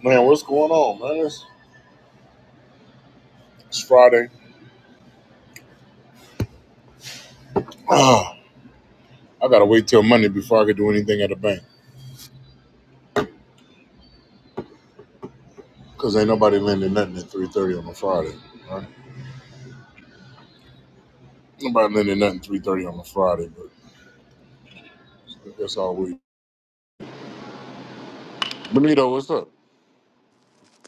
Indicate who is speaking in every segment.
Speaker 1: Man, what's going on, man? It's, it's Friday. Ah, I gotta wait till Monday before I can do anything at the bank. Cause ain't nobody lending nothing at three thirty on a Friday. Right? Nobody lending nothing three thirty on a Friday, but that's all we. Benito, what's up?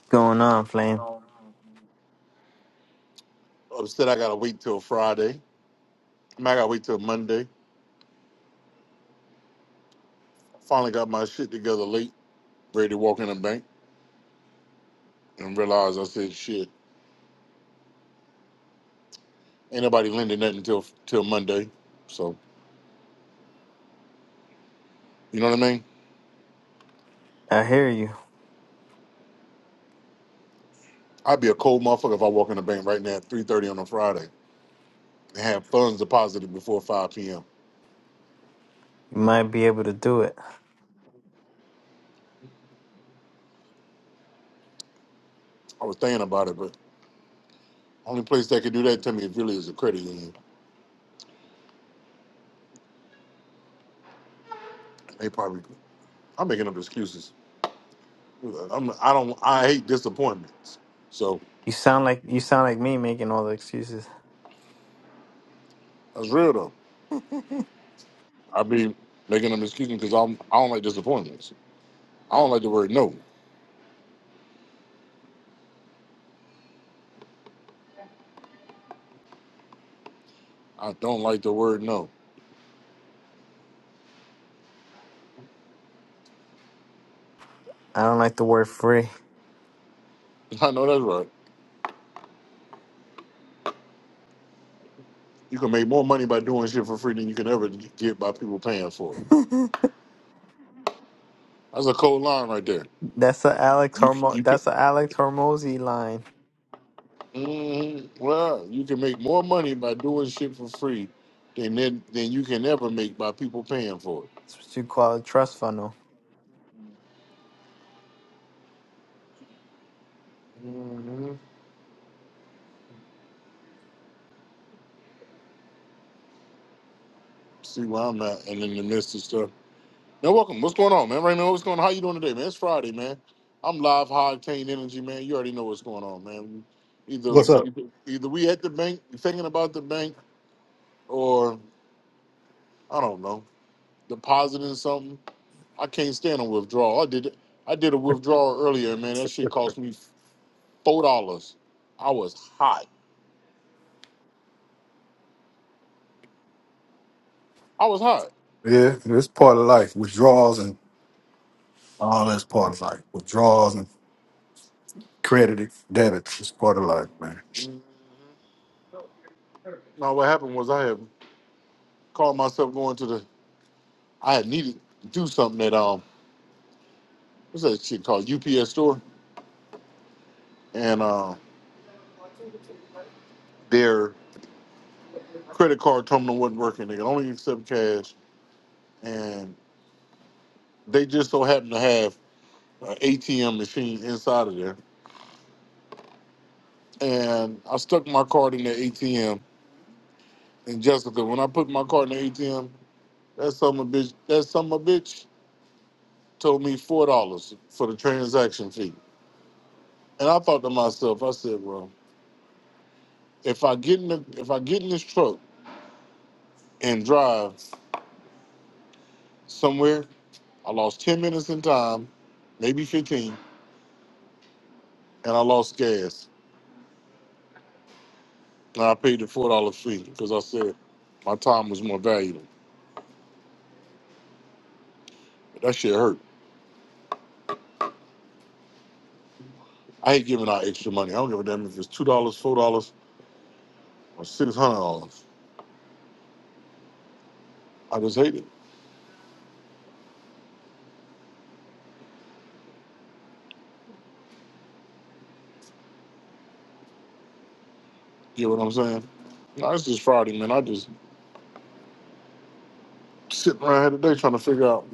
Speaker 2: going on, Flame?
Speaker 1: Um, Upset. I gotta wait till Friday. I, mean, I gotta wait till Monday. Finally got my shit together late, ready to walk in the bank, and realized I said shit. Ain't nobody lending nothing till till Monday. So you know what I mean?
Speaker 2: I hear you.
Speaker 1: I'd be a cold motherfucker if I walk in the bank right now at three thirty on a Friday. and have funds deposited before 5 p.m.
Speaker 2: You might be able to do it.
Speaker 1: I was thinking about it, but only place that could do that to me really is a credit union. They probably I'm making up excuses. I'm I don't I hate disappointments. So
Speaker 2: You sound like you sound like me making all the excuses.
Speaker 1: that's real though. I be making them excuses because I'm I don't like disappointments. I don't like the word no. I don't like the word no.
Speaker 2: I don't like the word free.
Speaker 1: I know that's right. You can make more money by doing shit for free than you can ever get by people paying for it. That's a cold line right there.
Speaker 2: that's a Alex
Speaker 1: You
Speaker 2: Hormo.
Speaker 1: you
Speaker 2: That's a Alex Hormozzi line.
Speaker 1: Mhm. Well, you can make more money by doing shit for free than than, than you can ever make by people paying for it.
Speaker 2: That's what you call a trust funnel.
Speaker 1: hmm See where I'm at, and in the midst of stuff. Now, welcome. What's going on, man? Raymond, what's going on? How you doing today, man? It's Friday, man. I'm live, high octane energy, man. You already know what's going on, man. Either
Speaker 3: What's up?
Speaker 1: either either we at the bank thinking about the bank, or I don't know, depositing something. I can't stand a withdrawal. I did I did a withdrawal earlier, man. That shit cost me. four dollars. I was hot. I was hot.
Speaker 3: Yeah, it's part of life. Withdrawals and all that's part of life. Withdrawals and credit, debit, it's part of life, man.
Speaker 1: Now what happened was I had called myself going to the. I had needed to do something at um what's that shit called UPS store, and uh, their credit card terminal wasn't working. They could only accept cash, and they just so happened to have an ATM machine inside of there. And I stuck my card in the ATM. And Jessica, when I put my card in the ATM, that summer bitch, that summer bitch told me four dollars for the transaction fee. And I thought to myself, I said, well, if I get in the, if I get in this truck and drive somewhere, I lost ten minutes in time, maybe fifteen, and I lost gas. And I paid the four dollar fee because I said my time was more valuable. But that shit hurt. I hate giving out extra money. I don't give a damn if it's two dollars, four dollars, or six hundred dollars. I just hate it. You know what I'm saying? Nah, it's just Friday, man. I just sitting around here today trying to figure out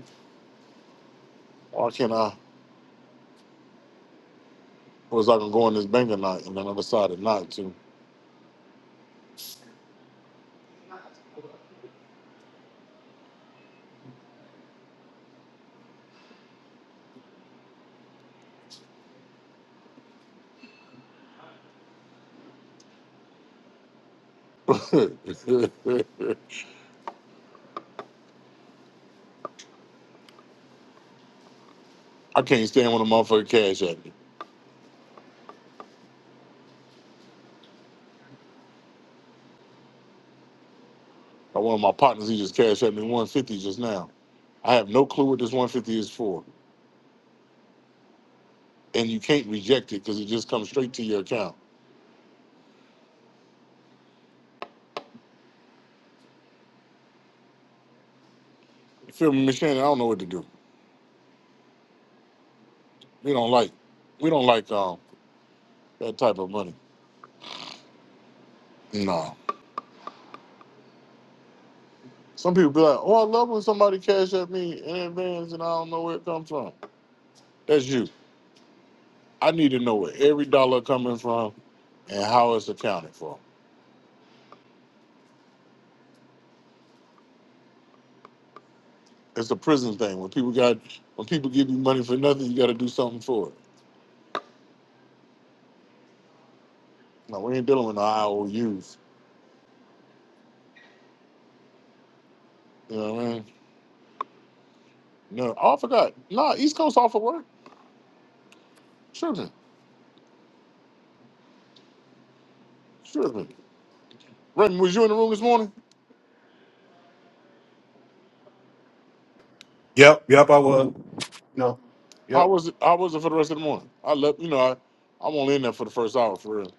Speaker 1: why can't I was I gonna go in this bank or not, and then I decided not to. I can't stand when a motherfucker cash at me. Like one of my partners, he just cashed at me 150 just now. I have no clue what this 150 is for. And you can't reject it because it just comes straight to your account. You feel me, Miss Shannon? I don't know what to do. We don't like we don't like um that type of money. No. Some people be like, oh, I love when somebody cash at me in advance and I don't know where it comes from. That's you. I need to know where every dollar coming from and how it's accounted for. It's a prison thing. When people got when people give you money for nothing, you got to do something for it. No, we ain't dealing with no IOUs. You know what I mean? No, oh, I forgot. Nah, East Coast off of work. Tripping, tripping. Raymond, was you in the room this morning?
Speaker 3: Yep, yep, I was. No.
Speaker 1: How
Speaker 3: Yep.
Speaker 1: was it? How was it for the rest of the morning? I left. You know, I I'm only in there for the first hour for real.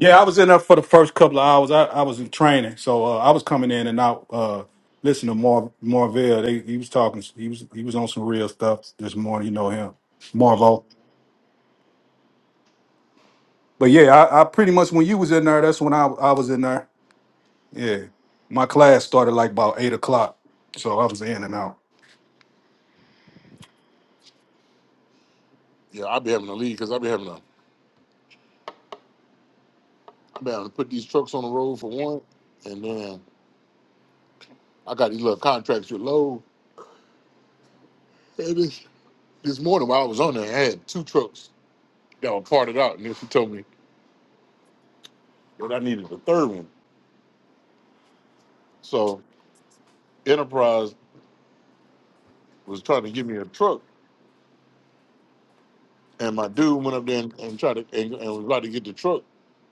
Speaker 3: Yeah, I was in there for the first couple of hours. I, I was in training, so uh, I was coming in and out. Uh, listen to Mar Marvell. They, he was talking. He was he was on some real stuff this morning. You know him, Marvo. But yeah, I, I pretty much when you was in there, that's when I I was in there. Yeah. My class started like about eight o'clock. So I was in and out.
Speaker 1: Yeah, I be having to leave because I be having to I be having to put these trucks on the road for one, and then I got these little contracts with Lowe. And This, this morning while I was on there, I had two trucks that were parted out, and then she told me but I needed the third one. So Enterprise was trying to give me a truck, and my dude went up there and, and tried to and, and was about to get the truck,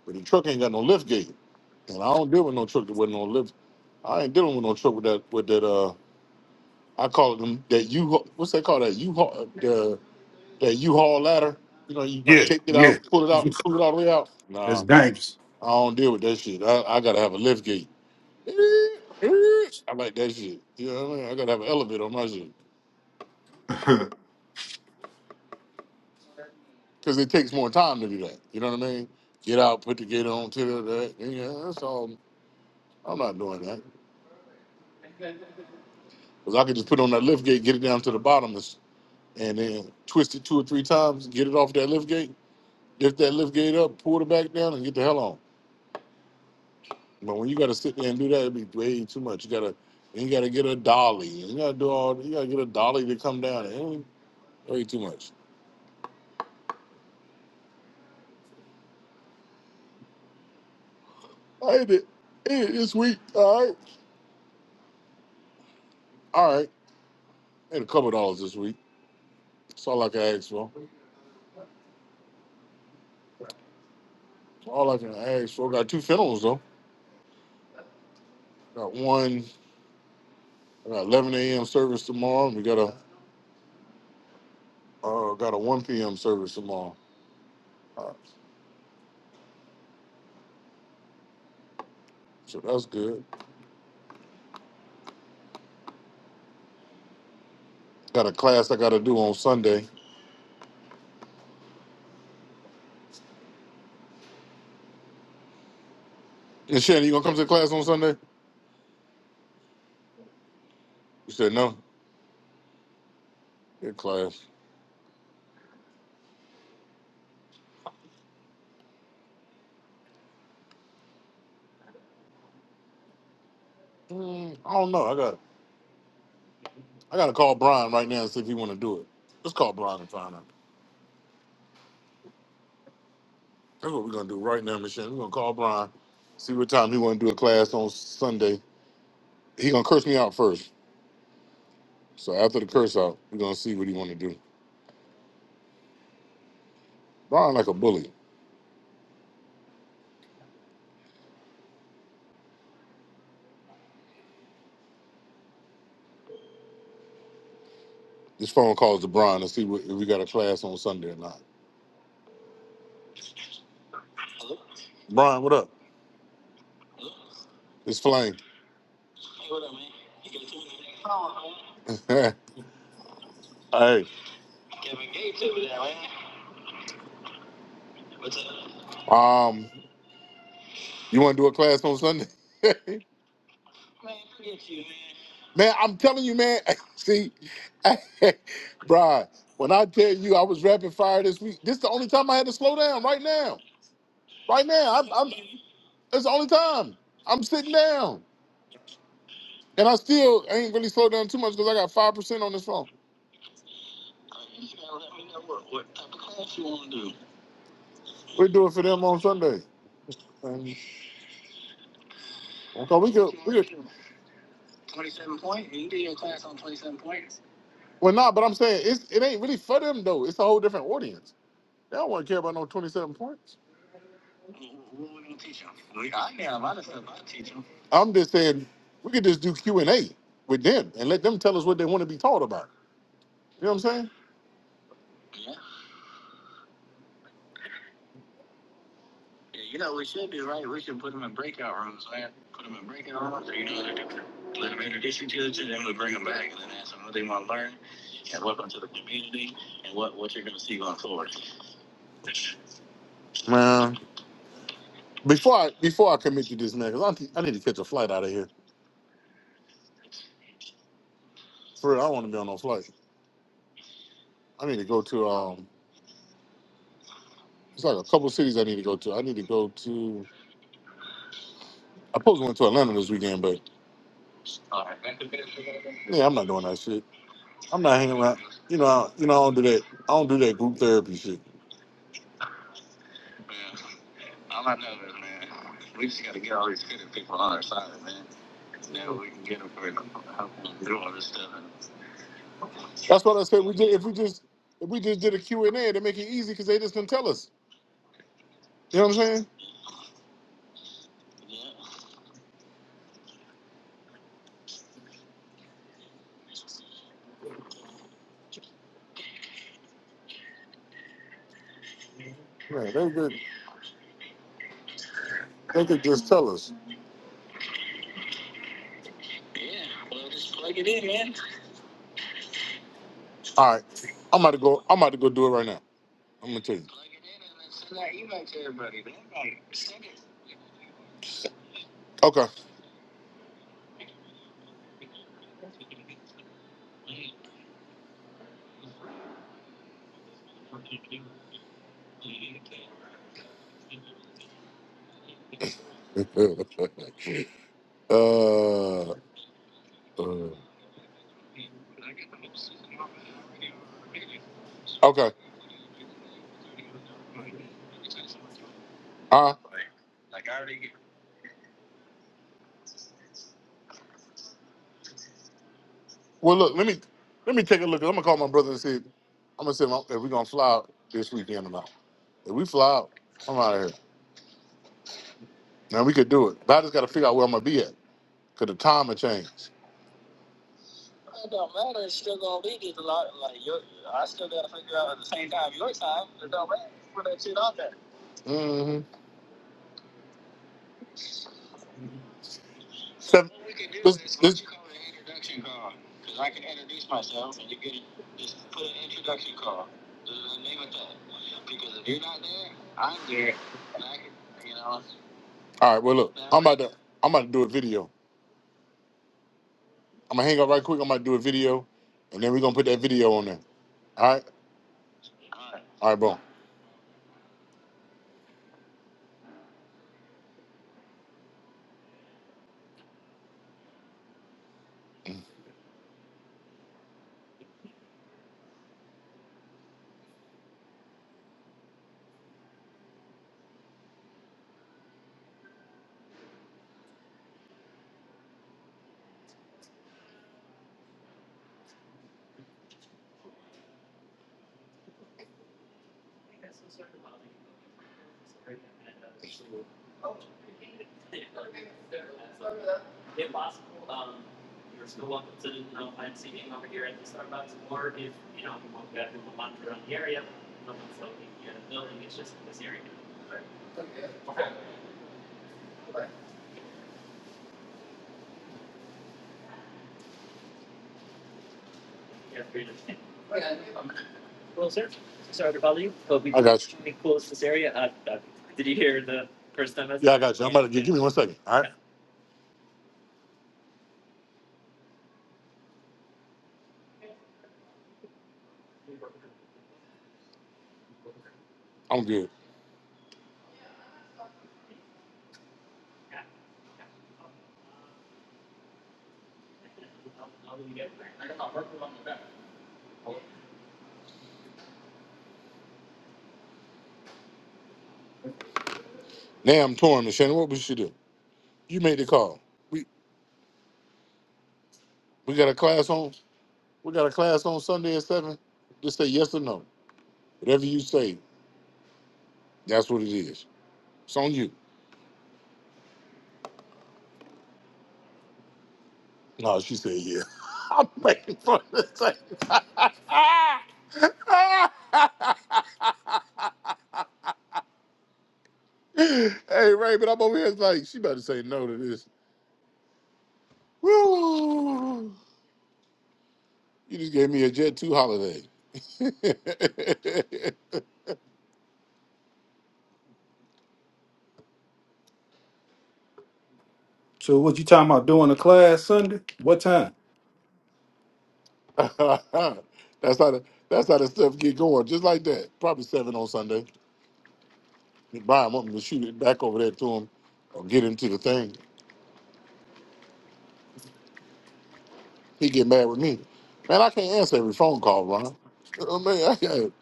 Speaker 1: but the truck ain't got no lift gate, and I don't deal with no truck that wasn't no lift. I ain't dealing with no truck with that with that. Uh, I call it them that U. What's that called? That U haul the that U haul ladder. You know, you
Speaker 3: Yeah,
Speaker 1: take it out,
Speaker 3: yeah.
Speaker 1: pull it out, and pull it all the way out.
Speaker 3: It's
Speaker 1: Nah,
Speaker 3: dangerous.
Speaker 1: I don't deal with that shit. I, I gotta have a lift gate. I like that shit. You know what I mean? I gotta have an elevator on my shit. because it takes more time to do that. You know what I mean? Get out, put the gate on, to the that. and, Yeah, that's all. I'm not doing that because I could just put on that lift gate, get it down to the bottom, and and then twist it two or three times, get it off that lift gate, lift that lift gate up, pull it back down, and get the hell on. But when you got to sit there and do that, it'd be way too much. You gotta, and you gotta get a dolly. You gotta do all. You gotta get a dolly to come down. It ain't way too much. I did it Hey, this week. All right, all right. I had a couple dollars this week. That's all I can ask for. All I can ask for, I got two funerals though. Got one I got 11 a.m. service tomorrow. and We got a uh, got a 1 p.m. service tomorrow. Uh, so that's good. Got a class I got to do on Sunday. And Shannon, you gonna come to the class on Sunday? You said no. Good class. Mm, I don't know. I got I got to call Brian right now and see if he want to do it. Let's call Brian and find out. That's what we're gonna do right now, Miss Shannon. We're gonna call Brian, see what time he want to do a class on Sunday. He gonna curse me out first. So after the curse out, we're gonna see what he want to do. Brian like a bully. This phone calls to Brian and see what, if we got a class on Sunday or not. Brian, what up? It's Flame. hey, um, you want to do a class on Sunday? man, I'm telling you, man. see, Brian, when I tell you I was rapid fire this week, this the only time I had to slow down. Right now, right now, I'm, I'm it's the only time I'm sitting down, and I still ain't really slowed down too much because I got five percent on this phone. We do it for them on Sunday, and okay, we could, we could. Well, nah, but I'm saying it's it ain't really for them though. It's a whole different audience. They don't want to care about no 27 points. I'm just saying we could just do Q and A with them and let them tell us what they want to be taught about. You know what I'm saying? Man, before I before I commit you this man, 'cause I, need- I need to catch a flight out of here. For real, I don't want to be on no flight. I need to go to um. It's like a couple cities I need to go to. I need to go to. I supposed to went to Atlanta this weekend, but yeah, I'm not doing that shit. I'm not hanging around. You know, I, you know, I don't do that. I don't do that group therapy shit. That's what I said. We did if we just if we just did a Q and A to make it easy because they just can tell us. You know what I'm saying? Yeah, they could they could just tell us. All right, I'm about to go. I'm about to go do it right now. I'm gonna tell you. Okay. uh, uh, okay. All right. Well, look. Let me let me take a look. I'm gonna call my brother and see. I'm gonna see if I'm- if we gonna fly out this weekend or not. If we fly out, I'm out of here. Now we could do it. But I just got to figure out where I'm gonna be at because the time will change. Mm-hmm. Seven. What we could do this- is what this- you call an introduction call. Uh, name it that. Because if you're not there. All right. Well, look. I'm about to. I'm about to do a video. I'm gonna hang up right quick. I'm gonna do a video, and then we're gonna put that video on there. All right. All right, bro. Sorry to bother you, but we I got you. we closed this area. Uh, uh, did you hear the first time? I said- Yeah, I got you. I'm about to give, give me one second. All right. I'm good. Now I'm torn, Shannon. What we should do? You made the call. We we got a class on. We got a class on Sunday at seven. Just say yes or no. Whatever you say, that's what it is. It's on you. No, she said yeah. I'm making fun of this thing. hey, Ray, but I'm over here like, she about to say no to this. Woo! You just gave me a Jet 2 holiday. that's
Speaker 3: so what you talking about doing a class Sunday? What time?
Speaker 1: how the, that's how the stuff get going, just like that. Probably seven on Sunday. He buy him up to shoot it back over there to him or get him to the thing. He get mad with me. Man, I can't answer every phone call, Ron. Uh, man, I can't,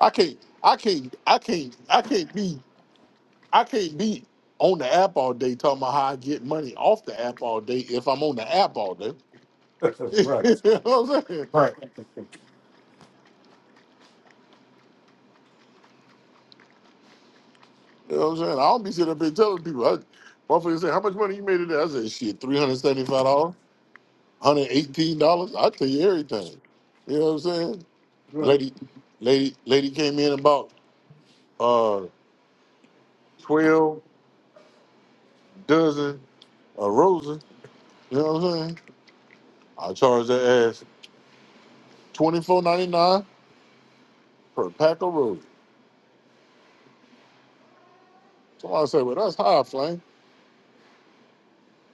Speaker 1: I can't, I can't, I can't, I can't be, I can't be on the app all day talking about how I get money off the app all day if I'm on the app all day. you
Speaker 3: right.
Speaker 1: know what I'm saying?
Speaker 3: Right.
Speaker 1: You know what I'm saying? I don't be sitting up here telling people. I, motherfucker say, how much money you made today? I said, shit, $375, $118. I tell you everything. You know what I'm saying?
Speaker 3: Right.
Speaker 1: Lady, lady, lady came in about uh twelve dozen of roses. You know what I'm saying? I charged that ass twenty four ninety nine per pack of roses. Somebody said, "Well, that's high, Flame."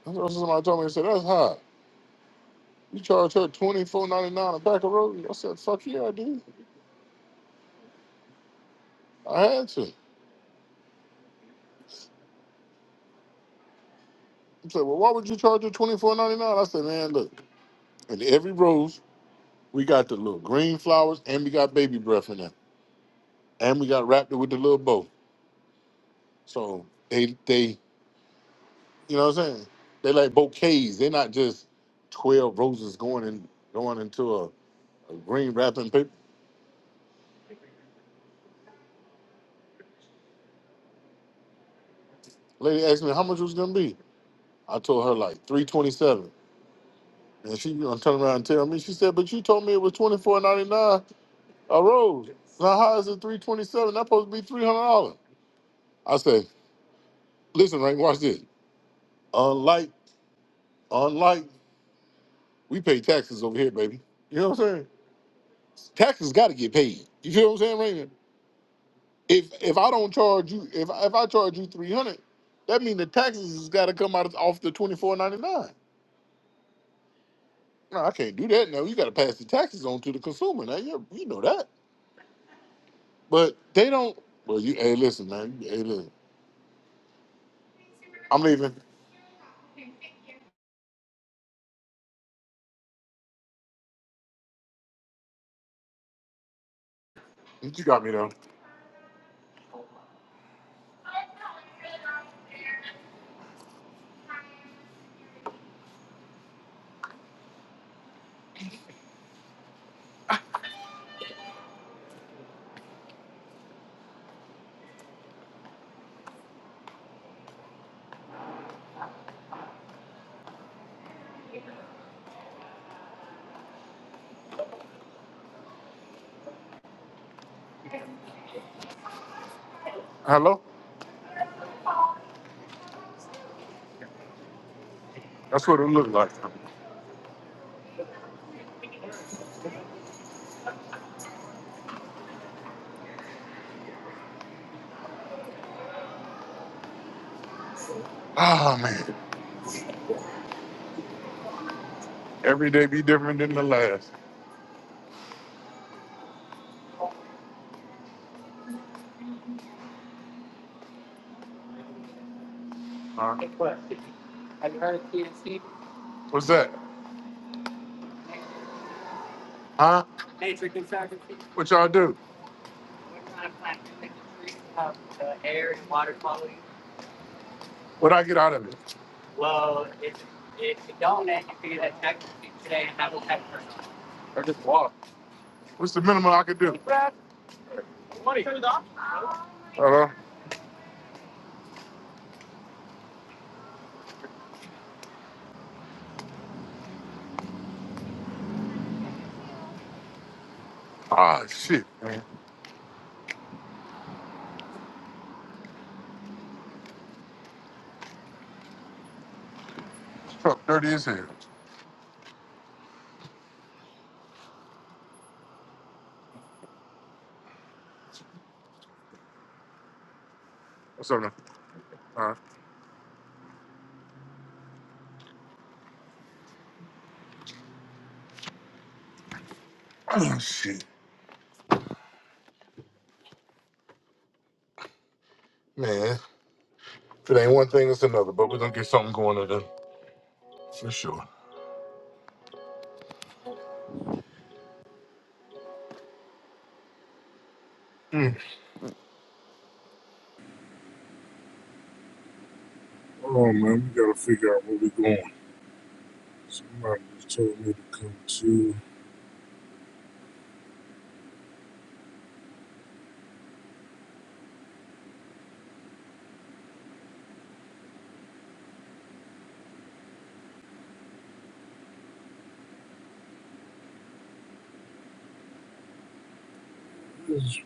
Speaker 1: That's what somebody told me. They said, "That's high." You charge her twenty four ninety nine a pack of roses. I said, "Fuck yeah, I did. I had to." He said, "Well, why would you charge her twenty four ninety nine? I said, "Man, look, in every rose we got the little green flowers and we got baby breath in there, and we got wrapped it with the little bow." So they they you know what I'm saying? They like bouquets. They're not just twelve roses going in going into a, a green wrapping paper. Lady asked me how much it was gonna be. I told her like three twenty seven. And she gonna turn around and tell me, she said, But you told me it was twenty four ninety nine a rose. Now how is it three twenty seven? That's supposed to be three hundred dollars. I said, Listen, right, watch this. Unlike unlike we pay taxes over here, baby. You know what I'm saying? Taxes gotta get paid. You feel what I'm saying, Raymond? if if I don't charge you, if I- if I charge you three hundred, that means the taxes has got to come out of, off the twenty four ninety nine. No, I can't do that. Now you got to pass the taxes on to the consumer. Now you you know that, but they don't. Well, you hey listen man, hey listen, I'm leaving. You got me though. Hello, that's what it looked like. Ah man, every day be different than the last. Huh? What's that? Huh? What y'all do? What I get out of it? What's the minimum I could do? Hello. Ah shit, truck dirty as hell. What's up, man? All right. Shit, man. If it ain't one thing, it's another. But we're gonna get something going today, for sure. Mm. Hold on, man. We gotta figure out where we are going. Somebody just told me to come to. They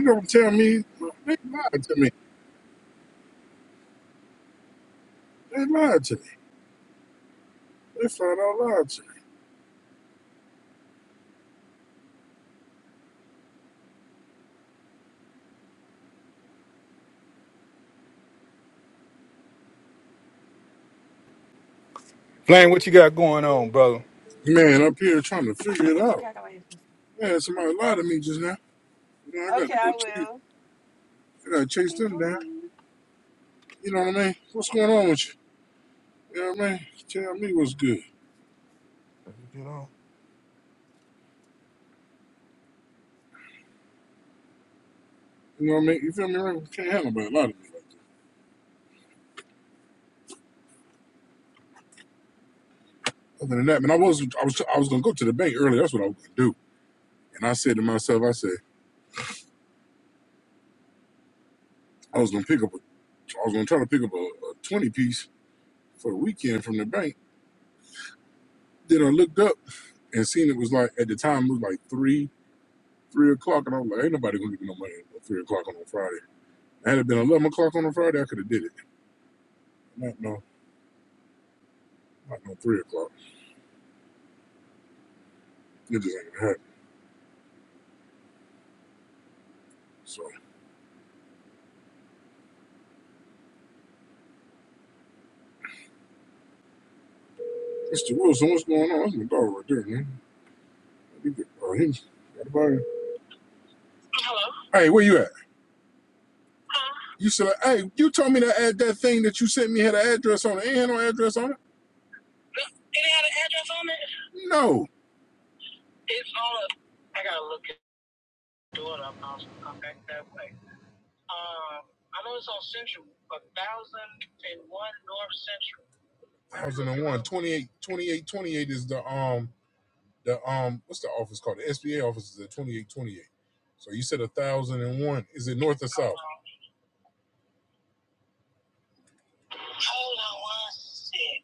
Speaker 1: don't tell me. They lied to me. They lied to me. They flat out lied to
Speaker 3: Blaine, what you got going on, brother?
Speaker 1: me. Man, up here trying to figure it out. Man, somebody lied to me just now. You know, I gotta go chase. I gotta chase them down. You know what I mean? What's going on with you? You know what I mean? Tell me what's good.
Speaker 3: You know?
Speaker 1: You know what I mean? You feel me? Right? You Can't handle about a lot of me. Other than that, man, I was I was I was gonna go to the bank earlier. That's what I was gonna do. And I said to myself, I said I was gonna pick up a, I was gonna try to pick up a, a twenty piece for the weekend from the bank. Then I looked up and seen it was like at the time it was like three three o'clock, and I was like, ain't nobody gonna give me no money at three o'clock on a Friday. Had it been eleven o'clock on a Friday, I could have did it. Not no, not no three o'clock. It just ain't gonna happen. So, Mr. Wilson, what's going on? That's my dog right there, man. Let me get- Uh, him. Got a body. Hello. Hey, where you at? You said, hey, you told me to add that thing that you sent me had an address on it. Ain't had no address on it? Did it have an address on it? No. It's on a, I gotta look it do it up now, so come back that way. Um, I know it's on Central, a thousand and one North Central. 1001, 28, 28, 28 is the um the um what's the office called? The SBA office is at 2828. So you said a thousand and one. Is it north or Hold south? Hold on. Hold on one sec.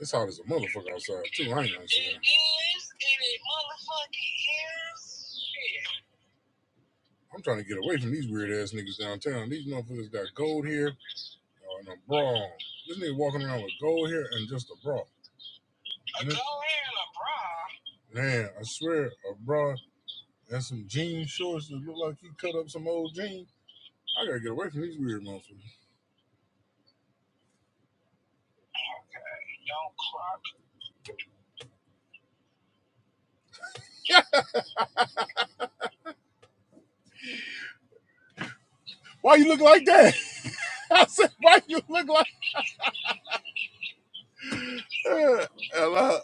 Speaker 1: It's hot as a motherfucker outside too. I ain't gonna say. that. It is. and it motherfucking is. Shit. I'm trying to get away from these weird ass niggas downtown. These motherfuckers got gold here uh, and a bra. on. This nigga walking around with gold here and just a bra. A gold hair and a bra. Man, I swear, a bra and some jean shorts that look like he cut up some old jeans. I gotta get away from these weird motherfuckers. Yeah. Why you look like that? I said, why you look like that? Hello.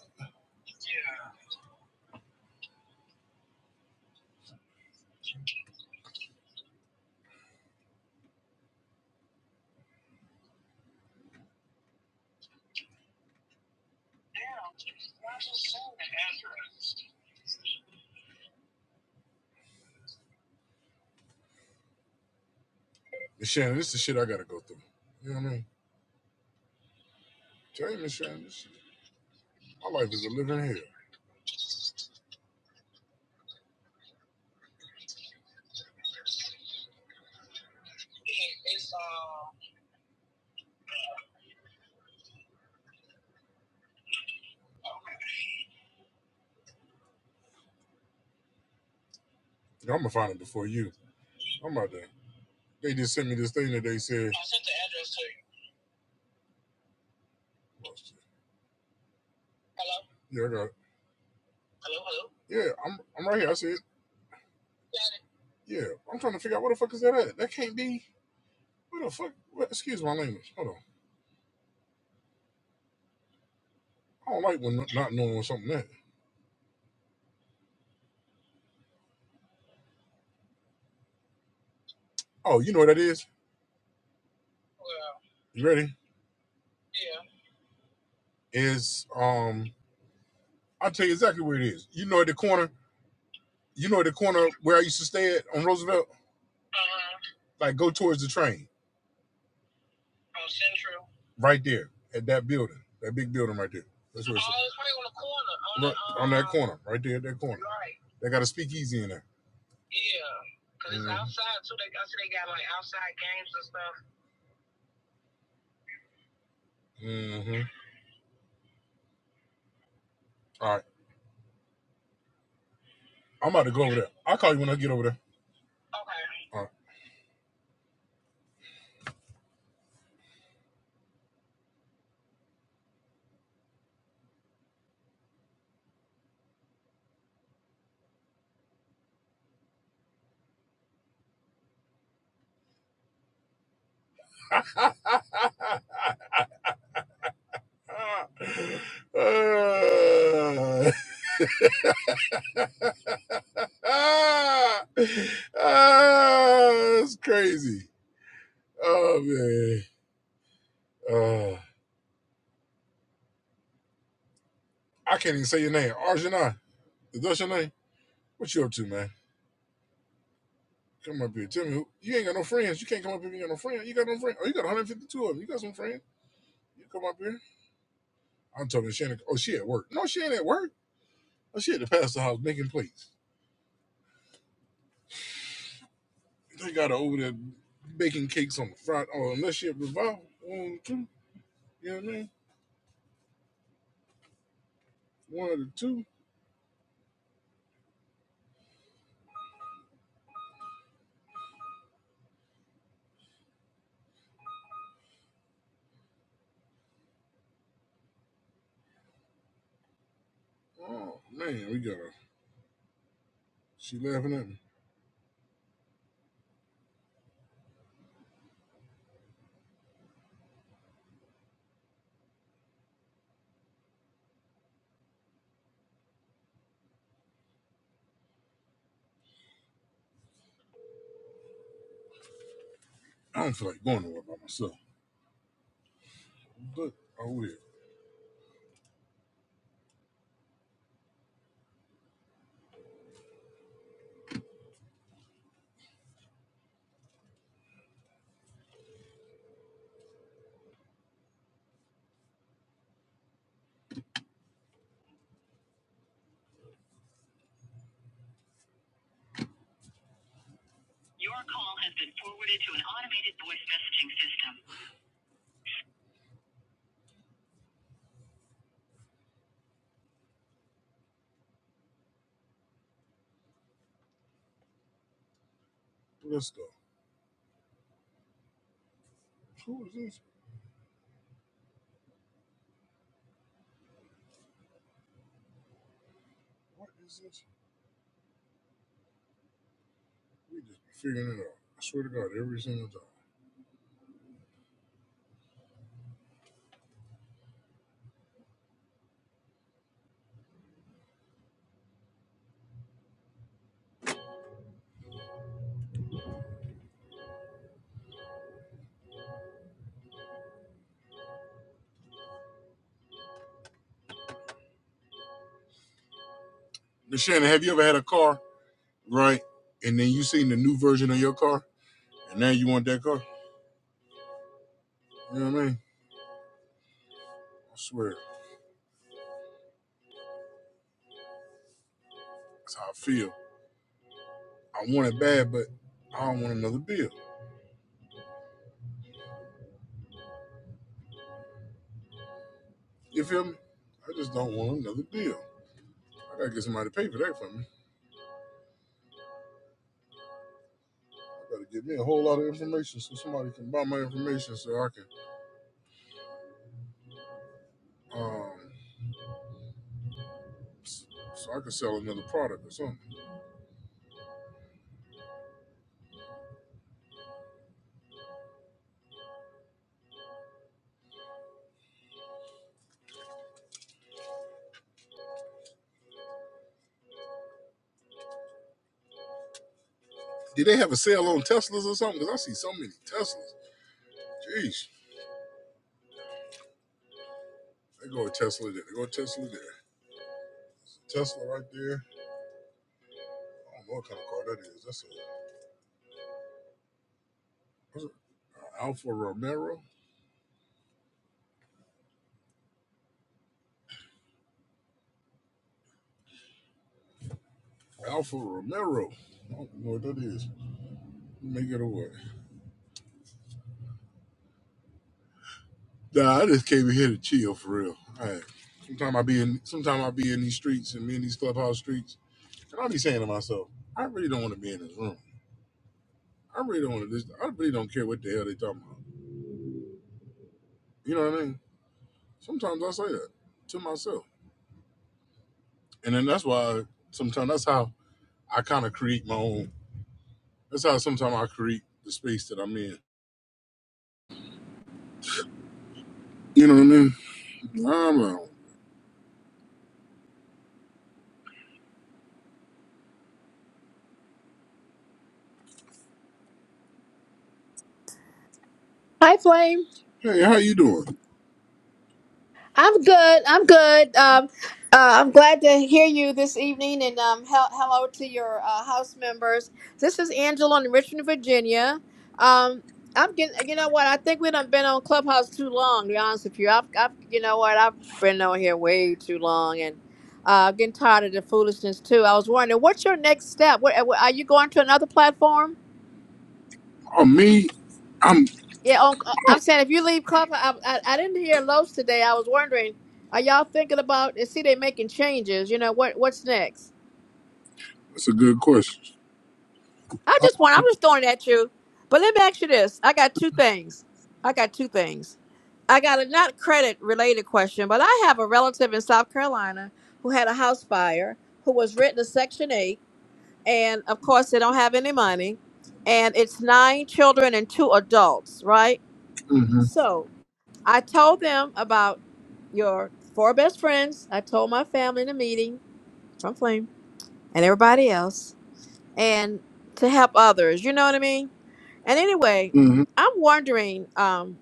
Speaker 1: But Shannon, this is the shit I gotta go through. You know what I mean? Tell you, Miss Shannon, this shit, my life is a living hell. Yeah, I'm gonna find it before you. I'm out there. They just sent me this thing that they said. Oh, shit. Yeah, I got. it. Yeah, I'm. I'm right here. I said. Yeah, I'm trying to figure out what the fuck is that at. That can't be. What the fuck? What, excuse my language. Hold on. I don't like when not knowing something that. Oh, you know what that is? You ready? Is um. I'll tell you exactly where it is. You know at the corner. You know at the corner where I used to stay at on Roosevelt. Like go towards the train. From Central. Right there at that building, that big building right there. That's where it's Oh, it's right on the corner. On right, the, um, on that uh, corner, right there at that corner. right. They got a speakeasy in there. Yeah. Because it's Mm-hmm. outside, too. They, I see they got, like, outside games and stuff. Mm-hmm. All right, I'm about to go over there. I'll call you when I get over there. Okay. All right. Ah, ah, it's crazy. Oh man. Uh, I can't even say your name. Arjuna. Is that your name? What you up to, man? Come up here. Tell me who you ain't got no friends. You can't come up here you ain't got no friends. You got no friends. Oh, you got 152 of them. You got some friends. You come up here. I'm talking to Shannon. Oh, she at work. No, she ain't at work. Oh, she at the pastor house making plates. They got her over there baking cakes on the front. Oh, unless she at revival. One of the two. You know what I mean? One of the two. Oh man, we got her. She laughing at me. I don't feel like going nowhere by myself. But I will. Let's go. Who is this? What is this? We just be figuring it out. I swear to God, every single time. Now, Shannon, have you ever had a car, right? And then you seen the new version of your car, and now you want that car? You know what I mean? I swear, that's how I feel. I want it bad, but I don't want another bill. You feel me? I just don't want another bill. I gotta get somebody to pay for that for me. I gotta get me a whole lot of information so somebody can buy my information so I can um so I can sell another product or something. Did they have a sale on Teslas or something? Because I see so many Teslas. Jeez. They go a Tesla there. They go a Tesla there. Tesla right there. I don't know what kind of car that is. That's a, what's it? Uh, Alfa Romero. Alfa Romero. I don't know what that is. Make it a what? Nah, I just came here to chill for real. Hey, Sometimes I be in sometimes I be in these streets and me in these clubhouse streets. And I be saying to myself, I really don't want to be in this room. I really don't want to listen. I really don't care what the hell they talking about. You know what I mean? Sometimes I say that to myself. And then that's why sometimes that's how I kind of create my own. That's how sometimes I create the space that I'm in. You know what I mean? I'm uh,
Speaker 4: Hi, Flame.
Speaker 1: hey, how you doing?
Speaker 4: I'm good. I'm good. Um, uh, I'm glad to hear you this evening, and um, hel- hello to your uh, house members. This is Angela in Richmond, Virginia. Um, I'm getting. You know what? I think we've been on Clubhouse too long. To be honest with you, I've, I've. You know what? I've been on here way too long, and uh, getting tired of the foolishness too. I was wondering, what's your next step? What, are you going to another platform?
Speaker 1: Oh, me? I'm.
Speaker 4: Yeah, on, uh,
Speaker 1: Oh,
Speaker 4: I'm saying if you leave Clubhouse, I, I, I didn't hear Los today. I was wondering, are y'all thinking about? and See, they making changes. You know what? What's next?
Speaker 1: that's a good question.
Speaker 4: I
Speaker 1: Oh,
Speaker 4: just want. I'm just throwing it at you. But let me ask you this. I got two things. I got two things. I got a not credit related question, but I have a relative in South Carolina who had a house fire who was written a Section Eight, and of course they don't have any money, and it's nine children and two adults, right?
Speaker 1: Mm-hmm.
Speaker 4: So I told them about your four best friends. I told my family in a meeting from Flame and everybody else, and to help others. You know what I mean? And anyway,
Speaker 1: mm-hmm.
Speaker 4: I'm wondering. Um,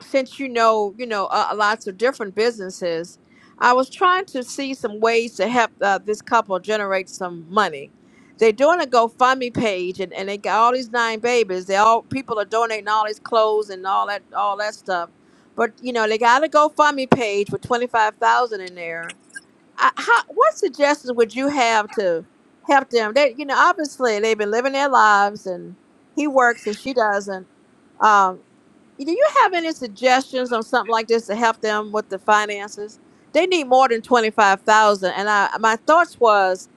Speaker 4: since you know, you know, uh, lots of different businesses, I was trying to see some ways to help uh, this couple generate some money. They're doing a GoFundMe page, and, and they got all these nine babies. They all people are donating all these clothes and all that all that stuff. But you know, they got a GoFundMe page with twenty five thousand in there. I, how, what suggestions would you have to help them? They, you know, obviously they've been living their lives, and he works and she doesn't. Um, do you have any suggestions on something like this to help them with the finances? They need more than twenty five thousand. And I my thoughts was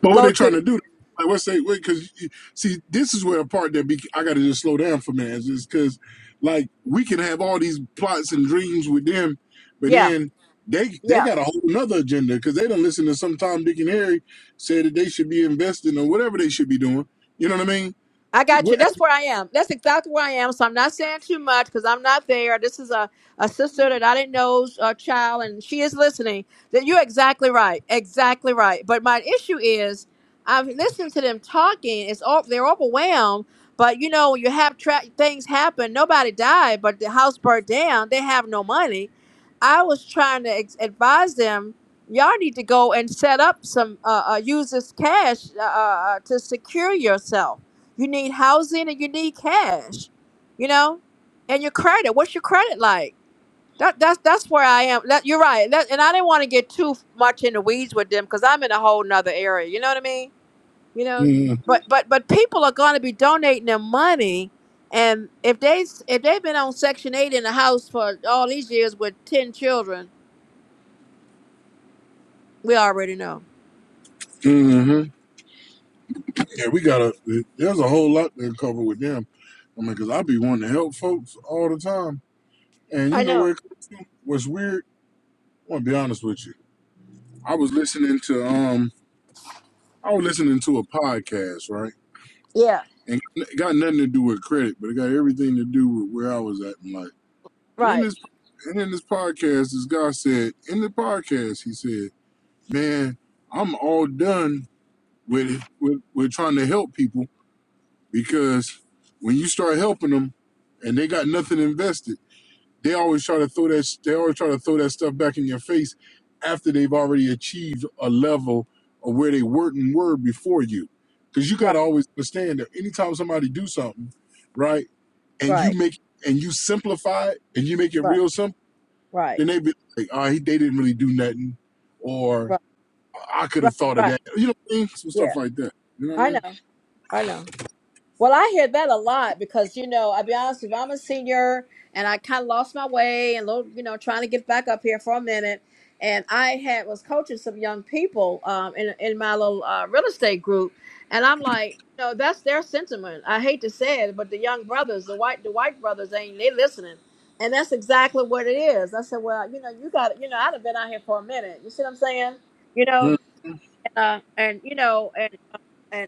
Speaker 1: But what
Speaker 4: go
Speaker 1: they
Speaker 4: to
Speaker 1: trying to
Speaker 4: the-
Speaker 1: do? Like, what's they? Wait, because see, this is where a part that be, I got to just slow down for man is because, like, we can have all these plots and dreams with them, but
Speaker 4: yeah
Speaker 1: then they
Speaker 4: yeah
Speaker 1: they got a whole nother agenda because they don't listen to some Tom, Dick, and Harry said that they should be investing or whatever they should be doing. You know what I mean?
Speaker 4: I got you.
Speaker 1: What?
Speaker 4: That's where I am. That's exactly where I am. So I'm not saying too much because I'm not there. This is a, a sister that I didn't know's a child, and she is listening. That you're exactly right. Exactly right. But my issue is, I've listened to them talking. It's all they're overwhelmed. But you know, when you have tra- things happen, nobody died, but the house burnt down. They have no money. I was trying to ex- advise them. Y'all need to go and set up some, uh, uh, use this cash uh, uh, uh, to secure yourself you need housing and you need cash, you know, and your credit. What's your credit like? That that's that's where I am. That, you're right. That, and I didn't want to get too much in the weeds with them because I'm in a whole nother area. You know what I mean? You know, but but but people are going to be donating their money, and if they s- if they've been on Section Eight in the house for all these years with ten children, we already know.
Speaker 1: Mm-hmm. Yeah, we got to There's a whole lot to cover with them. I mean, because I be wanting to help folks all the time, and you
Speaker 4: I
Speaker 1: know where
Speaker 4: know.
Speaker 1: it comes from. What's weird? I'm gonna be honest with you I was listening to um I was listening to a podcast, right?
Speaker 4: Yeah.
Speaker 1: And it got nothing to do with credit, but it got everything to do with where I was at in life. And in
Speaker 4: Right.
Speaker 1: this and in this podcast, this guy said, in the podcast, he said, Man, I'm all done with with, with trying to help people because when you start helping them and they got nothing invested They always try to throw that. They always try to throw that stuff back in your face after they've already achieved a level of where they were and were before you. Because you got
Speaker 4: Right.
Speaker 1: to always understand that anytime somebody do something, right, and
Speaker 4: Right.
Speaker 1: you make and you simplify it and you make it
Speaker 4: Right.
Speaker 1: real simple,
Speaker 4: Right.
Speaker 1: then they be like, "Ah, he they didn't really do nothing," or
Speaker 4: Right.
Speaker 1: "I could
Speaker 4: Right.
Speaker 1: have thought of
Speaker 4: Right.
Speaker 1: that." You know what I mean? Some stuff
Speaker 4: Yeah.
Speaker 1: like that. You know what
Speaker 4: I know. I know. Well, I hear that a lot because you know, I'll be honest, if I'm a senior and I kind of lost my way and little, you know, trying to get back up here for a minute, and I had was coaching some young people um, in in my little uh, real estate group, and I'm like, you know, that's their sentiment. I hate to say it, but the young brothers, the white the white brothers, ain't they listening? And that's exactly what it is. I said, well, you know, you got, you know, I'd have been out here for a minute. You see what I'm saying? You
Speaker 1: I
Speaker 4: know,
Speaker 1: mean? Mm.
Speaker 4: uh, and you know, and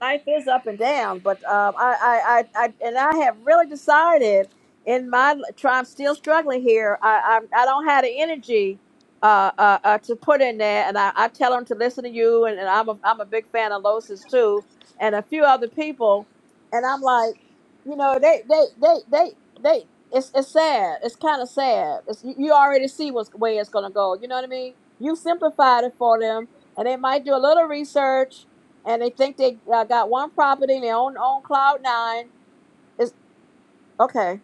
Speaker 4: life is up and down, but um, I, I, I, I, and I have really decided in my try. I'm still struggling here. I, I, I don't have the energy uh, uh, uh, to put in there, and I, I tell them to listen to you, and, and I'm a, I'm a big fan of Losis too, and a few other people, and I'm like, you know, they, they, they, they, they. It's, it's sad. It's kind of sad. It's, you you already see what's where it's gonna go. You know what I mean? You simplified it for them, and they might do a little research and they think they uh, got one property they own on cloud nine. It's okay.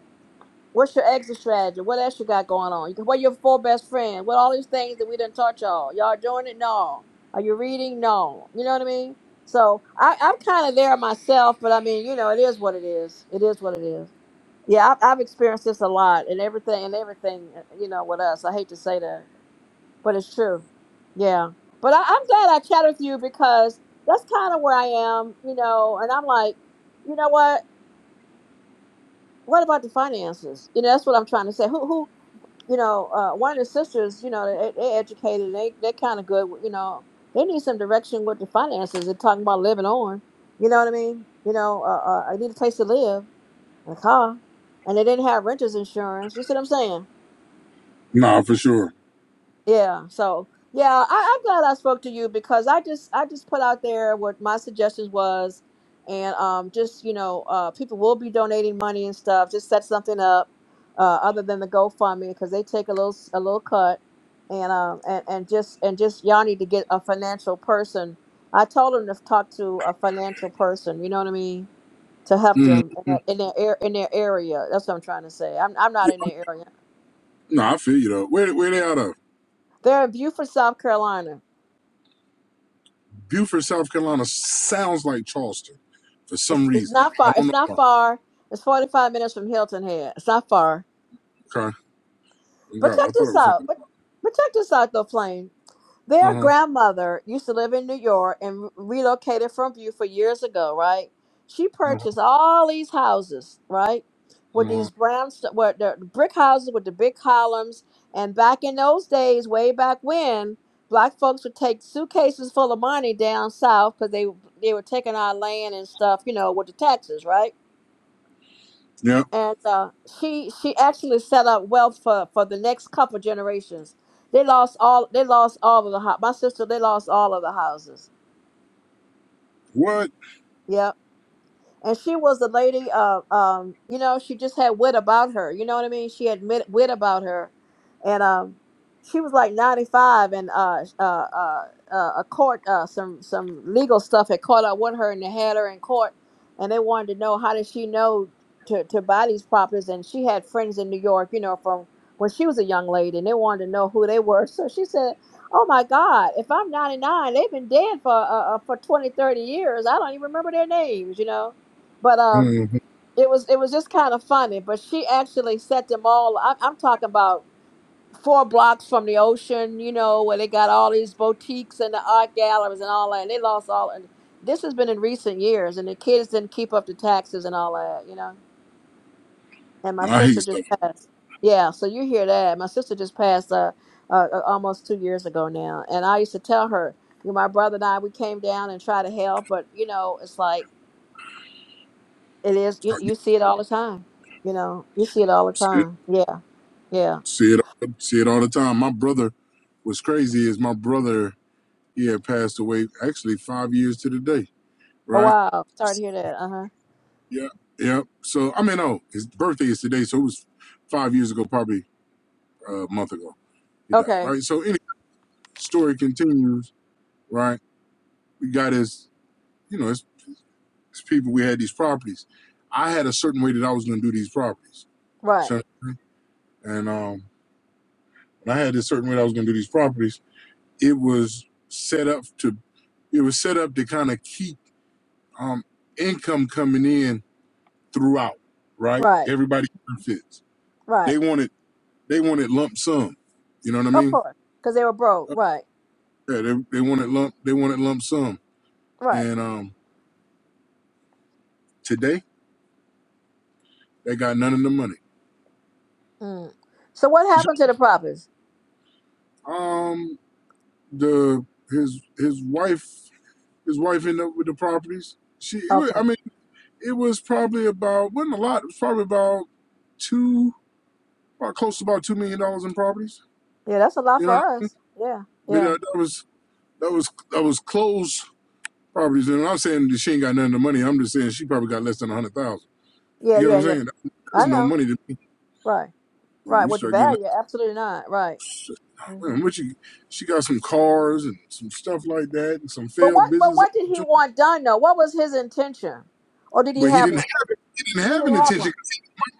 Speaker 4: What's your exit strategy? What else you got going on? You What are your four best friends? What all these things that we didn't touch y'all? Y'all doing it? No. Are you reading? No. You know what I mean? So I, I'm kind of there myself, but I mean, you know, it is what it is. It is what it is. Yeah, I've, I've experienced this a lot, and everything, and everything, uh, you know, with us. I hate to say that. But it's true. Yeah. But I, I'm glad I chatted with you because that's kind of where I am, you know, and I'm like, you know what? What about the finances? You know, that's what I'm trying to say. Who, who, you know, uh, one of the sisters, you know, they, they educated, they, they're kind of good, you know, they need some direction with the finances. They're talking about living on, you know what I mean? You know, uh, uh, I need a place to live and a car, and they didn't have renter's insurance. You see what I'm saying?
Speaker 1: Nah, for sure.
Speaker 4: Yeah. So yeah, I, I'm glad I spoke to you because I just I just put out there what my suggestions was, and um, just you know, uh, people will be donating money and stuff. Just set something up, uh, other than the GoFundMe because they take a little s- a little cut, and um, and and just and just y'all need to get a financial person. I told them to talk to a financial person. You know what I mean? To help
Speaker 1: Mm.
Speaker 4: them in that in their air in their area. That's what I'm trying to say. I'm I'm not
Speaker 1: Yeah,
Speaker 4: in their area.
Speaker 1: nah, I feel you though. Where where they out of?
Speaker 4: They're in Beaufort, South Carolina.
Speaker 1: Buford, South Carolina sounds like Charleston for some
Speaker 4: It's, it's
Speaker 1: reason.
Speaker 4: not far.
Speaker 1: I don't
Speaker 4: It's
Speaker 1: know
Speaker 4: not
Speaker 1: why.
Speaker 4: far. It's 45 minutes from Hilton Head. It's not far.
Speaker 1: Okay. Thank
Speaker 4: But
Speaker 1: God.
Speaker 4: check
Speaker 1: I thought it
Speaker 4: this
Speaker 1: was
Speaker 4: out.
Speaker 1: something.
Speaker 4: But but check this out though, Flame.
Speaker 1: Uh
Speaker 4: Their
Speaker 1: huh.
Speaker 4: grandmother used to live in New York and re- relocated from Beaufort years ago, right? She
Speaker 1: Uh
Speaker 4: purchased all these houses, right?
Speaker 1: huh.
Speaker 4: With these
Speaker 1: Uh-huh.
Speaker 4: brown, st- with the brick houses with the big columns. And back in those days, way back when, black folks would take suitcases full of money down south because they they were taking our land and stuff, you know, with the taxes, right?
Speaker 1: Yeah.
Speaker 4: and uh, she she actually set up wealth for for the next couple generations. They lost all they lost all of the house. My sister they lost all of the houses.
Speaker 1: What?
Speaker 4: Yeah. and she was a lady uh, um you know she just had wit about her you know what i mean she had mit- wit about her and um she was like 95 and uh uh uh, uh a court uh some some legal stuff had caught up with her and they had her in court and they wanted to know how did she know to, to buy these properties and she had friends in new york you know from when she was a young lady and they wanted to know who they were so she said oh my god if i'm 99 they've been dead for uh, uh, for 20 30 years i don't even remember their names you know but um,
Speaker 1: hmm
Speaker 4: it was it was just kind of funny. But she actually set them all. I'm, I'm talking about four blocks from the ocean, you know, where they got all these boutiques and the art galleries and all that. And they lost all. And this has been in recent years, and the kids didn't keep up the taxes and all that, you know. And my
Speaker 1: I
Speaker 4: sister
Speaker 1: hate stuff.
Speaker 4: just passed. Yeah, so you hear that? My sister just passed uh, uh uh, almost two years ago now, and I used to tell her. you know, My brother and I, we came down and tried to help, but you know, it's like It is. You
Speaker 1: You
Speaker 4: you see it all the time. You know, you see it all the
Speaker 1: see it,
Speaker 4: time. Yeah, yeah.
Speaker 1: see it, see it all the time. My brother, what's crazy is my brother, he had passed away actually five years to the day,
Speaker 4: Oh
Speaker 1: right?
Speaker 4: wow. Sorry to hear that. Uh huh.
Speaker 1: Yeah. Yeah. So, I mean, oh, his birthday is today. So it was five years ago, probably uh, a month ago he died,
Speaker 4: Okay.
Speaker 1: right? So, anyway, story continues, right? we got as you know as, as people we had these properties i had a certain way that i was going to do these properties
Speaker 4: Right.
Speaker 1: so, and um when i had this certain way that i was going to do these properties it was set up to it was set up to kind of keep um income coming in throughout right
Speaker 4: Right.
Speaker 1: everybody fits
Speaker 4: Right.
Speaker 1: they wanted they wanted lump sum you know what i
Speaker 4: Of
Speaker 1: mean
Speaker 4: course, because they were broke. Right.
Speaker 1: yeah, they, they wanted lump they wanted lump sum
Speaker 4: Right.
Speaker 1: and um today they got none of the money
Speaker 4: Mm. So what
Speaker 1: You see?
Speaker 4: happened to the prophets?
Speaker 1: um the his his wife his wife ended up with the properties. She it was,
Speaker 4: Okay.
Speaker 1: I mean it was probably about wasn't a lot. It was probably about two about close to about two million dollars in properties.
Speaker 4: Yeah, that's a lot
Speaker 1: You
Speaker 4: for
Speaker 1: know,
Speaker 4: us. Yeah.
Speaker 1: but
Speaker 4: Yeah.
Speaker 1: that, that was that was that was closed properties. And I'm not saying that she ain't got none of the money. I'm just saying she probably got less than a hundred thousand.
Speaker 4: Yeah.
Speaker 1: You get what
Speaker 4: Yeah.
Speaker 1: I'm
Speaker 4: Yeah.
Speaker 1: saying?
Speaker 4: I
Speaker 1: There's no
Speaker 4: know.
Speaker 1: money to me.
Speaker 4: Right.
Speaker 1: And
Speaker 4: Right.
Speaker 1: you
Speaker 4: With the
Speaker 1: start getting like,
Speaker 4: value, absolutely not. Right. hmm
Speaker 1: man, what you? She got some cars and some stuff like that, and some
Speaker 4: But
Speaker 1: failed
Speaker 4: what? But
Speaker 1: business
Speaker 4: what did he
Speaker 1: opportunities.
Speaker 4: want done though? What was his intention? Or did he
Speaker 1: But he
Speaker 4: have
Speaker 1: didn't
Speaker 4: one?
Speaker 1: have it. He didn't
Speaker 4: He
Speaker 1: have
Speaker 4: didn't
Speaker 1: an
Speaker 4: have one.
Speaker 1: intention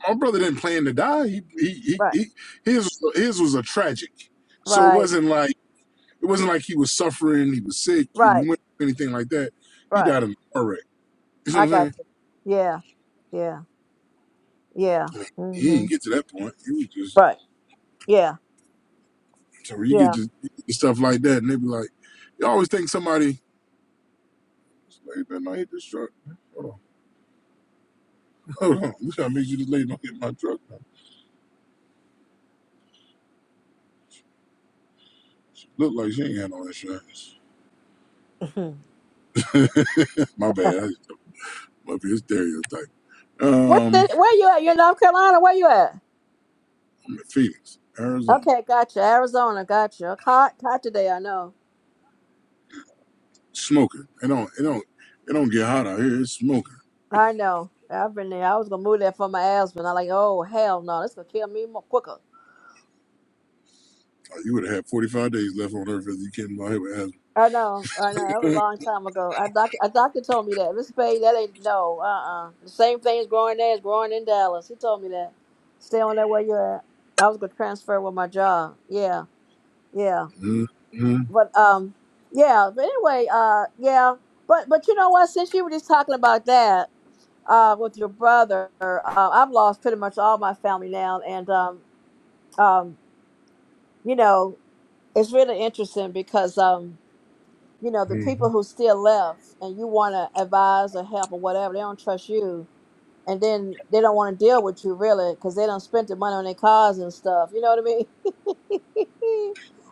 Speaker 1: my brother didn't plan to die. He, he, he,
Speaker 4: Right.
Speaker 1: he his his was a tragic, so it
Speaker 4: Right.
Speaker 1: wasn't like it wasn't like he was suffering. He was sick. He,
Speaker 4: Right.
Speaker 1: we went anything like that. He
Speaker 4: Right.
Speaker 1: died in a car wreck. You know what
Speaker 4: I
Speaker 1: I'm
Speaker 4: got
Speaker 1: saying?
Speaker 4: you. Yeah, yeah, yeah.
Speaker 1: I mean, he
Speaker 4: hmm
Speaker 1: didn't get to that point. He was just
Speaker 4: Right. Yeah,
Speaker 1: so you get
Speaker 4: yeah.
Speaker 1: to you get stuff like that, and they be like, you always think somebody. Lady better not hit this truck. Hold on, hold on. We gotta make sure this lady don't hit my truck. Look like she ain't had no insurance.
Speaker 4: Mhm.
Speaker 1: my bad. I, my bad. Stereotype.
Speaker 4: What's
Speaker 1: Um,
Speaker 4: the, where you at? You in North Carolina? Where you at?
Speaker 1: I'm in Phoenix, Arizona.
Speaker 4: Okay, gotcha. Arizona, gotcha. Hot, hot today. I know.
Speaker 1: smoking. It don't it don't it don't get hot out here. It's smoking.
Speaker 4: I know. I've been there. I was gonna move there for my husband. I'm like, oh hell no, this gonna kill me more quicker.
Speaker 1: Like, you would have had forty five days left on Earth if you came out here with asthma.
Speaker 4: I know. I know. That was a long time ago. A doctor, a doctor told me that. Miss Spade, that ain't no. Uh uh The same thing is growing there is growing in Dallas. He told me that. Stay on that where you're at. I was gonna transfer with my job. Yeah. Yeah.
Speaker 1: Mhm, mhm,
Speaker 4: but um yeah but anyway uh yeah but but you know what since you were just talking about that uh with your brother uh, i've lost pretty much all my family now and um um you know it's really interesting because um you know the
Speaker 1: mhm.
Speaker 4: people who still left and you want to advise or help or whatever they don't trust you and then they don't want to deal with you really because they don't spend the money on their cars and stuff you know what i mean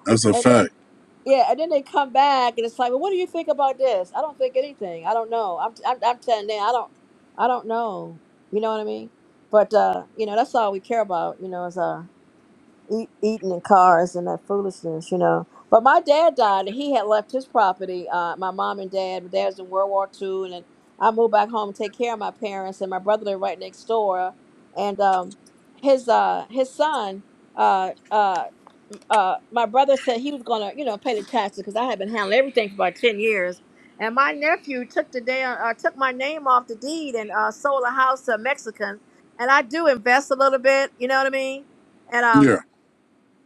Speaker 1: That's a
Speaker 4: and
Speaker 1: fact.
Speaker 4: Yeah, and then they come back, and it's like, well, what do you think about this? I don't think anything. I don't know. I'm, I'm, I'm telling them, I don't, I don't know. You know what I mean? But uh, you know, that's all we care about. You know, is uh, eat, eating and cars and that foolishness. You know. But my dad died, and he had left his property. Uh, my mom and dad. My dad was in World War Two, and then I moved back home to take care of my parents, and my brother lived right next door. And um, his uh, his son. Uh, uh, uh, my brother said he was gonna, you know, pay the taxes because I had been handling everything for about ten years. And my nephew took the day, uh, uh, took my name off the deed and uh, sold a house to a Mexican. And I do invest a little bit, you know what I mean? And um,
Speaker 1: Yeah.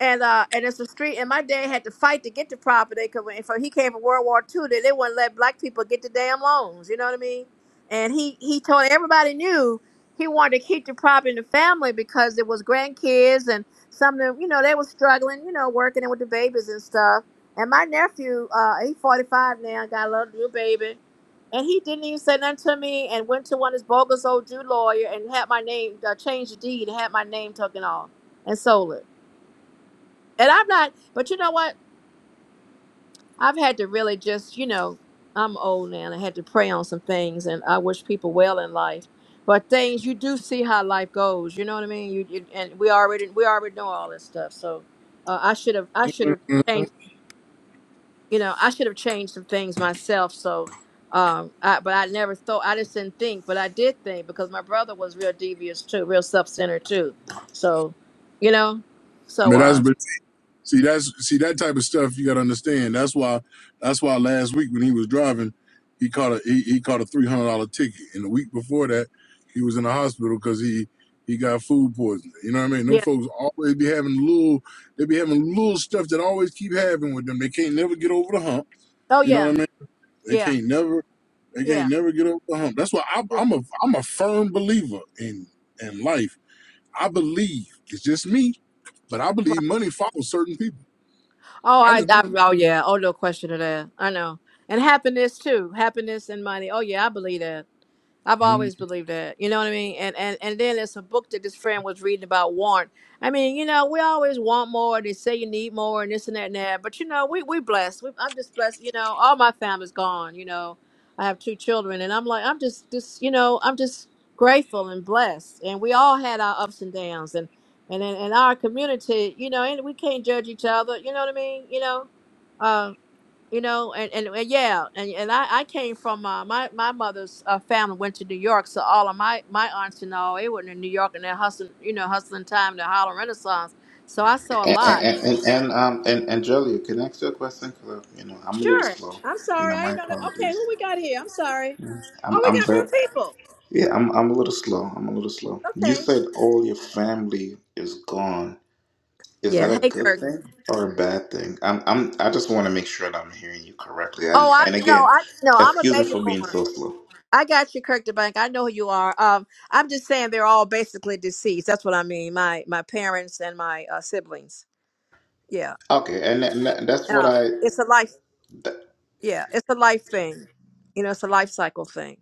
Speaker 4: and uh and it's a street and my dad had to fight to get the property because when for he came from World War Two, they, they wouldn't let black people get the damn loans you know what I mean and he he told everybody knew he wanted to keep the property in the family because it was grandkids and some of them you know they were struggling you know working with the babies and stuff and my nephew uh he's 45 now got a little new baby and he didn't even say nothing to me and went to one of his bogus old Jew lawyer and had my name uh, changed the deed and had my name taken off and sold it and I'm not, but you know what? I've had to really just, you know, I'm old now and I had to pray on some things and I wish people well in life. But things you do see how life goes, you know what I mean? You, you and we already we already know all this stuff. So uh, I should have I should have
Speaker 1: Mhm.
Speaker 4: changed, you know, I should have changed some things myself. So um I but I never thought I just didn't think, but I did think because my brother was real devious too, real self-centered too. So, you know, so
Speaker 1: But that's
Speaker 4: uh
Speaker 1: but see that's see that type of stuff you gotta understand. That's why that's why last week when he was driving, he caught a he, he caught a three hundred dollar ticket. And the week before that, he was in the hospital because he he got food poisoning. You know what I mean? Them
Speaker 4: yeah.
Speaker 1: folks always be having little they be having little stuff that always keep having with them. They can't never get over the hump
Speaker 4: Oh
Speaker 1: You know what
Speaker 4: yeah.
Speaker 1: I mean? They
Speaker 4: Yeah.
Speaker 1: can't never they can't never get over the hump. That's why I,
Speaker 4: Yeah.
Speaker 1: I'm a I'm a firm believer in in life. I believe it's just me, but I
Speaker 4: Right.
Speaker 1: believe money follows certain people.
Speaker 4: Oh,
Speaker 1: I
Speaker 4: I,
Speaker 1: just
Speaker 4: I,
Speaker 1: believe.
Speaker 4: oh yeah. Oh, no question of that. I know. And happiness too. Happiness and money. Oh yeah, I believe that. I've
Speaker 1: Mm-hmm.
Speaker 4: always believed that. You know what I mean? And and and then it's a book that this friend was reading about want. I mean, you know, we always want more. They say you need more and this and that and that. But you know, we we blessed. We, I'm just blessed. You know, all my family's gone. You know, I have two children, and I'm like, I'm just just you know, I'm just grateful and blessed. And we all had our ups and downs, and and in, in our community, you know, and we can't judge each other. You know what I mean? You know. Uh, you know and, and, and yeah and, and I, I came from uh, my my mother's uh, family went to new york so all of my my aunts and all they were in new york and they're hustling you know hustling time the harlem renaissance so i saw a
Speaker 5: And
Speaker 4: lot
Speaker 5: and, and, and um and Angelia, can I ask you a question? 'Cause, uh, you know I'm a little
Speaker 4: sure
Speaker 5: slow.
Speaker 4: i'm
Speaker 5: You
Speaker 4: sorry
Speaker 5: know,
Speaker 4: i
Speaker 5: my
Speaker 4: didn't know that okay
Speaker 5: apologies.
Speaker 4: who we got here i'm sorry
Speaker 5: Mm.
Speaker 4: oh
Speaker 5: I'm
Speaker 4: we
Speaker 5: I'm
Speaker 4: got
Speaker 5: very
Speaker 4: more people
Speaker 5: yeah. I'm I'm a little slow. I'm a little slow. You
Speaker 4: okay
Speaker 5: said all your family is gone. Is that
Speaker 4: yeah
Speaker 5: a
Speaker 4: hey
Speaker 5: good
Speaker 4: kirk
Speaker 5: thing or a bad thing? I'm I'm I just want to make sure that I'm hearing you correctly.
Speaker 4: oh
Speaker 5: And
Speaker 4: i
Speaker 5: and
Speaker 4: no
Speaker 5: again,
Speaker 4: i no i'm a
Speaker 5: excuse me
Speaker 4: baby
Speaker 5: for being
Speaker 4: boomer
Speaker 5: so slow.
Speaker 4: I got you, Kirk DeBank. I know who you are. Um, I'm just saying they're all basically deceased. That's what I mean. My my parents and my uh, siblings. Yeah.
Speaker 5: Okay, and, tha- and tha- that's what
Speaker 4: Yeah, it's
Speaker 5: I.
Speaker 4: a life. Yeah, it's a life thing. You know, it's a life cycle thing.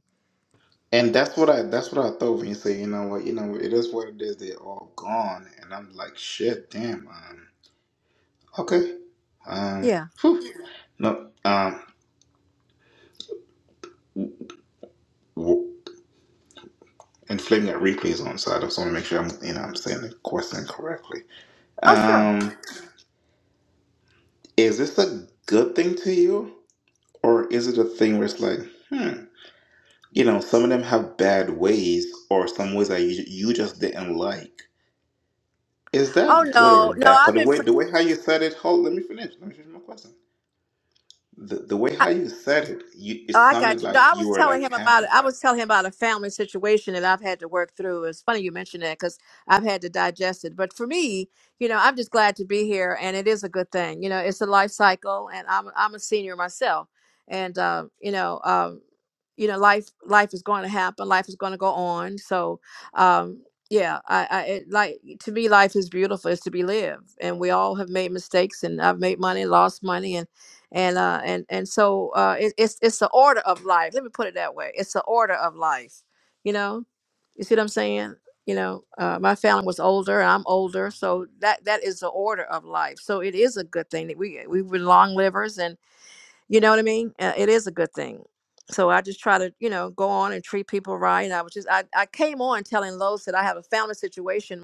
Speaker 5: And that's what I that's what I thought when you say, you know what, you know, it is what it is, they're all gone. And I'm like, shit, damn, um, okay. Um
Speaker 4: Yeah.
Speaker 5: whew. no um w- and flipping that replays on, so I just want to make sure I'm you know I'm saying the question correctly.
Speaker 4: Oh, sure.
Speaker 5: Um is this a good thing to you? Or is it a thing where it's like, hmm, you know, some of them have bad ways or some ways that you, you just didn't like. Is
Speaker 4: Oh
Speaker 5: that good or
Speaker 4: no, no,
Speaker 5: bad? Cause
Speaker 4: I've
Speaker 5: the
Speaker 4: been.
Speaker 5: way
Speaker 4: Friend-
Speaker 5: the way how you said it, hold let me finish. Let me finish my question The, the way how you said it, you, it
Speaker 4: Oh, I got
Speaker 5: sounded
Speaker 4: you.
Speaker 5: like
Speaker 4: No, I
Speaker 5: you
Speaker 4: was
Speaker 5: were
Speaker 4: telling
Speaker 5: like
Speaker 4: him about
Speaker 5: happy,
Speaker 4: it. I
Speaker 5: like.
Speaker 4: was telling him about a family situation that I've had to work through. It's funny you mentioned that because I've had to digest it. But for me, you know, I'm just glad to be here, and it is a good thing. You know, it's a life cycle, and I'm I'm a senior myself, and uh, you know, um, you know, life life is going to happen. Life is going to go on. So, um, yeah, I, I it, like to me, life is beautiful. It's to be lived, and we all have made mistakes, and I've made money, lost money, and and uh and and so uh it, it's it's the order of life let me put it that way it's the order of life you know you see what i'm saying you know uh my family was older and i'm older so that that is the order of life so it is a good thing that we we were long livers and you know what i mean uh, it is a good thing so i just try to you know go on and treat people right And i was just i, I came on telling Lois that i have a family situation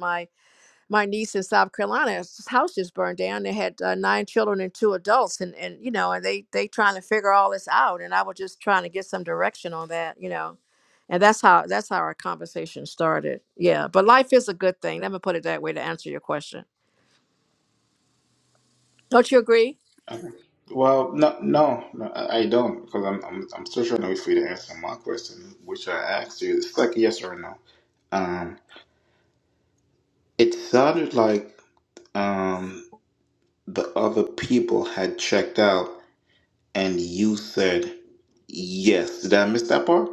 Speaker 4: my niece in South Carolina's house just burned down. They had uh, nine children and two adults, and and you know, and they they trying to figure all this out. And I was just trying to get some direction on that, you know, and that's how that's how our conversation started. Yeah, but life is a good thing. Let me put it that way to answer your question. Don't you agree?
Speaker 5: Well, no, no, no I I don't, because I'm, I'm, I'm still trying to wait for you to answer my question, which I asked you. It's like yes or no. Um, it sounded like um the other people had checked out, and you said yes. Did I miss that part?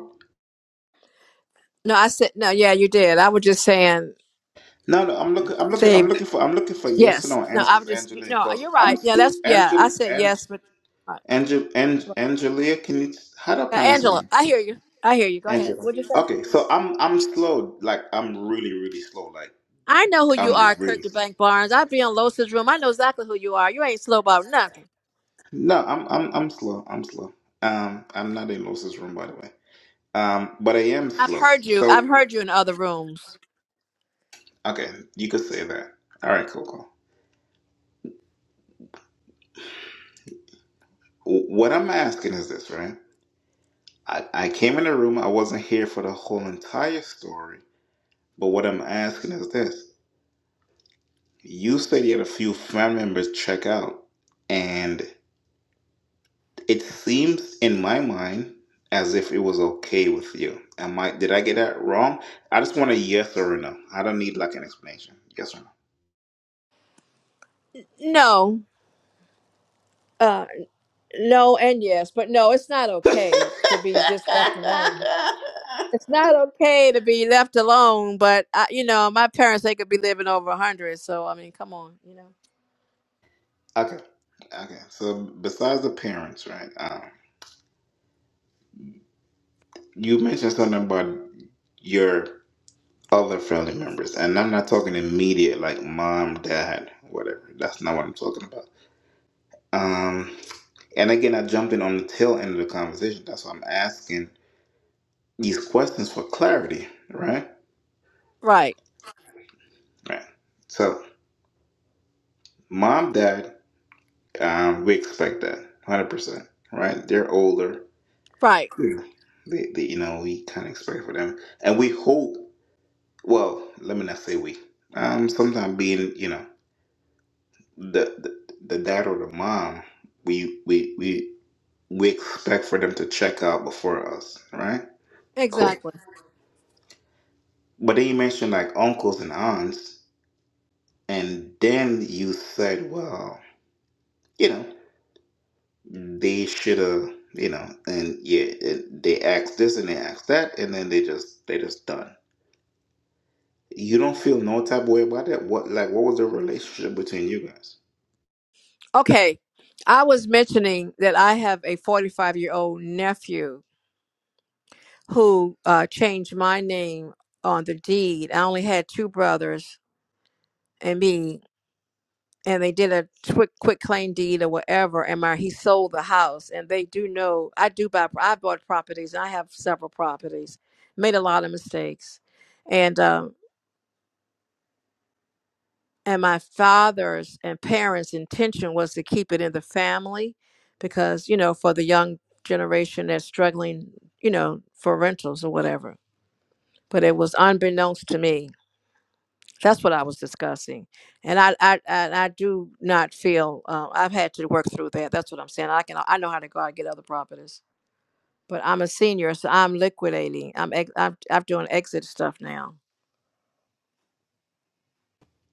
Speaker 4: No, I said no. Yeah, you did. I was just saying
Speaker 5: No, no. I'm looking. I'm looking.
Speaker 4: they.
Speaker 5: I'm looking for. I'm looking for yes or
Speaker 4: Yes.
Speaker 5: no
Speaker 4: No, I
Speaker 5: answers,
Speaker 4: was just
Speaker 5: Angela,
Speaker 4: no.
Speaker 5: because
Speaker 4: You're
Speaker 5: I'm
Speaker 4: right. Yeah, that's yeah. I said
Speaker 5: Angela.
Speaker 4: yes, but uh,
Speaker 5: Angel, Ang, Angelia, can you? How do I pronounce her
Speaker 4: Angela,
Speaker 5: name?
Speaker 4: I hear you. I hear you. Go ahead.
Speaker 5: Angela.
Speaker 4: What'd you say?
Speaker 5: Okay, so I'm I'm slow. Like I'm really really slow. Like
Speaker 4: I know who you
Speaker 5: I'm
Speaker 4: are, Kirk
Speaker 5: really slow.
Speaker 4: DeBank Barnes. I've been in Losa's room. I know exactly who you are. You ain't slow about nothing.
Speaker 5: No, I'm I'm I'm slow. I'm slow. Um, I'm not in Moses' room by the way. Um, but I am
Speaker 4: I've
Speaker 5: slow.
Speaker 4: heard you.
Speaker 5: So
Speaker 4: I've heard you in other rooms.
Speaker 5: okay, you could say that. All right, cool, cool. W- What I'm asking is this, right? I, I came in the room. I wasn't here for the whole entire story. But what I'm asking is this: You said you had a few family members check out, and It seems in my mind as if it was okay with you. Am I did I get that wrong? I just want a yes or a no. I don't need like an explanation. Yes or
Speaker 4: No. Uh no and yes, but no, it's not
Speaker 5: no.
Speaker 4: okay to be just left alone. It's not okay to be left alone, but I, you know, my parents they could be living over a 100, so I mean, come on, you know.
Speaker 5: okay. Okay. So besides the parents, right? Um, you mentioned something about your other family members, and I'm not talking immediate like mom, dad, whatever. That's not what I'm talking about. Um, and again, I jumped in on the tail end of the conversation. That's why I'm asking these questions for clarity, right?
Speaker 4: Right.
Speaker 5: Right. So, mom, dad, um, we expect that 100%, right? They're older.
Speaker 4: Right.
Speaker 5: Yeah. They, they, you know, we kind of expect for them. And we hope, well, let me not say we. Um, sometimes being, you know, the, the, the dad or the mom, we, we, we, we expect for them to check out before us, right? Cool.
Speaker 4: Exactly.
Speaker 5: But then you mentioned like uncles and aunts, and then you said, well, you know. they should have you know and yeah it, they asked this and they asked that and then they just they just done you don't feel no type of way about that what like what was the relationship between you guys
Speaker 4: Okay. I was mentioning that I have a 45-year-old nephew who uh, changed my name on the deed. I only had two brothers and me, and they did a quick quick claim deed or whatever. And my he sold the house, and they do know I do buy. I bought properties. And I have several properties. Made a lot of mistakes, and um, and my father's and parents' intention was to keep it in the family because you know for the young generation that's struggling, you know, for rentals or whatever. But it was unbeknownst to me That's what I was discussing, and I I I, I do not feel uh, I've had to work through that. That's what I'm saying. I can I know how to go out and get other properties, but I'm a senior, so I'm liquidating. I'm ex- I'm, I'm doing exit stuff now.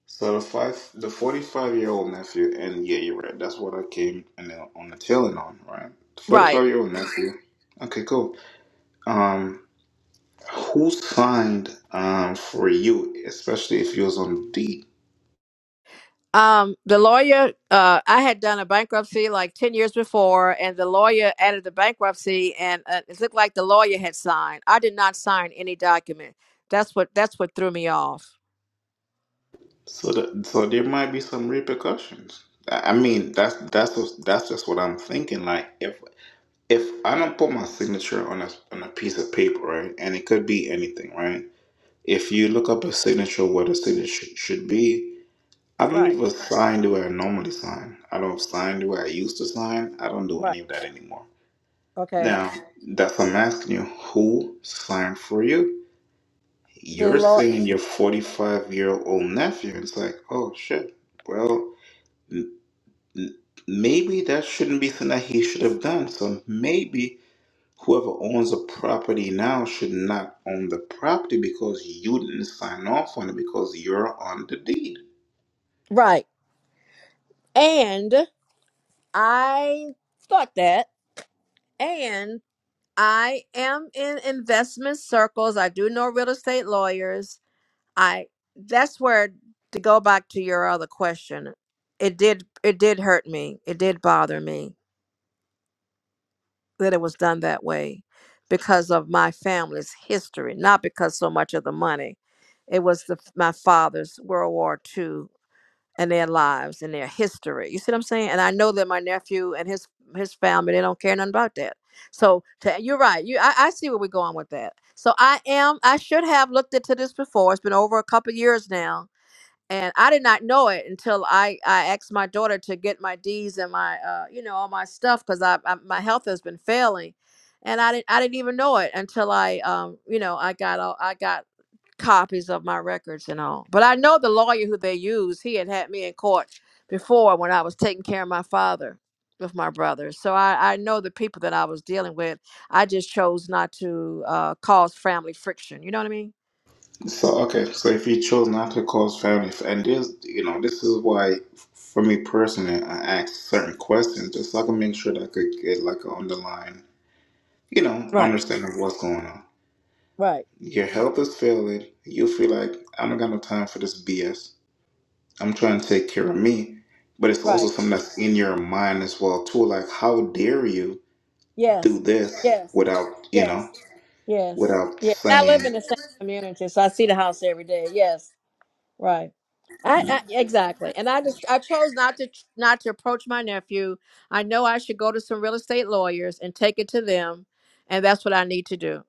Speaker 5: so the five the 45 year old nephew and yeah you're right that's what i came and then on the tailing on right The
Speaker 4: Right.
Speaker 5: 45 year old nephew okay cool um who signed um for you especially if you was on a date
Speaker 4: Um, the lawyer, uh, I had done a bankruptcy like 10 years before, and the lawyer added the bankruptcy, and uh, it looked like the lawyer had signed. I did not sign any document. That's what that's what threw me off.
Speaker 5: So that, so there might be some repercussions. I I mean, that's that's what, that's just what I'm thinking. Like if if I don't put my signature on a on a piece of paper, right, and it could be anything, right. If you look up a signature, what a signature sh- should be, I don't
Speaker 4: Right,
Speaker 5: even sign the way I normally sign. I don't sign the way I used to sign. I don't do
Speaker 4: right.
Speaker 5: any of that anymore.
Speaker 4: Okay.
Speaker 5: Now, that's I'm asking you. Who signed for you?
Speaker 4: The
Speaker 5: You're
Speaker 4: law,
Speaker 5: saying your 45 year old nephew. It's like, oh shit. Well. maybe that shouldn't be something that he should have done. So maybe whoever owns the property now should not own the property because you didn't sign off on it because you're on the deed.
Speaker 4: right. And I thought that. And I am in investment circles. I do know real estate lawyers. I that's where to go back to your other question. It did it did hurt me. It did bother me that it was done that way because of my family's history, not because so much of the money. It was the, my father's World War II and their lives and their history. You see what I'm saying? And I know that my nephew and his his family they don't care nothing about that. So to, you're right. You I, I see where we're going with that. So I am I should have looked into this before. It's been over a couple years now. And I did not know it until I, I asked my daughter to get my D's and my uh you know all my stuff because I, I my health has been failing, and I didn't I didn't even know it until I um you know I got all I got copies of my records and all. But I know the lawyer who they used, he had had me in court before when I was taking care of my father with my brother. So I, I know the people that I was dealing with. I just chose not to uh, cause family friction. You know what I mean?
Speaker 5: So okay, so if you chose not to cause family, and this, you know, this is why, for me personally, I ask certain questions just so I can make sure that I could get like an underlying, you know,
Speaker 4: Right,
Speaker 5: understanding of what's going on.
Speaker 4: right,
Speaker 5: Your health is failing. You feel like I don't got no time for this BS. I'm trying to take care of me, but it's also
Speaker 4: right.
Speaker 5: something that's in your mind as well too. Like, how dare you do
Speaker 4: Yes,
Speaker 5: this
Speaker 4: yes,
Speaker 5: without you know,
Speaker 4: yes, yes,
Speaker 5: without
Speaker 4: yeah. And I
Speaker 5: saying?
Speaker 4: live in the same community, so I see the house every day. Yes. Right. I, I exactly. And I just I chose not to not to approach my nephew. I know I should go to some real estate lawyers and take it to them, and that's what I need to do.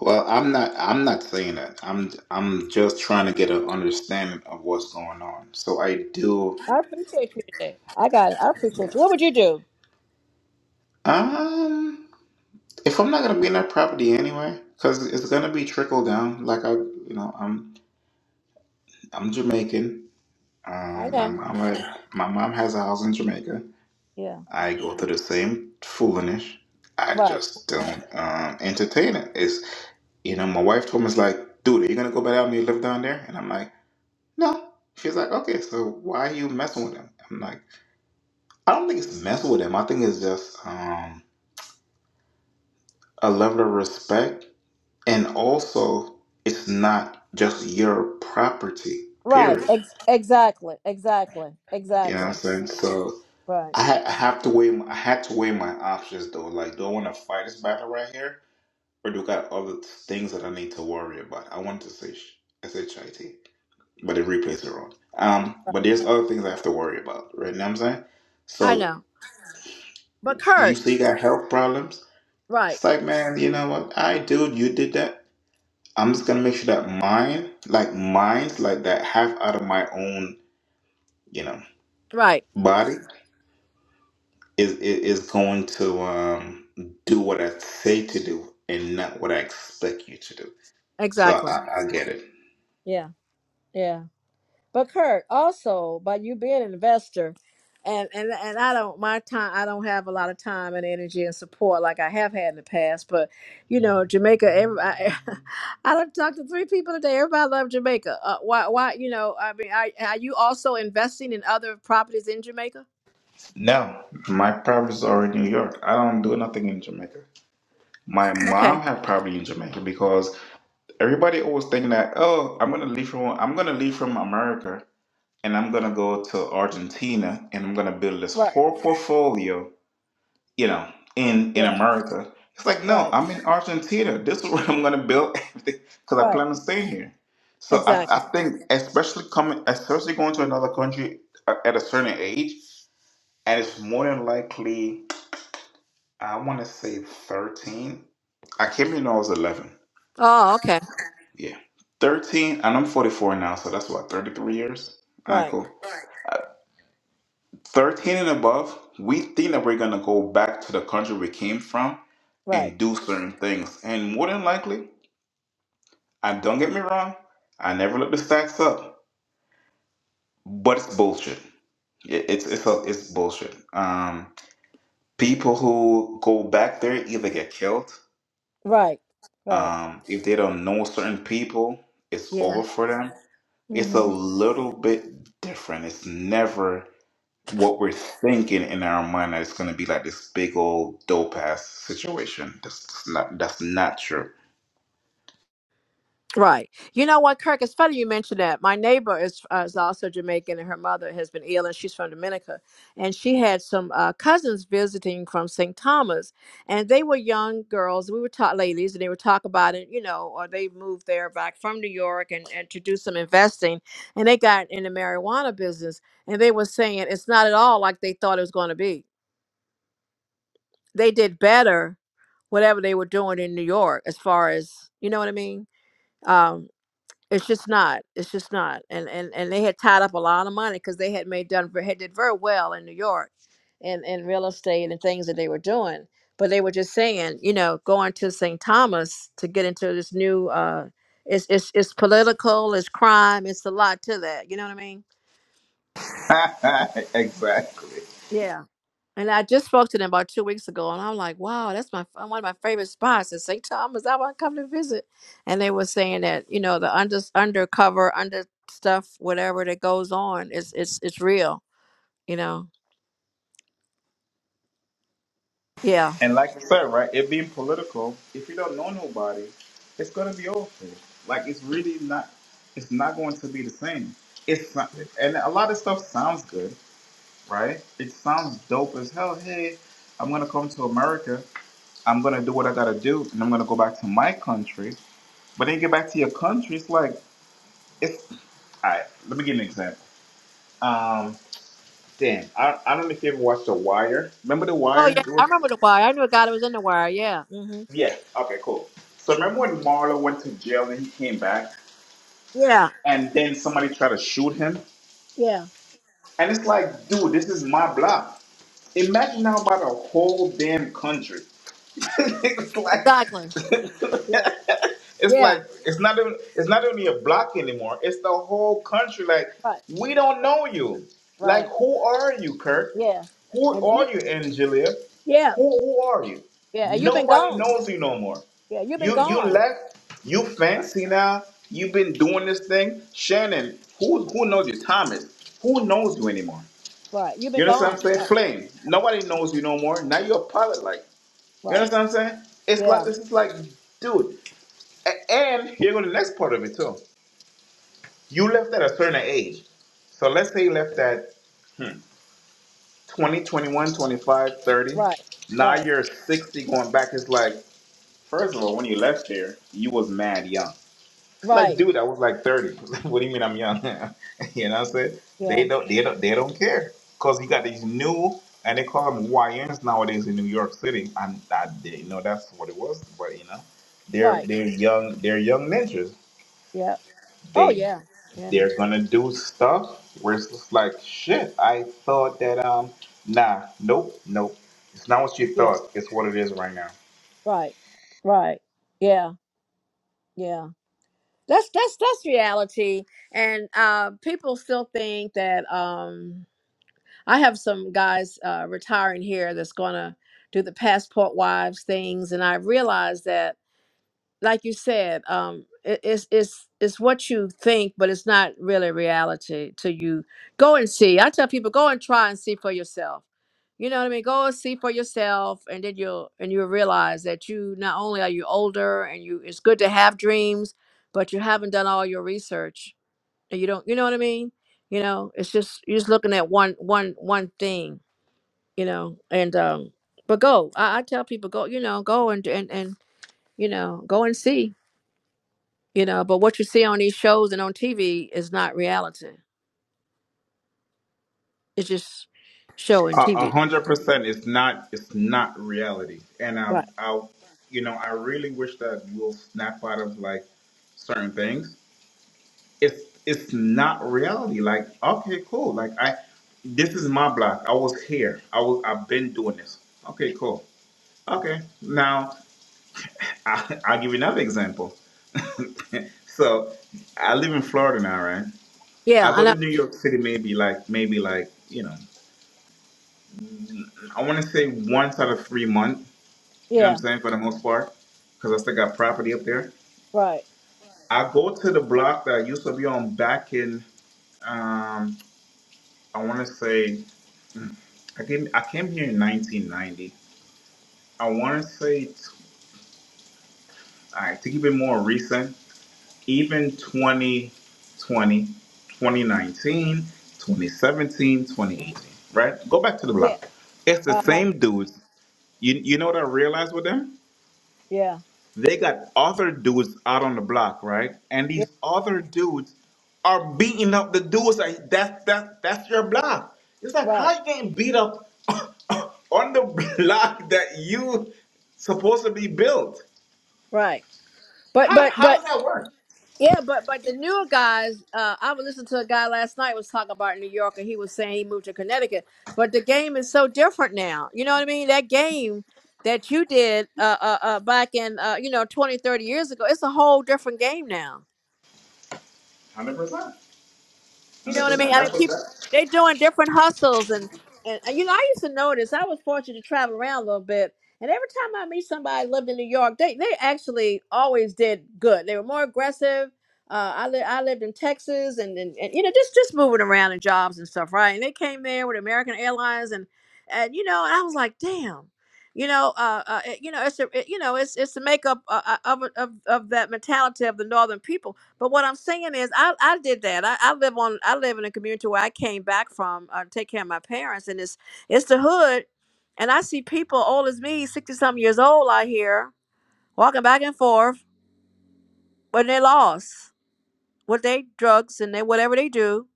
Speaker 5: Well, I'm not. I'm not saying that. I'm. I'm just trying to get an understanding of what's going on. So I do.
Speaker 4: I appreciate you today. I got it. I appreciate you. What would you do?
Speaker 5: Um, if I'm not gonna be in that property anyway, because it's gonna be trickle down. Like I, you know, I'm I'm Jamaican.
Speaker 4: I
Speaker 5: Um, my
Speaker 4: know.
Speaker 5: mom my mom has a house in Jamaica.
Speaker 4: Yeah.
Speaker 5: I go through the same foolishness. I
Speaker 4: Right.
Speaker 5: just don't um, entertain it. It's you know, my wife told me it's like, dude, are you gonna go back out and you live down there? And I'm like, no. She's like, okay, so why are you messing with him? I'm like, I don't think it's messing with him. I think it's just um, a level of respect, and also it's not just your property.
Speaker 4: Right.
Speaker 5: Period.
Speaker 4: Ex- exactly. Exactly.
Speaker 5: You know what I'm
Speaker 4: Exactly.
Speaker 5: saying? So
Speaker 4: Right.
Speaker 5: I, ha- I have to weigh. I had to weigh my options though. Like, do I want to fight this battle right here? Or do I got other th- things that I need to worry about? I want to say sh- SHIT, but the replays are on. Um, but there's other things I have to worry about, right? You know what I'm saying?
Speaker 4: I
Speaker 5: So
Speaker 4: know. But
Speaker 5: you
Speaker 4: Kurt,
Speaker 5: say you got health problems.
Speaker 4: right.
Speaker 5: It's like, man, you know what? I dude, you did that. I'm just gonna make sure that mine, like mine's like that half out of my own, you know,
Speaker 4: Right.
Speaker 5: body is is, is going to um do what I say to do and not what I expect you to do. So I,
Speaker 4: Exactly.
Speaker 5: I I get it.
Speaker 4: Yeah. Yeah. But Kirk, also by you being an investor, and and and I don't my time I don't have a lot of time and energy and support like I have had in the past. But you know Jamaica, every, I, I done talked to three people today. Everybody love Jamaica. Uh, why why you know I mean are, are you also investing in other properties in Jamaica?
Speaker 5: No, my properties are in New York. I don't do nothing in Jamaica. My
Speaker 4: Okay,
Speaker 5: mom have property in Jamaica because everybody always thinking that, oh, I'm gonna leave from I'm gonna leave from America and I'm gonna go to Argentina and I'm gonna build this
Speaker 4: right,
Speaker 5: whole portfolio, you know, in in
Speaker 4: yeah,
Speaker 5: America. It's like, no,
Speaker 4: right,
Speaker 5: I'm in Argentina. This is where I'm gonna build everything because I
Speaker 4: right,
Speaker 5: plan on staying here. So I, I
Speaker 4: exactly.
Speaker 5: think especially coming, especially going to another country uh, at a certain age, and it's more than likely I want to say 13. I came here when I was 11.
Speaker 4: Oh, okay,
Speaker 5: Yeah. 13, and I'm 44 now, so that's what, 33 years? All right,
Speaker 4: right,
Speaker 5: cool. 13 and above, we think that we're going to go back to the country we came from
Speaker 4: right,
Speaker 5: and do certain things. And more than likely, I don't get me wrong, I never look the stats up, but it's bullshit. It, it's it's a, it's bullshit. Um, people who go back there either get killed.
Speaker 4: right, right.
Speaker 5: Um, if they don't know certain people, it's
Speaker 4: Yeah.
Speaker 5: over for them it's a
Speaker 4: Mm-hmm.
Speaker 5: little bit different. It's never what we're thinking in our mind that it's going to be like this big old dope ass situation. That's, that's not that's not true.
Speaker 4: Right. You know what, Kirk? It's funny you mentioned that. My neighbor is uh, is also Jamaican, and her mother has been ill, and she's from Dominica. And she had some uh, cousins visiting from St. Thomas, and they were young girls. We were taught ladies, and they were talk about it. You know, or they moved there back from New York and, and to do some investing, and they got in the marijuana business. And they were saying it's not at all like they thought it was going to be. They did better, whatever they were doing in New York, as far as you know what I mean Um, it's just not. It's just not. And and and they had tied up a lot of money because they had made done had did very well in New York, and in real estate and things that they were doing. But they were just saying, you know, going to St. Thomas to get into this new. uh It's it's it's political. It's crime. It's a lot to that. You know what I mean?
Speaker 5: exactly.
Speaker 4: Yeah. And I just spoke to them about two weeks ago, and I'm like, wow, that's my one of my favorite spots is St. Thomas. I want to come to visit. And they were saying that you know the under undercover under stuff, whatever that goes on, it's it's it's real. You know, yeah.
Speaker 5: And like I said, right, it being political, if you don't know nobody, it's going to be awful. Like it's really not. It's not going to be the same. It's not, and a lot of stuff sounds good, right? It sounds dope as hell. Hey, I'm gonna come to America. I'm gonna do what I gotta do, and I'm gonna go back to my country. But then you get back to your country, it's like it's. All right, let me give you an example. Um, damn, I, I don't know if you ever watched The Wire. Remember The
Speaker 4: Oh
Speaker 5: Wire?
Speaker 4: yeah,
Speaker 5: It
Speaker 4: I
Speaker 5: was,
Speaker 4: remember the wire. I knew a guy that was in the wire. Yeah. hmm
Speaker 5: yeah. Okay, cool. So remember when Marlo went to jail and he came back,
Speaker 4: Yeah.
Speaker 5: and then somebody tried to shoot him,
Speaker 4: Yeah.
Speaker 5: and it's like, dude, this is my block. Imagine now about a whole damn country. it's like
Speaker 4: Exactly. Yeah.
Speaker 5: it's
Speaker 4: Yeah.
Speaker 5: like it's not even it's not only a block anymore. It's the whole country. Like
Speaker 4: Right.
Speaker 5: we don't know you. Like
Speaker 4: Right.
Speaker 5: who are you, Kirk?
Speaker 4: Yeah.
Speaker 5: Who
Speaker 4: And you.
Speaker 5: are you, Angelia?
Speaker 4: Yeah.
Speaker 5: Who who are you?
Speaker 4: Yeah. And you've been
Speaker 5: Nobody
Speaker 4: gone.
Speaker 5: knows you no more.
Speaker 4: Yeah. You've been
Speaker 5: You you
Speaker 4: gone.
Speaker 5: left. You
Speaker 4: Right.
Speaker 5: fancy now. You've been doing this thing, Shannon. Who who knows you, Thomas? Who knows you anymore?
Speaker 4: Right. You've been
Speaker 5: You understand
Speaker 4: gone.
Speaker 5: what I'm saying?
Speaker 4: Right.
Speaker 5: Flame. Nobody knows you no more. Now you're a pilot Like, you
Speaker 4: Right.
Speaker 5: understand what I'm saying? It's
Speaker 4: Yeah.
Speaker 5: like this is like, dude. a- And here go the next part of it too. You left at a certain age. So let's say you left at 20, 21, 25, 30.
Speaker 4: Right.
Speaker 5: Now
Speaker 4: Right.
Speaker 5: you're 60 going back. It's like, first of all, when you left there, you was mad young. It's like,
Speaker 4: Right.
Speaker 5: dude, I was like 30. what do you mean I'm young? you know what I'm saying? They
Speaker 4: Yeah.
Speaker 5: don't they don't they don't care. Cause you got these new and they call them YNs nowadays in New York City. And that they you know that's what it was, but you know, they're
Speaker 4: Right.
Speaker 5: they're young they're young ninjas.
Speaker 4: Yeah. Oh
Speaker 5: They
Speaker 4: yeah. Yeah.
Speaker 5: they're gonna do stuff where it's just like shit. I thought that um nah, nope, nope. It's not what you
Speaker 4: Yeah.
Speaker 5: thought, it's what it is right now.
Speaker 4: Right. Right. Yeah. Yeah. That's that's that's reality. And uh people still think that um I have some guys uh retiring here that's gonna do the passport wives things and I realized that like you said, um, it, it's it's it's what you think, but it's not really reality to you. Go and see. I tell people, go and try and see for yourself. You know what I mean? Go and see for yourself, and then you'll and you'll realize that you not only are you older, and you it's good to have dreams, but you haven't done all your research, and you don't. You know what I mean? You know, it's just you're just looking at one one one thing. You know, and um, but go. I, I tell people, go. You know, go and and and you know, go and see you know but what you see on these shows and on tv is not reality it's just show
Speaker 5: A
Speaker 4: and
Speaker 5: a
Speaker 4: tv
Speaker 5: hundred percent. It's not. It's not reality. And I,
Speaker 4: Right.
Speaker 5: I, you know, I really wish that we'll snap out of like certain things. It's it's not reality. Like, okay, cool. Like, I, this is my block. I was here. I was. I've been doing this. Okay, cool. Okay, now I, I'll give you another example. So, I live in Florida now, right?
Speaker 4: yeah
Speaker 5: I
Speaker 4: i
Speaker 5: go to
Speaker 4: know
Speaker 5: New York City maybe like maybe like you know, I want to say once out of three months You know what I'm
Speaker 4: Yeah.
Speaker 5: saying? For the most part, because I still got property up there.
Speaker 4: Right.
Speaker 5: I go to the block that I used to be on back in, um, I want to say, mm, I came, I came here in 1990. I want to say, t- all right, to keep it more recent, even 2020, 2019, 2017, 2018, right? Go back to the
Speaker 4: Yeah.
Speaker 5: block. It's the
Speaker 4: Uh huh.
Speaker 5: same dudes. You, you know what I realized with them?
Speaker 4: Yeah.
Speaker 5: They got other dudes out on the block, right? And
Speaker 4: Yeah.
Speaker 5: these other dudes are beating up the dudes. Like that's that that's your block. It's like
Speaker 4: Right.
Speaker 5: how you getting beat up on the block that you supposed to be built?
Speaker 4: Right. But
Speaker 5: How
Speaker 4: but
Speaker 5: how
Speaker 4: but
Speaker 5: does that work?
Speaker 4: yeah but but the newer guys uh i was listening to a guy last night was talking about new york and he was saying he moved to connecticut but the game is so different now you know what i mean that game that you did uh uh, uh back in uh you know 20, 30 years ago it's a whole different game now
Speaker 5: Hundred percent.
Speaker 4: You know
Speaker 5: Hundred
Speaker 4: what I mean?
Speaker 5: percent.
Speaker 4: I mean,
Speaker 5: That's what
Speaker 4: people
Speaker 5: that.
Speaker 4: they doing different hustles, and and and, you know, I used to notice. I was fortunate to travel around a little bit, and every time I meet somebody who lived in New York, they they actually always did good. They were more aggressive. Uh, I li- I lived in Texas, and, and and you know, just just moving around in jobs and stuff, right? And they came there with American Airlines, and and you know, and I was like, damn. You know, uh, uh, it- you know, it's a, it, you know, it's it's the makeup uh, uh, of of of that mentality of the northern people but what I'm saying is, I, I did that. I, I live on. I live in a community where I came back from uh, to take care of my parents, and it's it's the hood, and I see people old as me, sixty something years old out here walking back and forth, but they lost with they drugs and they whatever they do,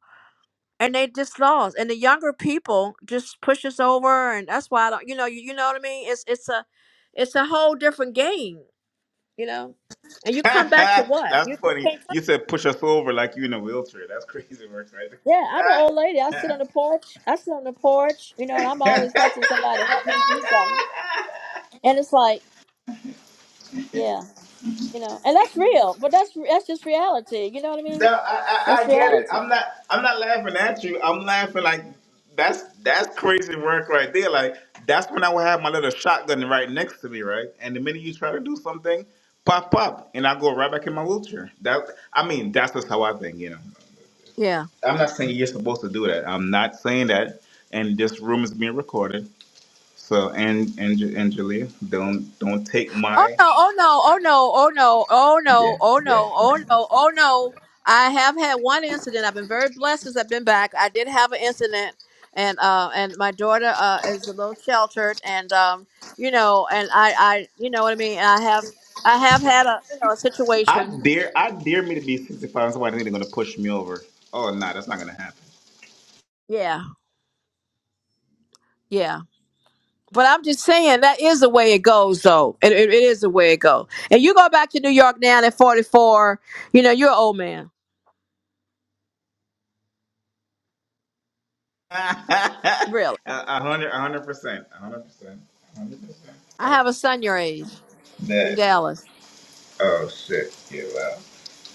Speaker 4: and they just lost. And the younger people just push us over, and that's why I don't. You know, you, you know what I mean? It's it's a it's a whole different game, you know. And you come back to what? You,
Speaker 5: That's
Speaker 4: you
Speaker 5: funny.
Speaker 4: can't
Speaker 5: You said push us over like you in a wheelchair. That's crazy work,
Speaker 4: Yeah, I'm an old lady. I
Speaker 5: right?
Speaker 4: sit on the porch. I sit on the porch, you know, and I'm always hustling somebody to help me do something. And it's like, yeah, you know, and that's real, but that's that's just reality. You know what I
Speaker 5: No,
Speaker 4: mean?
Speaker 5: I, I,
Speaker 4: That's
Speaker 5: I get it.
Speaker 4: reality.
Speaker 5: I'm not I'm not laughing at you. I'm laughing like that's that's crazy work right there. Like that's when I would have my little shotgun right next to me, right? And the minute you try to do something, pop pop, and I go right back in my wheelchair. That I mean, that's just how I think, you know. I'm not saying you're supposed to do that. I'm not saying that. And this room is being recorded. So and and Angelia, don't don't take
Speaker 4: Oh
Speaker 5: my
Speaker 4: no, oh no, oh no, oh no, oh
Speaker 5: yeah
Speaker 4: no, oh no,
Speaker 5: yeah
Speaker 4: oh no, oh no. I have had one incident. I've been very blessed since I've been back. I did have an incident and uh and my daughter uh is a little sheltered and um you know and I I you know what I mean. I have I have had a you know a
Speaker 5: I
Speaker 4: situation.
Speaker 5: dare, I dare me to be 65 and somebody going to push me over. Oh, no, that's not going to happen.
Speaker 4: Yeah, yeah. But I'm just saying that is the way it goes though. It it, it is the way it goes. And you go back to New York now at 44, you know, you're an old man. Really.
Speaker 5: A 100, a 100%. a 100%. 100%.
Speaker 4: I have a son your age in
Speaker 5: That,
Speaker 4: Dallas.
Speaker 5: oh, shit. Yeah, well.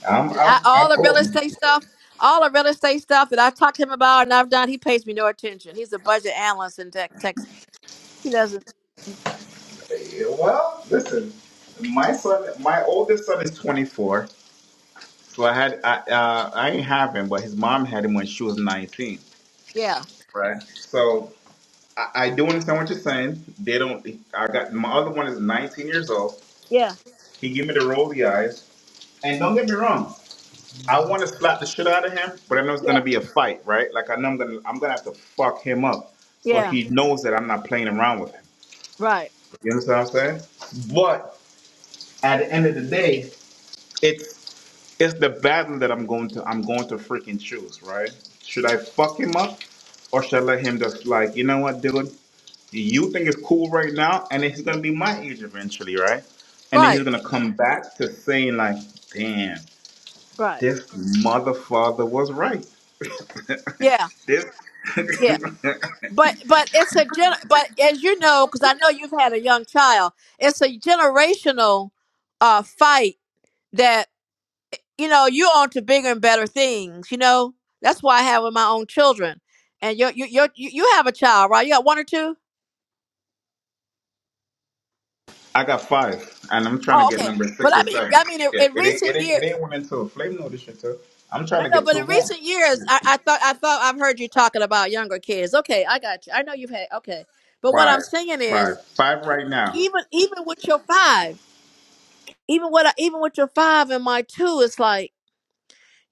Speaker 5: I'm,
Speaker 4: And I,
Speaker 5: I'm, I'm
Speaker 4: all the real
Speaker 5: old.
Speaker 4: estate stuff, all the real estate stuff that I've talked to him about and I've done, he pays me no attention. He's a budget analyst in tech, tech. He doesn't.
Speaker 5: Yeah, well, listen, my son, my oldest son is 24. So I had, I, uh, I ain't have him, but his mom had him when she was 19.
Speaker 4: Yeah.
Speaker 5: Right. So I, I do understand what you're saying. They don't, I got, my other one is 19 years old.
Speaker 4: Yeah.
Speaker 5: He gave me the rolly eyes. And don't get me wrong, I want to slap the shit out of him, but I know it's gonna
Speaker 4: Yeah.
Speaker 5: be a fight, right? Like I know I'm gonna I'm gonna have to fuck him up. So
Speaker 4: Yeah.
Speaker 5: he knows that I'm not playing around with him.
Speaker 4: Right.
Speaker 5: You understand what I'm saying? But at the end of the day, it's it's the battle that I'm going to I'm going to freaking choose, right? Should I fuck him up or should I let him just like, you know what, dude? You think it's cool right now, and then he's gonna be my age eventually, right? And then he's
Speaker 4: Right.
Speaker 5: gonna come back to saying like, damn.
Speaker 4: Right.
Speaker 5: This motherfucker was right.
Speaker 4: Yeah.
Speaker 5: this
Speaker 4: Yeah. But but it's a gen. But as you know, because I know you've had a young child, it's a generational uh fight that you know you're on to bigger and better things. You know that's why I have with my own children. And you you you you you have a child, right? You got one or two.
Speaker 5: I got five, and I'm trying to
Speaker 4: Oh,
Speaker 5: get
Speaker 4: okay.
Speaker 5: number
Speaker 4: But
Speaker 5: six
Speaker 4: I
Speaker 5: or
Speaker 4: mean,
Speaker 5: seven.
Speaker 4: I mean, in,
Speaker 5: Yeah,
Speaker 4: in
Speaker 5: it ain't it
Speaker 4: recent
Speaker 5: ain't
Speaker 4: years,
Speaker 5: it ain't one and two. Flame notice shit too. I'm trying
Speaker 4: I
Speaker 5: to
Speaker 4: know.
Speaker 5: get
Speaker 4: But
Speaker 5: two
Speaker 4: in
Speaker 5: more.
Speaker 4: recent years, I, I thought, I thought, I've heard you talking about younger kids. Okay, I got you. I know you've had. Okay, but what I'm
Speaker 5: Five,
Speaker 4: saying is,
Speaker 5: five, five right now.
Speaker 4: even, even with your five, even what, I, even with your five and my two, it's like.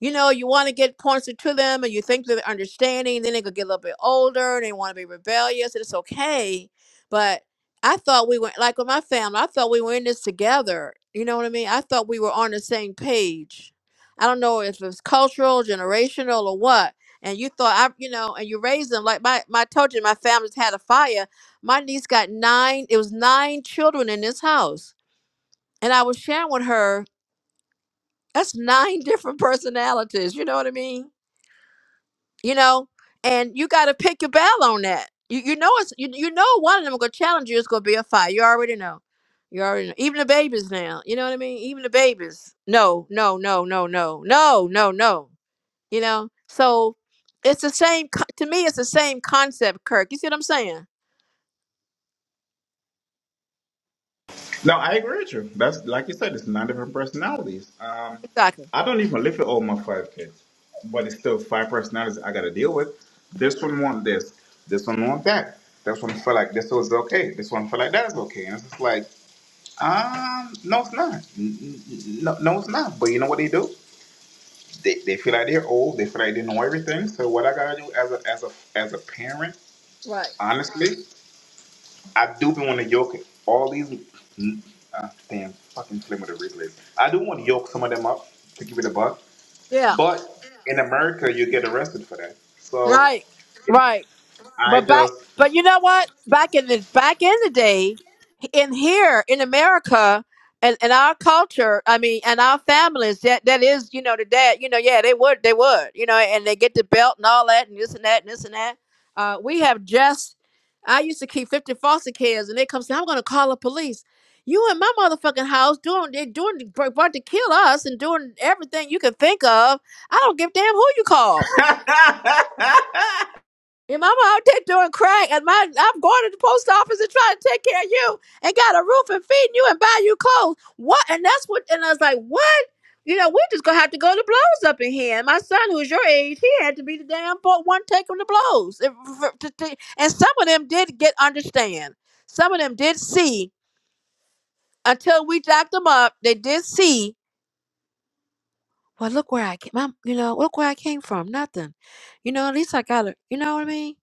Speaker 4: you know, you want to get pointed to them and you think they're understanding, then they could get a little bit older and they want to be rebellious, and it's okay. But I thought we were like with my family, I thought we were in this together. You know what I mean? I thought we were on the same page. I don't know if it's cultural, generational, or what. And you thought I, you know, and you raised them like my, my I told you my family's had a fire. My niece got nine. It was nine children in this house, and I was sharing with her. That's nine different personalities. You know what I mean? you know, and you got to pick your battle on that. You you know it's you, you know one of them gonna challenge you. is gonna be a fight. You already know. You already know. Even the babies now. You know what I mean? Even the babies. No, no, no, no, no, no, no, no. You know. So it's the same. co- To me, it's the same concept, Kirk. You see what I'm saying?
Speaker 5: No, I agree with you. That's like you said, it's nine different personalities. Um,
Speaker 4: Exactly.
Speaker 5: I don't even live with all my five kids, but it's still five personalities I gotta deal with. This one want this, this one want that. This one feel like this was okay. This one feel like that is okay. And it's just like Um, no, it's not. N- n- n- No, no, it's not. But you know what they do? They, they feel like they're old. They feel like they know everything. So what I gotta do as a as a as a parent,
Speaker 4: Right.
Speaker 5: honestly, I do want to yoke it. all these. n- Uh, damn, fucking slim with the replays. I do want to yoke some of them up to give it a buck.
Speaker 4: Yeah.
Speaker 5: But in America, you get arrested for that. So
Speaker 4: Right. Right.
Speaker 5: I
Speaker 4: But back,
Speaker 5: just
Speaker 4: but you know what? Back in the back in the day, in here in America, and and our culture, I mean, and our families, that that is, you know, the dad, you know, yeah, they would, they would, you know, and they get the belt and all that, and this and that, and this and that. Uh, we have just, I used to keep fifty foster kids, and they come say, I'm going to call the police. You in my motherfucking house doing they doing about to kill us and doing everything you can think of. I don't give a damn who you call. Your mama out there doing crack, and my I'm going to the post office and trying to take care of you, and got a roof and feeding you and buy you clothes. What? And that's what. And I was like, what? You know, we're just gonna have to go to blows up in here. And my son, who's your age, he had to be the damn po- one taking the blows. If- for- to- to- And some of them did get understand. Some of them did see until we jacked them up. They did see Well, look where I came. i you know, look where I came from. Nothing. You know, at least I got it. You know what I mean?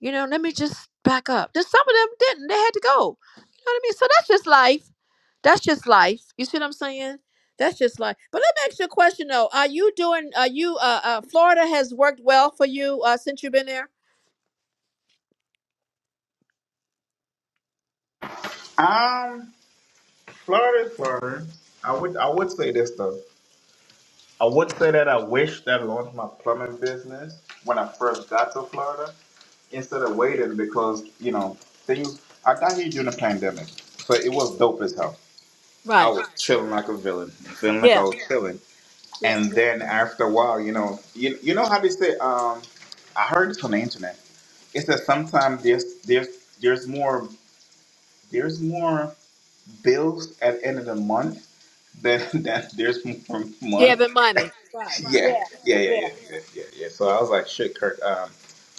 Speaker 4: You know, let me just back up. Just some of them didn't. They had to go. You know what I mean? So that's just life. That's just life. You see what I'm saying? That's just life. But let me ask you a question though. Are you doing? Are you? Uh, uh Florida has worked well for you uh, since you've been there.
Speaker 5: um Florida, Florida. I would I would say this though. I would say that I wish that I launched my plumbing business when I first got to Florida instead of waiting because, you know, things. I got here during the pandemic, so it was dope as hell. I
Speaker 4: Right.
Speaker 5: was chilling like a villain, feeling like I
Speaker 4: Yeah.
Speaker 5: was chilling.
Speaker 4: Yeah.
Speaker 5: And then after a while, you know, you, you know how they say, um, I heard this on the internet. It says sometimes there's there's there's more there's more bills at the end of the month than than there's more
Speaker 4: Yeah.
Speaker 5: money
Speaker 4: Been money. Right.
Speaker 5: Yeah,
Speaker 4: Yeah.
Speaker 5: yeah, yeah, yeah,
Speaker 4: Yeah.
Speaker 5: yeah, yeah, yeah. So I was like, shit, Kirk, um,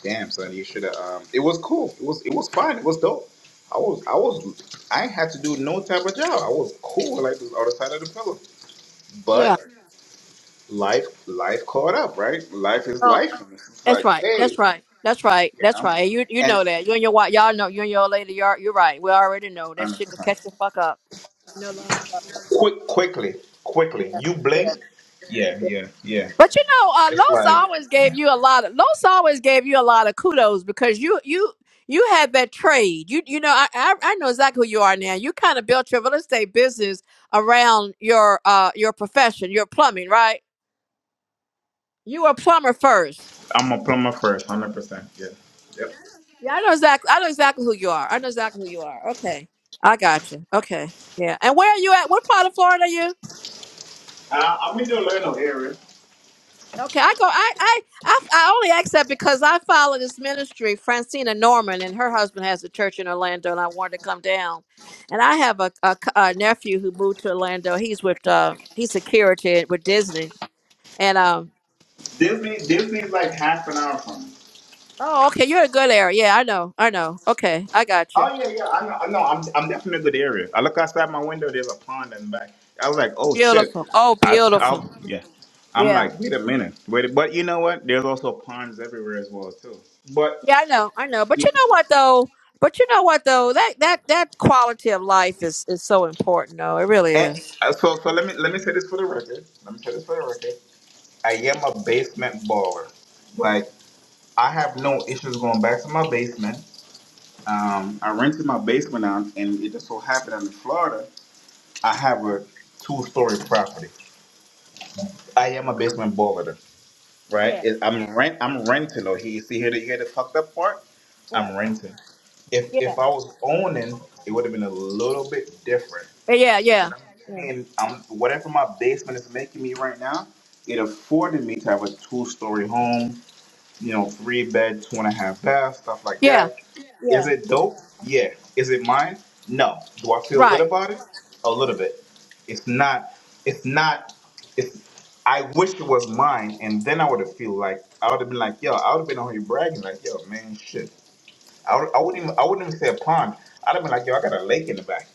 Speaker 5: damn, son, you should have. Um, it was cool. It was, it was fun. It was dope. I was, I was, I ain't had to do no type of job. I was cool, like this other side of the pillow. But life, life caught up, right? Life is
Speaker 4: Yeah.
Speaker 5: life. It's
Speaker 4: That's
Speaker 5: like,
Speaker 4: right.
Speaker 5: hey,
Speaker 4: That's right. That's right.
Speaker 5: you
Speaker 4: That's
Speaker 5: know,
Speaker 4: right. You you
Speaker 5: and
Speaker 4: know that. You and your wife, y'all know. You and your old lady, y'all, you're right. We already know that
Speaker 5: um,
Speaker 4: shit could catch the fuck up. You know, lying about it.
Speaker 5: quick, quickly, quickly,
Speaker 4: yeah,
Speaker 5: you
Speaker 4: yeah,
Speaker 5: blink. Yeah,
Speaker 4: yeah.
Speaker 5: yeah, yeah.
Speaker 4: But you know, uh,
Speaker 5: It's
Speaker 4: Los
Speaker 5: like
Speaker 4: always gave you a lot of Los always gave you a lot of kudos because you you you had that trade. You you know, I I, I know exactly who you are now. You kind of built your real estate business around your uh your profession, your plumbing, right? You were a plumber first
Speaker 5: I'm a plumber first, hundred percent. Yeah, yep.
Speaker 4: Yeah, I know exactly. I know exactly who you are. I know exactly who you are. Okay, I got you. Okay, yeah. And where are you at? What part of Florida are you?
Speaker 5: Uh, I'm in the learner area.
Speaker 4: Okay, I go. I I I, I only ask that because I follow this ministry, Francina Norman, and her husband has a church in Orlando, and I wanted to come down. And I have a, a, c- a nephew who moved to Orlando. He's with uh he's security with Disney. And um
Speaker 5: Disney, Disney's like half an hour from me.
Speaker 4: oh okay, you're in a good area. Yeah, I know. I know. Okay, I got you.
Speaker 5: Oh yeah, yeah. I know. I know. I'm, I'm definitely in a good area. I look outside my window. There's a pond in the back. I was like, oh shit.
Speaker 4: Beautiful. Oh,
Speaker 5: I, I
Speaker 4: beautiful.
Speaker 5: yeah. I'm
Speaker 4: Yeah.
Speaker 5: like, wait a minute, wait. But you know what? There's also ponds everywhere as well too. But
Speaker 4: Yeah, I know, I know. But you
Speaker 5: you-
Speaker 4: know what though? But you know what though? That that that quality of life is is so important though. It really
Speaker 5: eh,
Speaker 4: is.
Speaker 5: uh, so so let me let me say this for the record. Let me say this for the record. I am a basement baller. Like I have no issues going back to my basement. Um, I rented my basement out, and it just so happened I'm in Florida. I have a two-story property. I am a basement builder, right?
Speaker 4: Yeah,
Speaker 5: It, I'm rent. I'm renting. Oh, you see here, the, here the fucked up part.
Speaker 4: right.
Speaker 5: I'm renting. If
Speaker 4: Yeah,
Speaker 5: if I was owning, it would have been a little bit different.
Speaker 4: Yeah, yeah,
Speaker 5: But
Speaker 4: yeah,
Speaker 5: I'm paying. I'm whatever my basement is making me right now. It afforded me to have a two-story home you know, three bed, two and a half bath, stuff like that. Is
Speaker 4: yeah.
Speaker 5: it dope? Yeah. Is it mine? No. Do I feel
Speaker 4: yeah.
Speaker 5: good about it? A little bit. It's not. It's not. It's. I wish it was mine, and then I would have feel like I would have been like, yo, I would have been on here bragging like, yo, man, shit. I, would, I wouldn't even. I wouldn't even say a pond. I'd have been like, yo, I got a lake in the back.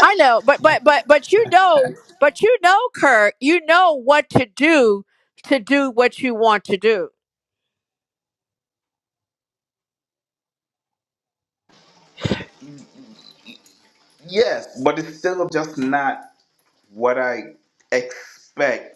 Speaker 4: I know, but but but but you know, but you know, Kirk, you know what to do to do what you want to do.
Speaker 5: Yes, but it's still just not what I expect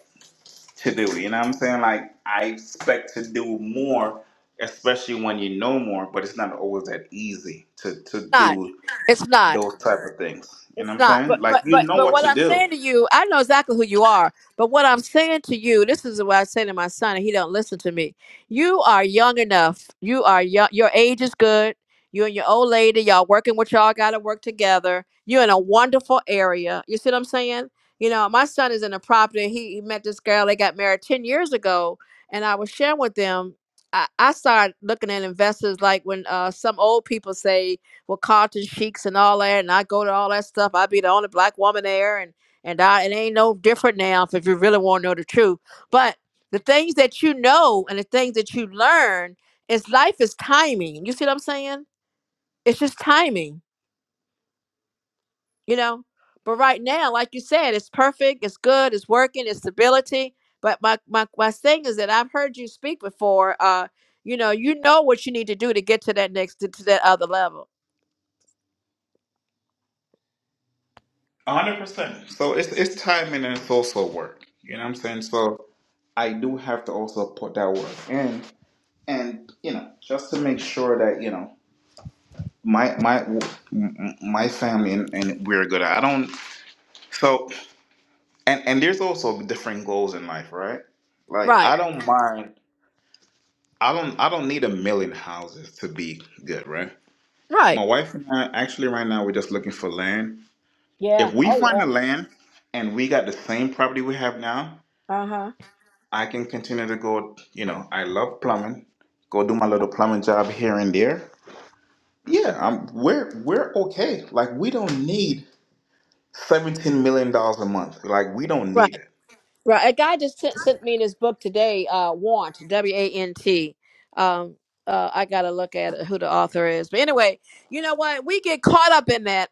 Speaker 5: to do. You know what I'm saying? Like I expect to do more, especially when you know more, but it's not always that easy to to
Speaker 4: Not,
Speaker 5: do
Speaker 4: it's not.
Speaker 5: those type of things. You know what
Speaker 4: It's
Speaker 5: I'm
Speaker 4: not.
Speaker 5: saying?
Speaker 4: But
Speaker 5: Like
Speaker 4: but
Speaker 5: you
Speaker 4: but
Speaker 5: know
Speaker 4: but
Speaker 5: what
Speaker 4: what
Speaker 5: to
Speaker 4: I'm
Speaker 5: do.
Speaker 4: saying to you, I know exactly who you are. But what I'm saying to you, this is what I say to my son, and he don't listen to me. You are young enough. You are young. Your age is good. You and your old lady, y'all working with y'all got to work together. You're in a wonderful area. You see what I'm saying? You know, my son is in a property. He, he met this girl. They got married ten years ago, and I was sharing with them. I, I started looking at investors like when uh, some old people say with Carlton Sheiks and all that, and I go to all that stuff. i be the only black woman there, and and I it ain't no different now if you really want to know the truth. But the things that you know and the things that you learn is life is timing. You see what I'm saying? It's just timing, you know. But right now, like you said, it's perfect, it's good, it's working, it's stability. But my my my thing is that I've heard you speak before. Uh, you know, you know what you need to do to get to that next to, to that other level.
Speaker 5: a hundred percent. So it's it's timing and it's also work. You know what I'm saying? So I do have to also put that work in and you know, just to make sure that, you know, my my my family and, and we're good. I don't so and and there's also different goals in life right like
Speaker 4: Right.
Speaker 5: i don't mind i don't i don't need a million houses to be good right
Speaker 4: Right.
Speaker 5: my wife and i actually right now we're just looking for land
Speaker 4: Yeah.
Speaker 5: if we
Speaker 4: Oh
Speaker 5: find
Speaker 4: yeah.
Speaker 5: the land and we got the same property we have now
Speaker 4: Uh-huh.
Speaker 5: i can continue to go you know i love plumbing go do my little plumbing job here and there yeah i'm we're we're okay like we don't need 17 million dollars a month like we don't need
Speaker 4: Right.
Speaker 5: it
Speaker 4: Right. A guy just sent, sent me this book today, uh, Want, W A N T. Um, uh, I gotta look at who the author is. But anyway, you know what? We get caught up in that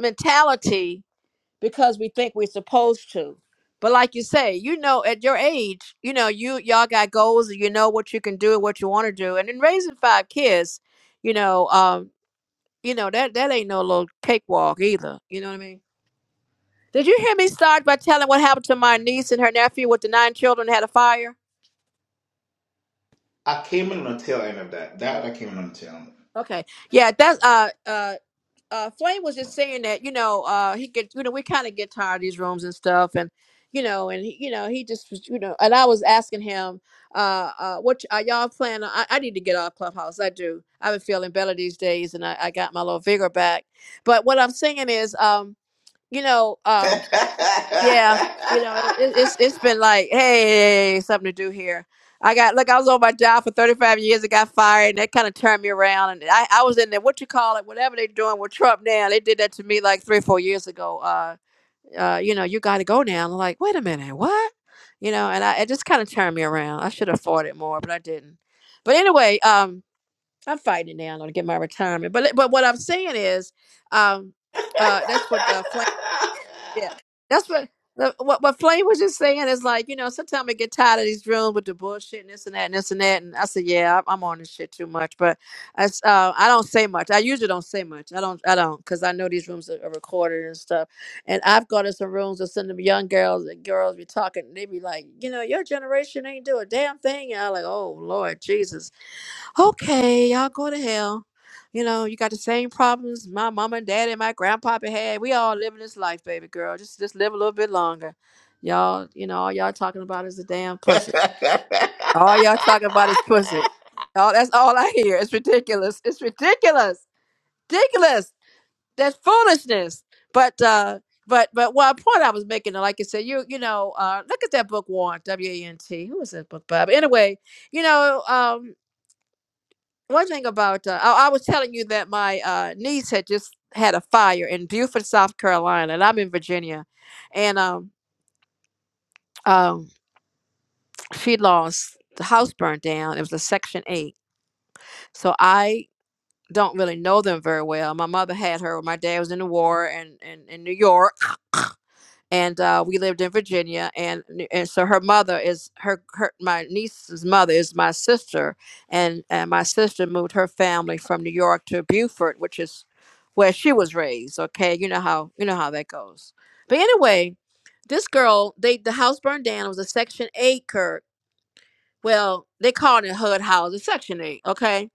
Speaker 4: mentality because we think we're supposed to. But like you say, you know, at your age, you know, you y'all got goals and you know what you can do and what you want to do. And in raising five kids, you know, um, you know, that that ain't no little cakewalk either. You know what I mean? Did you hear me start by telling what happened to my niece and her nephew with the nine children that had a fire?
Speaker 5: i came in on the tail end of that that i came in on the tail end
Speaker 4: Okay. Yeah, that's uh uh uh Flame was just saying that, you know, uh he gets you know, we kinda get tired of these rooms and stuff and you know, and he, you know, he just was, you know, and I was asking him, uh, uh, what y- are y'all planning? on- I, I need to get off Clubhouse. I do. I've been feeling better these days, and I, I got my little vigor back. But what I'm saying is, um, you know, um. Yeah, you know, it, it's it's been like, hey, something to do here. I got look, I was on my job for 35 years. I got fired, and that kind of turned me around. And I, I was in there, what you call it, whatever they're doing with Trump now. They did that to me like three or four years ago. Uh, uh, you know, you got to go now. I'm like, wait a minute, what? You know, and I it just kind of turned me around. I should have fought it more, but I didn't. But anyway, um, I'm fighting it now. I'm gonna get my retirement. But but what I'm saying is, um, uh, that's what uh, Flav yeah, that's what the- what what Flame was just saying is like you know sometimes I get tired of these rooms with the bullshit and this and that and this and that and I said yeah I'm, I'm on this shit too much but I s- uh, I don't say much I usually don't say much I don't I don't because I know these rooms are, are recorded and stuff and I've gone to some rooms with some of the young girls and girls be talking and they be like you know your generation ain't do a damn thing and I'm like oh Lord Jesus okay y'all go to hell you know, you got the same problems my mama and daddy and my grandpapa had. We all living this life, baby girl. Just just live a little bit longer. Y'all, you know, all y'all talking about is the damn pussy. All y'all talking about is pussy. All that's all I hear. It's ridiculous. It's ridiculous. Ridiculous. That's foolishness. But uh but but what point I was making, like I said, you you know, uh look at that book Warren, W A N T. Who is that book by? But anyway, you know, um one thing about uh, I, I was telling you that my uh, niece had just had a fire in Beaufort, South Carolina, and I'm in Virginia, and um, um, she lost the house burned down. It was a Section Eight, so I don't really know them very well. My mother had her. when My dad was in the war and in, in New York, and uh, we lived in Virginia, and and so her mother is her, her my niece's mother is my sister, and and my sister moved her family from New York to Beaufort, which is where she was raised. Okay, you know how you know how that goes. But anyway, this girl, they the house burned down. It was a Section Eight, Kirk. Well, they called it HUD houses, Section Eight. Okay,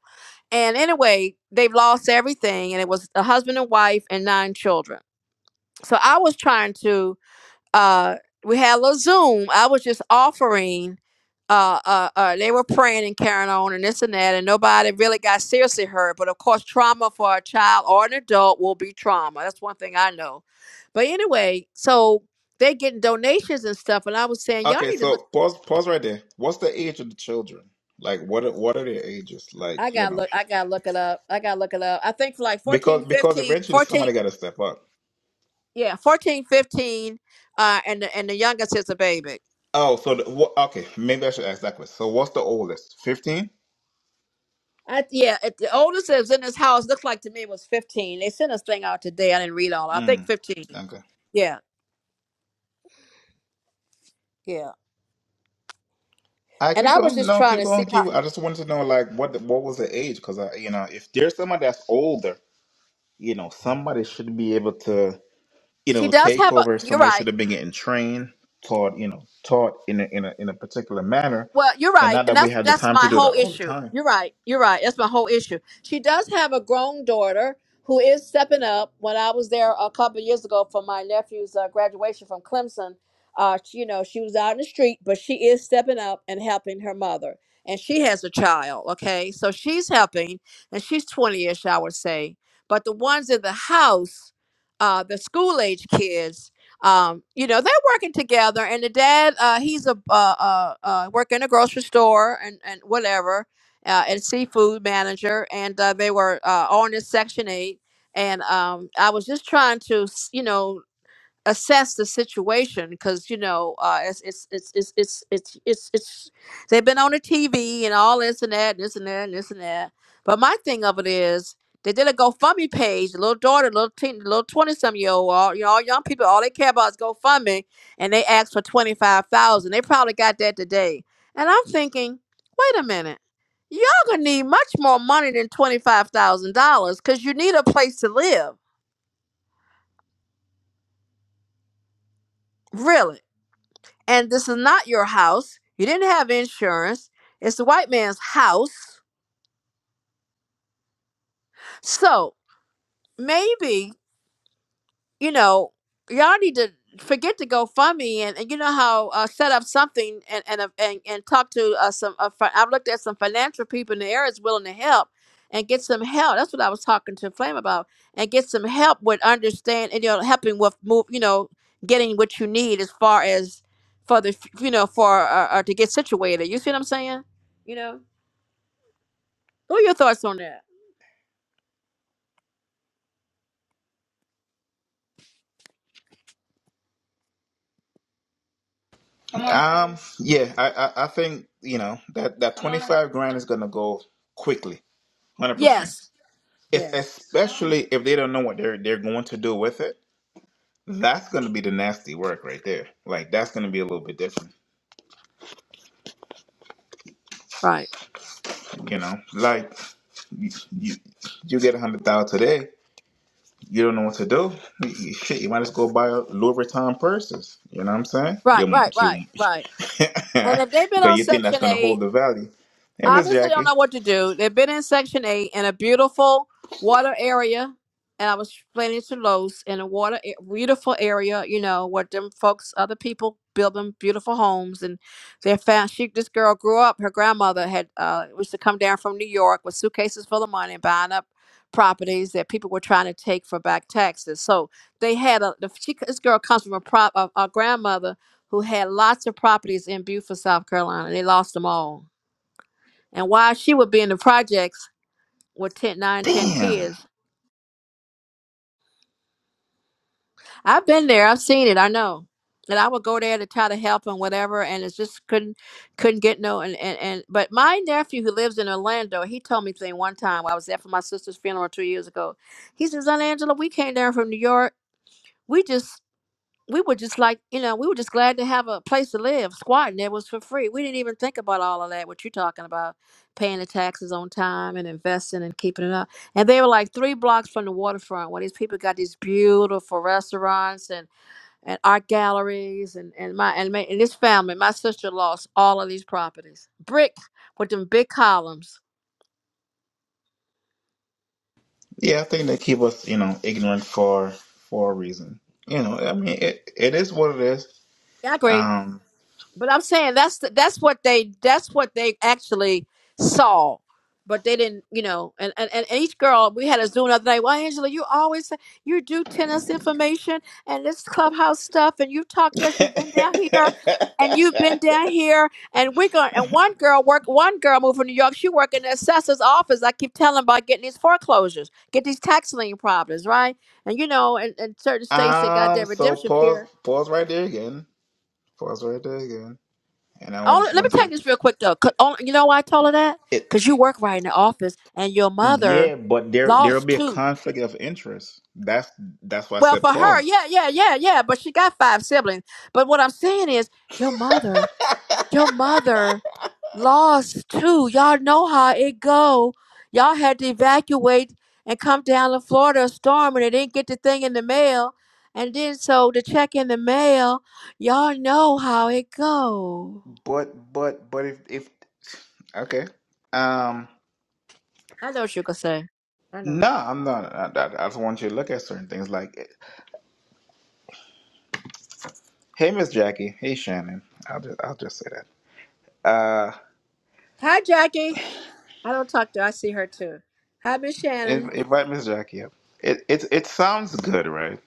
Speaker 4: and anyway, they've lost everything, and it was a husband and wife and nine children. So I was trying to uh we had a little zoom i was just offering uh, uh uh they were praying and carrying on and this and that and nobody really got seriously hurt but of course trauma for a child or an adult will be trauma that's one thing i know but anyway so they getting donations and stuff and i was saying y'all
Speaker 5: okay,
Speaker 4: need to look
Speaker 5: so pause pause right there. What's the age of the children? Like what are, what are their ages? Like,
Speaker 4: i
Speaker 5: you
Speaker 4: gotta
Speaker 5: know.
Speaker 4: look i gotta look it up i gotta look it up i think for like 14,
Speaker 5: Because because
Speaker 4: 15,
Speaker 5: eventually somebody
Speaker 4: 14,
Speaker 5: got to step up.
Speaker 4: yeah 14, 15. uh and the, and the youngest is a baby
Speaker 5: Oh, so the, wha- okay, maybe I should ask that question. So what's the oldest? 15?
Speaker 4: I, yeah, it, the oldest that was in this house looked like to me was 15. They sent us thing out today. I didn't read all. I think
Speaker 5: Mm.
Speaker 4: 15.
Speaker 5: Okay.
Speaker 4: Yeah, yeah.
Speaker 5: I
Speaker 4: And
Speaker 5: keep
Speaker 4: I was
Speaker 5: going.
Speaker 4: just
Speaker 5: No,
Speaker 4: trying
Speaker 5: keep
Speaker 4: to see
Speaker 5: going.
Speaker 4: how
Speaker 5: Keep. I just wanted to know, like, what the, what was the age? Because I, you know, if there's somebody that's older, you know, somebody should be able to. you
Speaker 4: she
Speaker 5: know
Speaker 4: does have a.
Speaker 5: takeover
Speaker 4: You're
Speaker 5: somebody
Speaker 4: right.
Speaker 5: should have been getting trained taught you know taught in a, in a, in a particular manner
Speaker 4: Well, you're
Speaker 5: and
Speaker 4: right,
Speaker 5: not
Speaker 4: and
Speaker 5: that we
Speaker 4: that's
Speaker 5: had the
Speaker 4: that's
Speaker 5: time to
Speaker 4: my
Speaker 5: do that
Speaker 4: whole
Speaker 5: all the
Speaker 4: issue.
Speaker 5: time
Speaker 4: You're right. You're right. That's my whole issue. She does have a grown daughter who is stepping up. When I was there a couple of years ago for my nephew's uh, graduation from Clemson, uh, she- you know, she was out in the street, but she is stepping up and helping her mother, and she has a child. Okay, so she's helping, and she's twenty-ish, I would say. But the ones in the house, uh, the school age kids um, you know they're working together and the dad uh, he's a uh, uh, uh, working in a grocery store and, and whatever uh, and seafood manager and uh, they were uh, on this section 8 and um, i was just trying to s- you know assess the situation because you know uh it's it's it's it's it's it's it's it's they've been on the TV and all this and that and this and that and this and that. But my thing of it is they did a GoFundMe page, the little daughter, little teen, little twenty some year old, all you know, all young people, all they care about is GoFundMe, and they asked for twenty five thousand. They probably got that today. And I'm thinking, wait a minute, y'all gonna need much more money than twenty five thousand dollars because you need a place to live, really and this is not your house. You didn't have insurance. It's the white man's house. So maybe, you know, y'all need to forget to go fund me and, and you know how uh, set up something and and, uh, and, and talk to uh, some uh, fi- I've looked at some financial people in the area is willing to help and get some help. That's what I was talking to Flame about and get some help with understand and you know helping with move, you know, getting what you need as far as for the f- you know for uh, uh, to get situated. You see what I'm saying? You know? What are your thoughts on that?
Speaker 5: Come on. um yeah I, I i think you know that that 25 grand is gonna go quickly 100 percent
Speaker 4: Yes.
Speaker 5: if
Speaker 4: Yes.
Speaker 5: especially if they don't know what they're they're going to do with it that's gonna be the nasty work right there like that's gonna be a little bit different
Speaker 4: Right.
Speaker 5: you know like you you, you get a hundred thousand today you don't know what to do. You- Shit, you might as well go buy Louis Vuitton purses. You know what I'm saying?
Speaker 4: Right.
Speaker 5: You,
Speaker 4: Right.
Speaker 5: you,
Speaker 4: Right. Right. And if they've been
Speaker 5: because
Speaker 4: on
Speaker 5: you think that's
Speaker 4: Section
Speaker 5: gonna
Speaker 4: 8
Speaker 5: hold the value. Hey, Miss
Speaker 4: obviously don't
Speaker 5: Jackie.
Speaker 4: know what to do. They've been in Section 8 in a beautiful water area. And I was explaining to Los in a water a- beautiful area, you know, where them folks, other people build them beautiful homes. And they found she this girl grew up. Her grandmother had uh used to come down from New York with suitcases full of money and buying up properties that people were trying to take for back taxes. So they had a the, she, this girl comes from a prop a, a grandmother who had lots of properties in Beaufort, South Carolina. They lost them all and while she would be in the projects with 10, nine, 10
Speaker 5: Damn.
Speaker 4: kids, I've been there. I've seen it. I know. And I would go there to try to help and whatever, and it's just couldn't couldn't get no and, and and but my nephew who lives in Orlando, he told me thing one time I was there for my sister's funeral two years ago. He says, Aunt Angela, we came down from New York. We just we were just like, you know, we were just glad to have a place to live, squatting it was for free. We didn't even think about all of that, what you're talking about, paying the taxes on time and investing and keeping it up. And they were like three blocks from the waterfront where these people got these beautiful restaurants and, and art galleries and, and my and, my, and this family, my sister lost all of these properties. Brick with them big columns.
Speaker 5: Yeah, I think they keep us, you know, ignorant for for a reason. You know, I mean, it, it is what it is.
Speaker 4: Yeah, I agree.
Speaker 5: Um.
Speaker 4: But I'm saying that's the, that's what they that's what they actually saw, but they didn't, you know. And and, and each girl we had a Zoom the other day. Well, Angela, you always say- you do tennis information and this clubhouse stuff, and you've talked to us. You've been down here, and you've been down here, and we're going. And one girl work. One girl moved from New York. She worked in the assessor's office. I keep telling about getting these foreclosures, get these tax lien problems, right? And you know, in, in certain states they got their
Speaker 5: um. So
Speaker 4: redemption period.
Speaker 5: pause. Pause right there again. Pause right there again. And I
Speaker 4: Only,
Speaker 5: just
Speaker 4: let me
Speaker 5: want to
Speaker 4: take
Speaker 5: say
Speaker 4: this real quick though. 'cause only, you know why I told her that?
Speaker 5: it.
Speaker 4: Because you work right in the office, and your mother
Speaker 5: Yeah, but there there'll
Speaker 4: lost
Speaker 5: be a
Speaker 4: two.
Speaker 5: conflict of interest. That's that's why I
Speaker 4: Well,
Speaker 5: said
Speaker 4: for her,
Speaker 5: pause.
Speaker 4: yeah, yeah, yeah, yeah. But she got five siblings. But what I'm saying is, your mother, your mother lost two. Y'all know how it go. Y'all had to evacuate and come down to Florida a storm, and they didn't get the thing in the mail. And then so the check in the mail, y'all know how it go.
Speaker 5: But but but if if okay, um,
Speaker 4: I know what you could say. I know.
Speaker 5: no, I'm not. I, I, I just want you to look at certain things like, hey, Miss Jackie, hey Shannon. I'll just I'll just say that. Uh,
Speaker 4: Hi, Jackie. I don't talk to her. I see her too. Hi, Miss
Speaker 5: inv-
Speaker 4: Shannon.
Speaker 5: invite Miss Jackie up. It it it sounds good, right?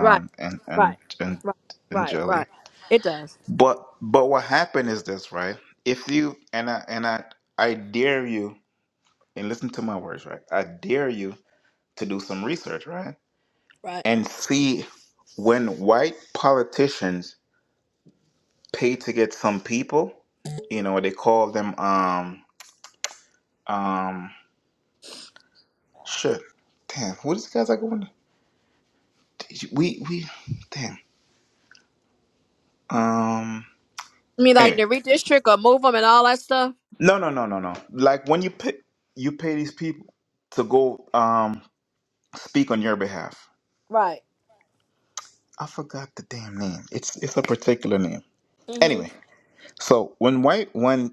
Speaker 4: Right,
Speaker 5: and
Speaker 4: right,
Speaker 5: and and
Speaker 4: right,
Speaker 5: and
Speaker 4: right,
Speaker 5: Jelly.
Speaker 4: right. It does.
Speaker 5: But but what happened is this, right? If you and I and I I dare you and listen to my words, right? I dare you to do some research, right?
Speaker 4: Right.
Speaker 5: And see when white politicians pay to get some people, you know, they call them um um shit. Damn, what is guys like going to we we damn. Um
Speaker 4: I mean, like
Speaker 5: anyway.
Speaker 4: to redistrict or move them and all that stuff?
Speaker 5: No no no no no. Like when you pay you pay these people to go um speak on your behalf.
Speaker 4: Right.
Speaker 5: I forgot the damn name. It's it's a particular name.
Speaker 4: Mm-hmm.
Speaker 5: Anyway, so when white when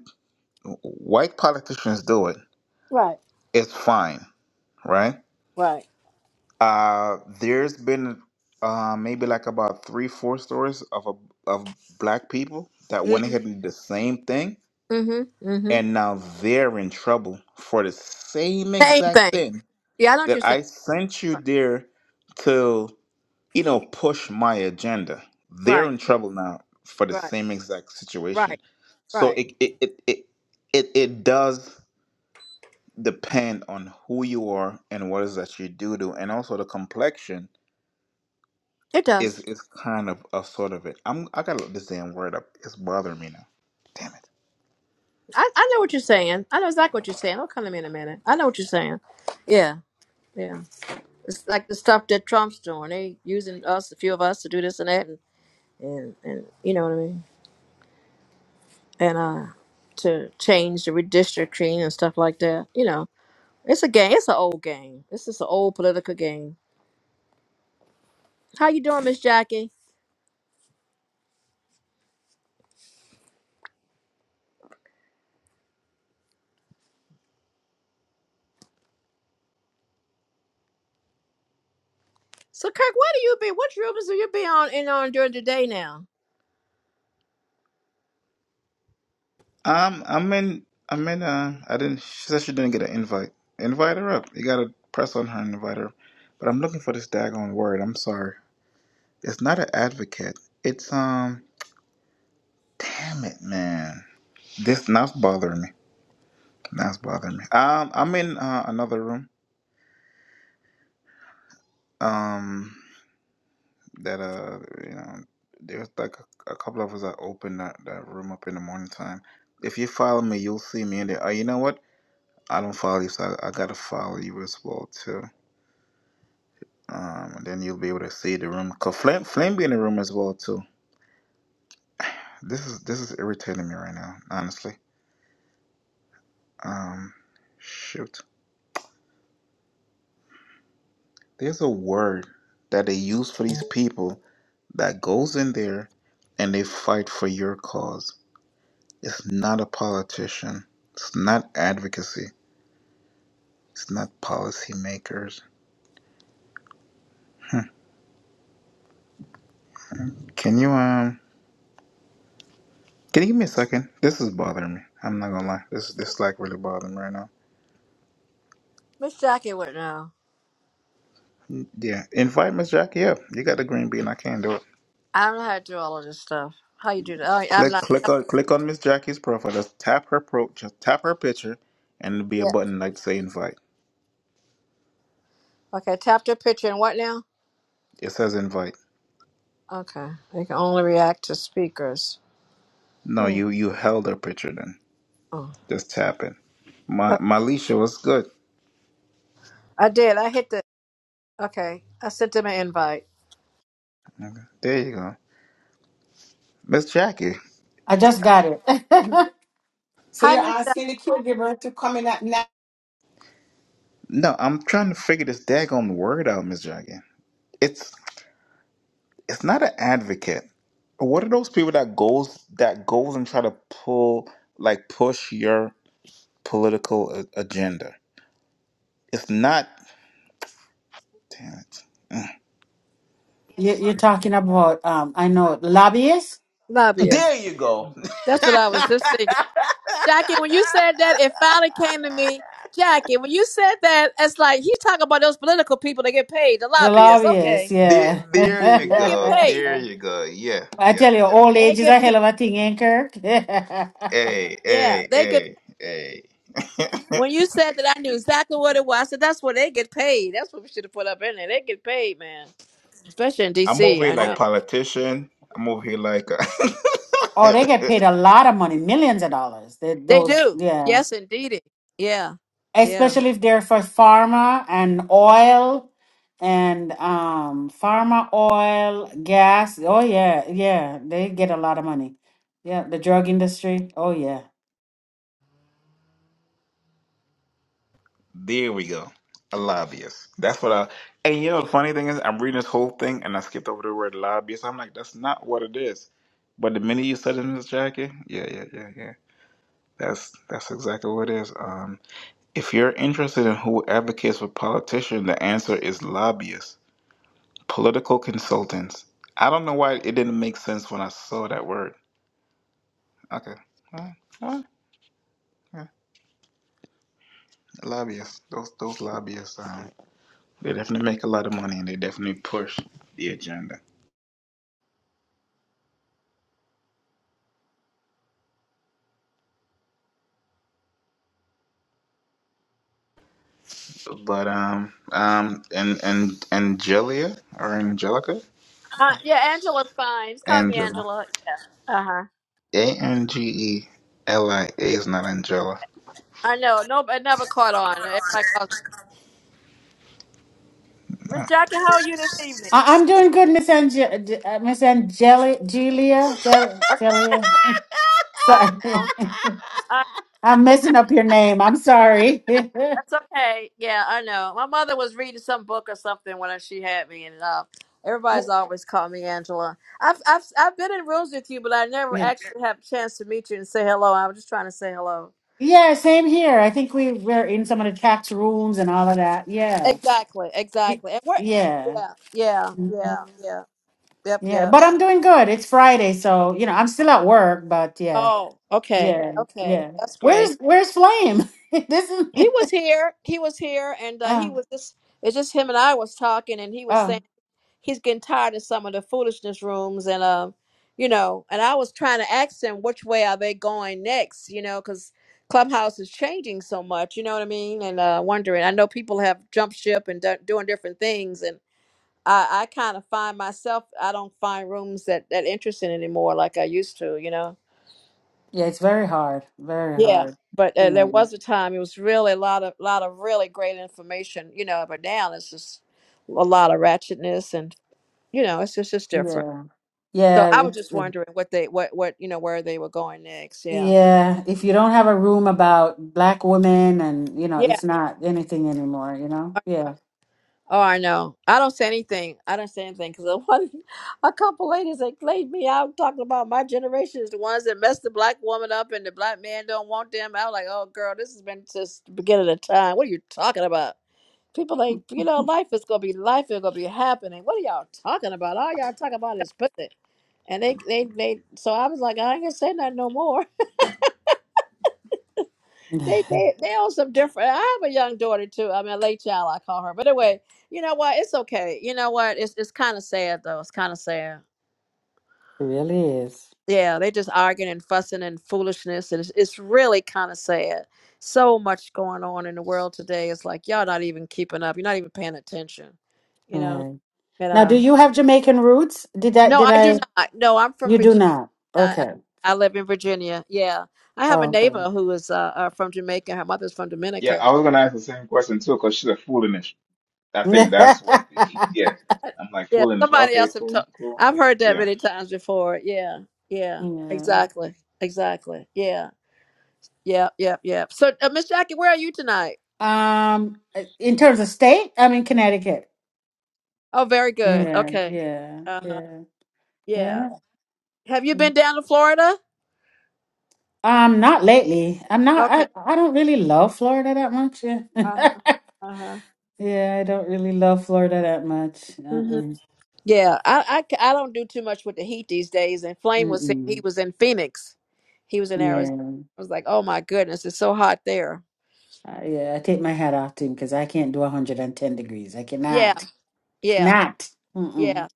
Speaker 5: white politicians do it.
Speaker 4: Right,
Speaker 5: It's fine, right?
Speaker 4: right.
Speaker 5: Uh, there's been uh, maybe like about three, four stories of a, of black people that went
Speaker 4: Mm-hmm.
Speaker 5: ahead and did the same thing,
Speaker 4: Mm-hmm. Mm-hmm.
Speaker 5: and now they're in trouble for the same
Speaker 4: Same
Speaker 5: exact
Speaker 4: thing.
Speaker 5: thing
Speaker 4: Yeah, I know what you're
Speaker 5: that
Speaker 4: saying.
Speaker 5: I sent you
Speaker 4: Right,
Speaker 5: there to, you know, push my agenda. They're
Speaker 4: right,
Speaker 5: in trouble now for the
Speaker 4: right,
Speaker 5: same exact
Speaker 4: right.
Speaker 5: situation. So
Speaker 4: right.
Speaker 5: it it it it it, it does depend on who you are and what it is that you do do, and also the complexion
Speaker 4: It
Speaker 5: is
Speaker 4: does.
Speaker 5: is kind of a sort of it. I'm I gotta look this damn word up. It's bothering me now. Damn it.
Speaker 4: I, I know what you're saying. I know exactly what you're saying. Don't come to me in a minute. I know what you're saying. Yeah, yeah. It's like the stuff that Trump's doing. They using us, a few of us, to do this and that. and and you know what I mean, and uh, to change the redistricting and stuff like that. You know, it's a game. It's an old game. This is an old political game. How you doing, Miss Jackie? So Kirk, where do you be? What rooms do you be on in on during the day now?
Speaker 5: Um, I'm in. I'm in. Uh, I didn't. She said she didn't get an invite. Invite her up. You gotta press on her and invite her. But I'm looking for this daggone word. I'm sorry. It's not an advocate. It's um. Damn it, man. This now's bothering me. Now's bothering me. Um, I'm in uh, another room. Um. that uh you know there's like a, a couple of us that open that, that room up in the morning time if you follow me you'll see me in there oh you know what i don't follow you so i, I gotta follow you as well too um and then you'll be able to see the room because flame flame be in the room as well too this is this is irritating me right now honestly um shoot there's a word that they use for these people that goes in there and they fight for your cause it's not a politician it's not advocacy It's not policymakers. Hmm. Can you um? Can you give me a second? This is bothering me. I'm not gonna lie. This this is like really bothering me right now.
Speaker 4: Miss Jackie, what now?
Speaker 5: Yeah, invite Miss Jackie up. You got the green bean. I can't do it.
Speaker 4: I don't know how to do all of this stuff. How you do that? I, I'm
Speaker 5: Click
Speaker 4: not.
Speaker 5: click on click on Miss Jackie's profile. Just tap her pro. Just tap her picture, and it'll be a
Speaker 4: Yeah.
Speaker 5: button like say invite.
Speaker 4: Okay, tap the picture and what now?
Speaker 5: It says invite.
Speaker 4: Okay, they can only react to speakers.
Speaker 5: No,
Speaker 4: Hmm.
Speaker 5: you you held her picture then.
Speaker 4: Oh.
Speaker 5: Just tap it. My
Speaker 4: Okay.
Speaker 5: my Leisha was good.
Speaker 4: I did. I hit the. Okay, I sent them an invite.
Speaker 5: Okay, there you go. Miss Jackie.
Speaker 6: I just got it. So
Speaker 4: Hi,
Speaker 6: you're
Speaker 4: Miss
Speaker 6: asking the caregiver to come in at night.
Speaker 5: No, I'm trying to figure this daggone word out, Miss Jackie. It's it's not an advocate. What are those people that goes that goes and try to pull like push your political a- agenda? It's not. Damn it. Mm.
Speaker 6: you, you're talking about, um, I know, lobbyists?
Speaker 4: Jackie.
Speaker 5: There you go.
Speaker 4: That's what I was just thinking. Jackie, when you said that, it finally came to me. Jackie, when you said that, it's like he's talking about those political people that get paid, the
Speaker 6: The
Speaker 4: lobbyists.
Speaker 6: lobbyists,
Speaker 4: Okay.
Speaker 5: there,
Speaker 6: yeah.
Speaker 5: there you
Speaker 4: They get
Speaker 5: go.
Speaker 4: paid.
Speaker 5: There you go. Yeah,
Speaker 6: I tell
Speaker 5: yep,
Speaker 6: you,
Speaker 5: yep.
Speaker 6: old
Speaker 4: They
Speaker 6: age is a
Speaker 4: get paid.
Speaker 6: hell of a thing, ain't Kirk?
Speaker 5: Hey,
Speaker 4: Yeah,
Speaker 5: hey,
Speaker 4: they get
Speaker 5: hey, hey.
Speaker 4: when you said that I knew exactly what it was, I said that's where they get paid. That's what we should have put up in there. They get paid, man. Especially in
Speaker 5: I'm
Speaker 4: DC,
Speaker 5: over here
Speaker 4: I
Speaker 6: oh,
Speaker 5: like
Speaker 4: know.
Speaker 5: politician. I'm over here like.
Speaker 6: they get paid a lot of money, millions of dollars. They,
Speaker 4: They
Speaker 6: those,
Speaker 4: do.
Speaker 6: yeah.
Speaker 4: Yes indeedy. Yeah. Yeah.
Speaker 6: especially if they're for pharma and oil and um pharma oil gas oh yeah yeah they get a lot of money yeah the drug industry oh yeah
Speaker 5: There we go. A lobbyist. That's what I. And you know, the funny thing is, I'm reading this whole thing and I skipped over the word lobbyist. I'm like, that's not what it is. But the minute you said it, Miss Jackie, yeah, yeah, yeah, yeah. That's that's exactly what it is. Um, if you're interested in who advocates for politicians, the answer is lobbyists, political consultants. I don't know why it didn't make sense when I saw that word. Okay. All right. All right. Yeah. Lobbyists. Those those lobbyists. Um, they definitely make a lot of money and they definitely push the agenda. But um um and and Angelia or Angelica?
Speaker 4: Uh, yeah, Angela's fine. Just call me
Speaker 5: Angela.
Speaker 4: Angela. Yeah. Uh-huh.
Speaker 5: A N G E L I A
Speaker 4: Yeah.
Speaker 5: is not Angela.
Speaker 4: I know. No, it never caught on. Everybody calls. Miss Jackie, how are you this evening?
Speaker 6: I- i'm doing good miss Ange- J- uh, miss angelia Gelia, Gel-
Speaker 4: Okay,
Speaker 6: Gelia.
Speaker 4: I
Speaker 6: sorry
Speaker 4: know. I,
Speaker 6: i'm messing up your name i'm sorry
Speaker 4: that's okay. Yeah, I know. My mother was reading some book or something when I- she had me, and uh, everybody's
Speaker 6: W-
Speaker 4: always called me Angela. I've, I've I've been in rooms with you, but I never
Speaker 6: yeah
Speaker 4: actually have a chance to meet you and say hello. I was just trying to say hello.
Speaker 6: Yeah, same here i think we were in some of the tax rooms and all of that yeah
Speaker 4: Exactly,
Speaker 6: Y-
Speaker 4: exactly. And we're
Speaker 6: yeah
Speaker 4: yeah, yeah,
Speaker 6: Mm-hmm.
Speaker 4: yeah, yeah. Yep,
Speaker 6: Yeah,
Speaker 4: yep.
Speaker 6: but I'm doing good. It's Friday, so you know, I'm still at work, but yeah.
Speaker 4: Oh, okay,
Speaker 6: Yeah.
Speaker 4: okay.
Speaker 6: Yeah.
Speaker 4: That's great.
Speaker 6: Where's where's Flame? this is
Speaker 4: He was here. He was here, and uh, he
Speaker 6: Oh,
Speaker 4: was just it's just him and I was talking, and he was saying.
Speaker 6: oh.
Speaker 4: he's getting tired of some of the foolishness rooms and um you know and i was trying to ask him which way are they going next you know because clubhouse is changing so much you know what i mean and uh wondering i know people have jumped ship and done doing different things and i i kind of find myself i don't find rooms that that interesting anymore like i used to you know
Speaker 6: Yeah, it's very hard. Very
Speaker 4: yeah
Speaker 6: hard.
Speaker 4: but
Speaker 6: You
Speaker 4: uh, there
Speaker 6: know.
Speaker 4: was a time it was really a lot of lot of really great information you know but now it's just a lot of ratchetness and you know it's just it's different
Speaker 6: Yeah.
Speaker 4: So
Speaker 6: Yeah,
Speaker 4: I was
Speaker 6: it's
Speaker 4: just
Speaker 6: uh,
Speaker 4: wondering what they what what you know where they were going next. Yeah.
Speaker 6: yeah, if you don't have a room about black women and you know,
Speaker 4: Yeah.
Speaker 6: it's not anything anymore, you know? Yeah.
Speaker 4: Oh, I know. I don't say anything. I don't say anything because one, a couple ladies that played me out talking about my generation is the ones that messed the black woman up and the black man don't want them. I was like, oh girl, this has been since the beginning of time. What are you talking about? People like, you know, life is gonna be life. It's gonna be happening. What are y'all talking about? All y'all talking about is pussy. And they, they, they. So I was like, I ain't gonna say nothing no more. they
Speaker 6: it
Speaker 4: they they on some different. I have a young daughter too. I'm a late child, I call her. But anyway, you know what? It's okay. You know what? It's it's kind of sad though. It's kind of sad.
Speaker 6: really is.
Speaker 4: Yeah, they just arguing and fussing and foolishness, and it's it's really kind of sad. So much going on in the world today. It's like y'all not even keeping up. You're not even paying attention. You know.
Speaker 6: Right.
Speaker 4: And
Speaker 6: Now, do
Speaker 4: uh,
Speaker 6: you have Jamaican roots? Did I
Speaker 4: no,
Speaker 6: did
Speaker 4: I do
Speaker 6: I
Speaker 4: not. No, I'm from
Speaker 6: you do
Speaker 4: Virginia.
Speaker 6: not?
Speaker 4: I
Speaker 6: Okay.
Speaker 4: I live in Virginia. Yeah, I have a
Speaker 6: Oh, okay.
Speaker 4: neighbor who is uh, uh from Jamaica. Her mother's from
Speaker 5: Yeah,
Speaker 4: Dominica
Speaker 5: I was gonna ask the same question too, because she's a foolishness. I think that's what
Speaker 6: yeah.
Speaker 5: yeah. I'm like
Speaker 4: Yeah,
Speaker 5: foolishness.
Speaker 4: somebody
Speaker 5: Okay,
Speaker 4: else have told.
Speaker 5: cool, cool.
Speaker 4: I've heard that
Speaker 5: Yeah.
Speaker 4: many times before. Yeah, yeah, exactly, exactly. Yeah, yep, yep, yep. So, uh, Miss Jackie, where are you tonight?
Speaker 6: Um, in terms of state, I'm in Connecticut.
Speaker 4: Oh, very good.
Speaker 6: Yeah,
Speaker 4: Okay.
Speaker 6: yeah,
Speaker 4: Uh huh.
Speaker 6: yeah,
Speaker 4: Yeah.
Speaker 6: yeah.
Speaker 4: Have you been down to Florida?
Speaker 6: Um, not lately. I'm not.
Speaker 4: Okay.
Speaker 6: I I don't really love Florida that much. Yeah,
Speaker 4: Uh huh. Uh huh.
Speaker 6: yeah. I don't really love Florida that much.
Speaker 4: hmm
Speaker 6: Uh-uh.
Speaker 4: Yeah, I, I c- I don't do too much with the heat these days. And Flame was saying he
Speaker 6: Mm-mm.
Speaker 4: was in Phoenix. He was in Arizona.
Speaker 6: Yeah,
Speaker 4: I was like, oh my goodness, it's so hot there.
Speaker 6: uh, yeah. I take my hat off to him because I can't do 110 degrees. I
Speaker 4: Yeah,
Speaker 6: cannot.
Speaker 4: yeah.
Speaker 6: Cannot. Mm-mm.
Speaker 4: Yeah,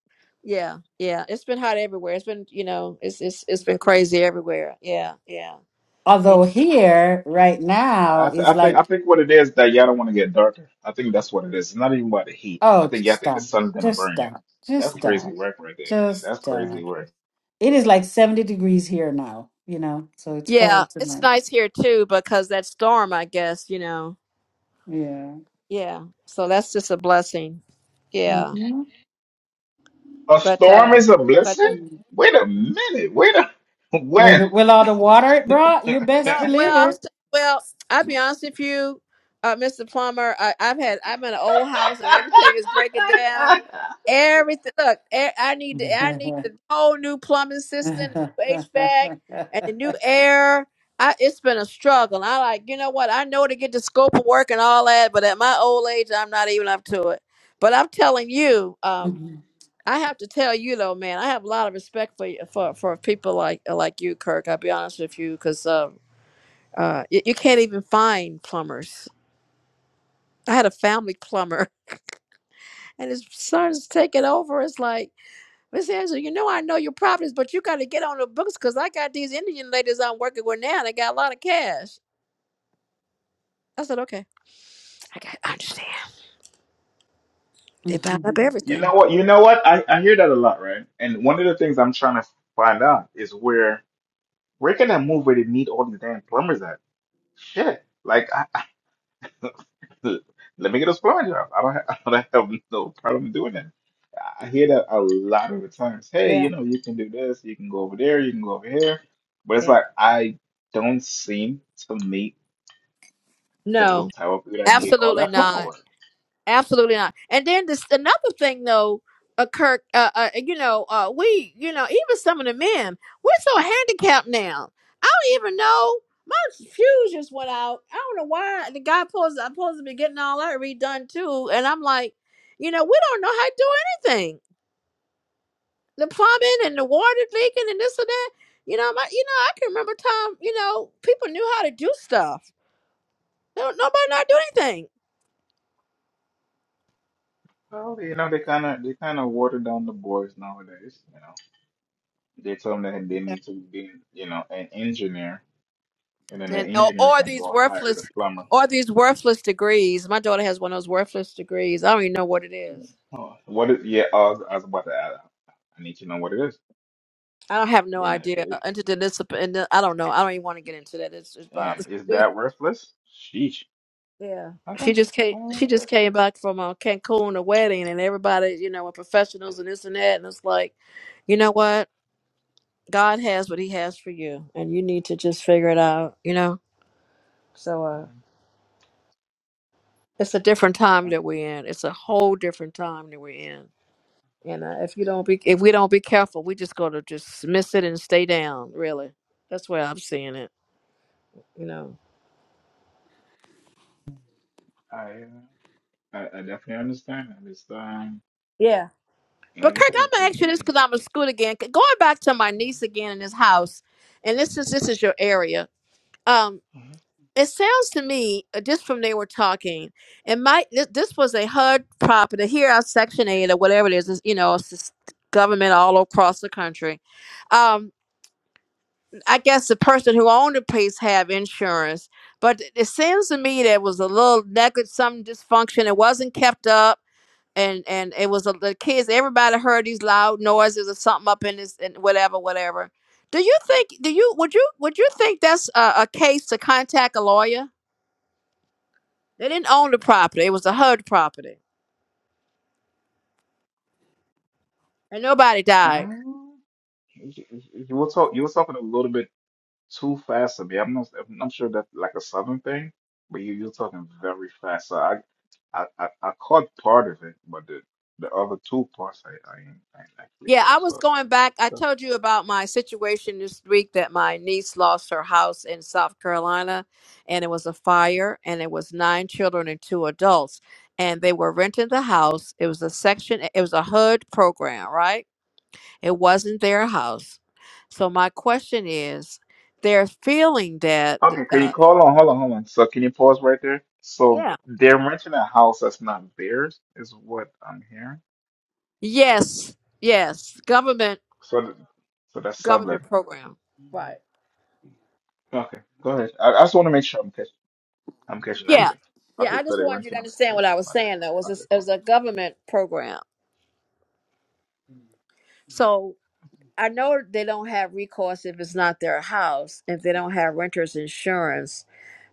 Speaker 4: yeah, yeah. It's been hot everywhere. It's been, you know, it's it's it's been crazy everywhere. Yeah, yeah, yeah.
Speaker 6: Although here right now
Speaker 5: I, I th-
Speaker 6: is
Speaker 5: I think I
Speaker 6: like
Speaker 5: think what it is that y'all don't want to get darker. I think that's what it is. It's not even about the heat. I
Speaker 6: Oh,
Speaker 5: think y'all think the
Speaker 6: stop.
Speaker 5: sun's gonna
Speaker 6: Just
Speaker 5: burn y'all.
Speaker 6: stop. Just
Speaker 5: That's crazy
Speaker 6: stop.
Speaker 5: work right there.
Speaker 6: Just
Speaker 5: That's crazy
Speaker 6: stop.
Speaker 5: work.
Speaker 6: It is like 70 degrees here now, you know, so it's
Speaker 4: Yeah,
Speaker 6: cold
Speaker 4: it's
Speaker 6: tonight.
Speaker 4: nice here too because that storm, I guess, you know.
Speaker 6: Yeah.
Speaker 4: Yeah. So that's just a blessing. Yeah.
Speaker 6: Mm-hmm.
Speaker 5: A
Speaker 4: But
Speaker 5: storm
Speaker 4: uh
Speaker 5: is a blessing?
Speaker 4: but
Speaker 5: Wait a minute. Wait a
Speaker 6: With,
Speaker 5: when?
Speaker 6: the- with all the water it brought, you best
Speaker 4: No,
Speaker 6: believe
Speaker 4: well, I'm,
Speaker 6: it.
Speaker 4: s- well, I'll be honest with you, uh, Mr. Plummer. I, I've had I'm in an old house and everything is breaking down. Everything. Look, e- I need the, I need the whole new plumbing system, HVAC, and the new air. I, it's been a struggle. I like you know what I know to get the scope of work and all that, but at my old age, I'm not even up to it. But I'm telling you, um, I have to tell you though, man, I have a lot of respect for you- for for people like like you, Kirk. I'll be honest with you, because. Uh, you, you can't even find plumbers. I had a family plumber, and his son's taking over. It's like, Miss Angela, you know I know your problems, but you got to get on the books because I got these Indian ladies I'm working with now, and they got a lot of cash. I said, okay, I got, I understand. They bound up
Speaker 5: you
Speaker 4: everything.
Speaker 5: know what? You know what? I, I hear that a lot, right? And one of the things I'm trying to find out is where where can I move where they need all these damn plumbers at? Shit. Like I, let me get a plumbing job. I don't have, I don't have no problem doing that. I hear that a lot of the times. Hey,
Speaker 4: Yeah.
Speaker 5: you know, you can do this, you can go over there, you can go over here. But it's
Speaker 4: Yeah.
Speaker 5: like I don't seem to meet Those
Speaker 4: No,
Speaker 5: type of people that need all
Speaker 4: absolutely
Speaker 5: that flower
Speaker 4: not.
Speaker 5: work.
Speaker 4: Absolutely not. And then this another thing though, uh, Kirk. Uh, uh, you know, uh, we, you know, even some of the men, we're so handicapped now. I don't even know. My fuse just went out. I don't know why. The guy pulls. I'm supposed to be getting all that redone too, and I'm like, you know, we don't know how to do anything. The plumbing and the water leaking and this and that. You know, my, you know, I can remember time. You know, people knew how to do stuff. No, nobody know how to do anything.
Speaker 5: Well, you know, they kind of they kind of water down the boys nowadays. You know, they tell them that they need to be, you know, an engineer, and then the
Speaker 4: and or,
Speaker 5: engineer's
Speaker 4: or
Speaker 5: gonna
Speaker 4: these
Speaker 5: go hire the
Speaker 4: worthless
Speaker 5: plumber.
Speaker 4: or these worthless degrees. My daughter has one of those worthless degrees. I don't even know what it is.
Speaker 5: Oh, what is? Yeah, uh, I was about to add. I need to know what it is.
Speaker 4: I don't have no
Speaker 5: You know, if
Speaker 4: idea.
Speaker 5: it,
Speaker 4: Interdisciplinary. I don't know. I don't even want to get into that. It's just
Speaker 5: damn,
Speaker 4: bothers
Speaker 5: is
Speaker 4: me.
Speaker 5: that worthless? Sheesh.
Speaker 4: Yeah,
Speaker 5: Okay.
Speaker 4: she just came.
Speaker 5: Well,
Speaker 4: She just
Speaker 5: there-
Speaker 4: came back from uh, Cancun, a wedding, and everybody, you know, and professionals and this and that. And it's like, you know what? God has what He has for you, and you need to just figure it out. You know. So uh, it's a different time
Speaker 5: I,
Speaker 4: that we're in. It's a whole different time that we're in And uh, if you don't be, if we don't be careful, we just gonna just miss it and stay down. Really, that's where I'm seeing it. You know.
Speaker 5: I, uh, I, I definitely understand. that. It's um,
Speaker 4: Yeah. But
Speaker 5: like I
Speaker 4: Kirk,
Speaker 5: said,
Speaker 4: I'm
Speaker 5: it's
Speaker 4: gonna
Speaker 5: it's
Speaker 4: ask you this
Speaker 5: definitely.
Speaker 4: because I'm a school again. C- Going back to my niece again in this house, and this is this is your area. Um, it sounds to me uh, just from they were talking, and my this, this was a HUD property here, our Section Eight or whatever it is. is you know, it's just government all across the country. Um, I guess the person who owned the place have insurance, but it seems to me there was a little negative, some dysfunction. It wasn't kept up, and and it was a, the kids. Everybody heard these loud noises or something up in this and whatever, whatever. Do you think? Do you would you would you think that's a, a case to contact a lawyer? They didn't own the property; it was a HUD property, and nobody died.
Speaker 5: Mhm. You you were talk, you were talking a little bit too fast to me. I'm not, I'm sure that's like a southern thing, but you you're talking very fast. So I, I, I, I caught part of it, but the the other two parts I I, ain't- I ain't actually
Speaker 4: Yeah,
Speaker 5: catch.
Speaker 4: I was
Speaker 5: So
Speaker 4: going back. I
Speaker 5: so-
Speaker 4: told you about my situation this week that my niece lost her house in South Carolina and it was a fire and it was nine children and two adults and they were renting the house. It was a section it was a HUD program, right? It wasn't their house. So my question is they're feeling that
Speaker 5: okay, can you
Speaker 4: uh
Speaker 5: call on? Hold on, hold on. So can you pause right there? So
Speaker 4: yeah.
Speaker 5: they're renting a house that's not theirs, is what I'm hearing.
Speaker 4: Yes. Yes. Government
Speaker 5: So th- so that's
Speaker 4: government
Speaker 5: subletting.
Speaker 4: program. Right.
Speaker 5: Okay, go ahead. I, I just want to make sure I'm catching I'm catching
Speaker 4: Yeah.
Speaker 5: everything.
Speaker 4: Yeah,
Speaker 5: Okay,
Speaker 4: I
Speaker 5: so
Speaker 4: just
Speaker 5: they're
Speaker 4: wanted you to
Speaker 5: renting a
Speaker 4: understand
Speaker 5: place
Speaker 4: what I
Speaker 5: that's
Speaker 4: was
Speaker 5: not theirs.
Speaker 4: saying though. It was
Speaker 5: Okay,
Speaker 4: a, it
Speaker 5: cool.
Speaker 4: was a government program.
Speaker 5: Mm.
Speaker 4: So I know they don't have recourse if it's not their house, if they don't have renters insurance.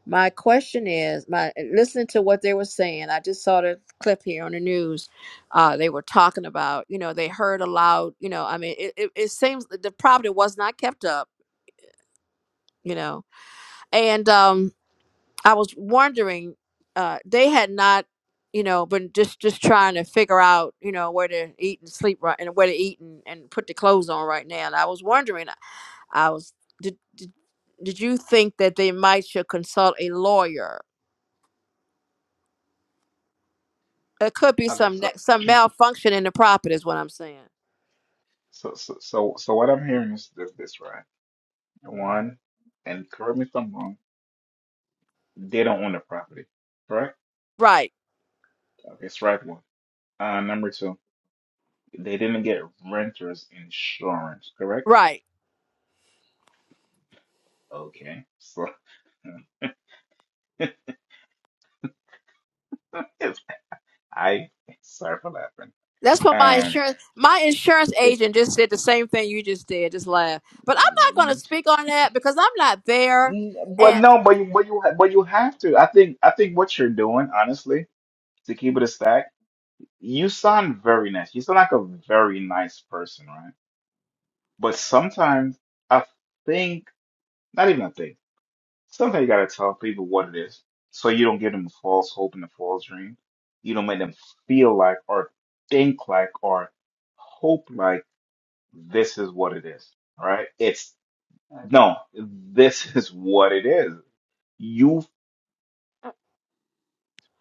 Speaker 4: My question is, my listening to what they were saying, I just saw the clip here on the news. Uh, they were talking about, you know, they heard aloud, you know, I mean, it, it, it seems that the property was not kept up, you know, and um, I was wondering, uh, they had not, you know, been just just trying to figure out, you know, where to eat and sleep right, and where to eat and, and put the clothes on right now. And I was wondering, I was did, did did you think that they might should consult a lawyer? It could be
Speaker 5: Okay,
Speaker 4: some ne-
Speaker 5: so
Speaker 4: some malfunction in the property, is what I'm saying.
Speaker 5: so so so so what I'm hearing is this, this right? One, and correct me if I'm wrong, they don't own the property, correct?
Speaker 4: Right,
Speaker 5: Okay, strike one. Uh, number two, they didn't get renters insurance, correct?
Speaker 4: right.
Speaker 5: Okay, so it's I sorry for laughing.
Speaker 4: That's what my
Speaker 5: Um,
Speaker 4: insurance my insurance
Speaker 5: it
Speaker 4: agent just said the same thing you just did, just laugh. But I'm not going to speak on that because I'm not there,
Speaker 5: but
Speaker 4: and
Speaker 5: no, but you but you but you have to. I think I think what you're doing, honestly, to keep it a stack. You sound very nice. You sound like a very nice person, right? But sometimes I think, not even a thing, sometimes you gotta tell people what it is so you don't give them a false hope and a false dream. You don't make them feel like or think like or hope like this is what it is, right? It's no, this is what it is. You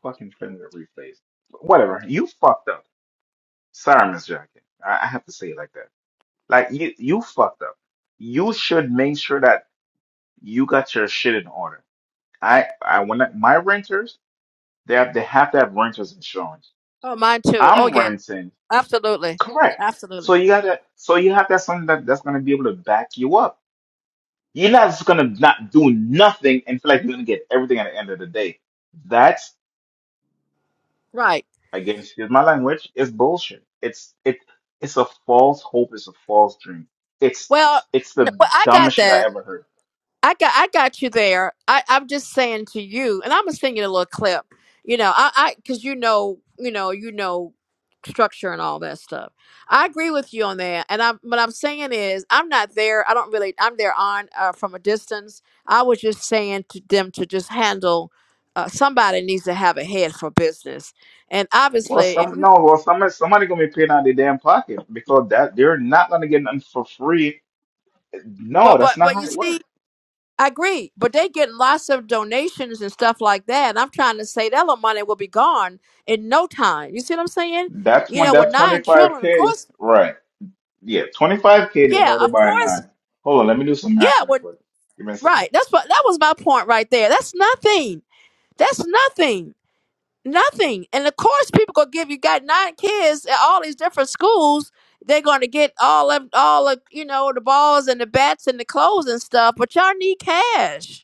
Speaker 5: fucking friend that replays. Whatever. You fucked up. Sorry, Miss Jacket. I, I have to say it like that. Like you, you fucked up. You should make sure that you got your shit in order. I, I when I, my renters, they have they have to have renters insurance.
Speaker 4: Oh, mine too. Oh,
Speaker 5: I'm
Speaker 4: yeah.
Speaker 5: renting,
Speaker 4: Absolutely.
Speaker 5: correct. So
Speaker 4: Absolutely.
Speaker 5: you gotta, so you have to have something that that's gonna be able to back you up. You're not just gonna not do nothing and feel like you're gonna get everything at the end of the day. That's
Speaker 4: Right.
Speaker 5: again, excuse my language, it's bullshit. It's it, it's a false hope. It's a false dream. It's
Speaker 4: Well,
Speaker 5: it's
Speaker 4: n-
Speaker 5: the
Speaker 4: well, I got
Speaker 5: dumbest shit I
Speaker 4: that.
Speaker 5: ever heard.
Speaker 4: I got I got you there. I, I'm just saying to you, and I'm gonna send you a little clip. You know, I I because you know, you know, you know structure and all that stuff. I agree with you on that. And I'm what I'm saying is I'm not there. I don't really I'm there on uh, from a distance. I was just saying to them to just handle uh, somebody needs to have a head for business. And
Speaker 5: Well,
Speaker 4: obviously if
Speaker 5: some
Speaker 4: you
Speaker 5: no. Well, somebody somebody gonna be paying out of their damn pocket because that they're not gonna get nothing for free.
Speaker 4: well
Speaker 5: No, that's
Speaker 4: but
Speaker 5: not
Speaker 4: but
Speaker 5: how
Speaker 4: you
Speaker 5: it
Speaker 4: see
Speaker 5: works.
Speaker 4: I agree, but they get lots of donations and stuff like that. And I'm trying to say that little money will be gone in no time. You see what I'm saying?
Speaker 5: That's
Speaker 4: You
Speaker 5: one.
Speaker 4: know, with
Speaker 5: That twenty
Speaker 4: nine
Speaker 5: five
Speaker 4: children, of
Speaker 5: k.
Speaker 4: course,
Speaker 5: Right. Yeah, twenty five k
Speaker 4: yeah,
Speaker 5: divided
Speaker 4: of
Speaker 5: by
Speaker 4: course,
Speaker 5: nine. Hold on, let me do some
Speaker 4: yeah,
Speaker 5: math real
Speaker 4: with
Speaker 5: quick. Give me a
Speaker 4: right.
Speaker 5: second.
Speaker 4: That's what that was my point right there. That's nothing. That's nothing. Nothing. And of course, people gonna give you got nine kids at all these different schools. They're gonna get all of all of you know the balls and the bats and the clothes and stuff. But y'all need cash.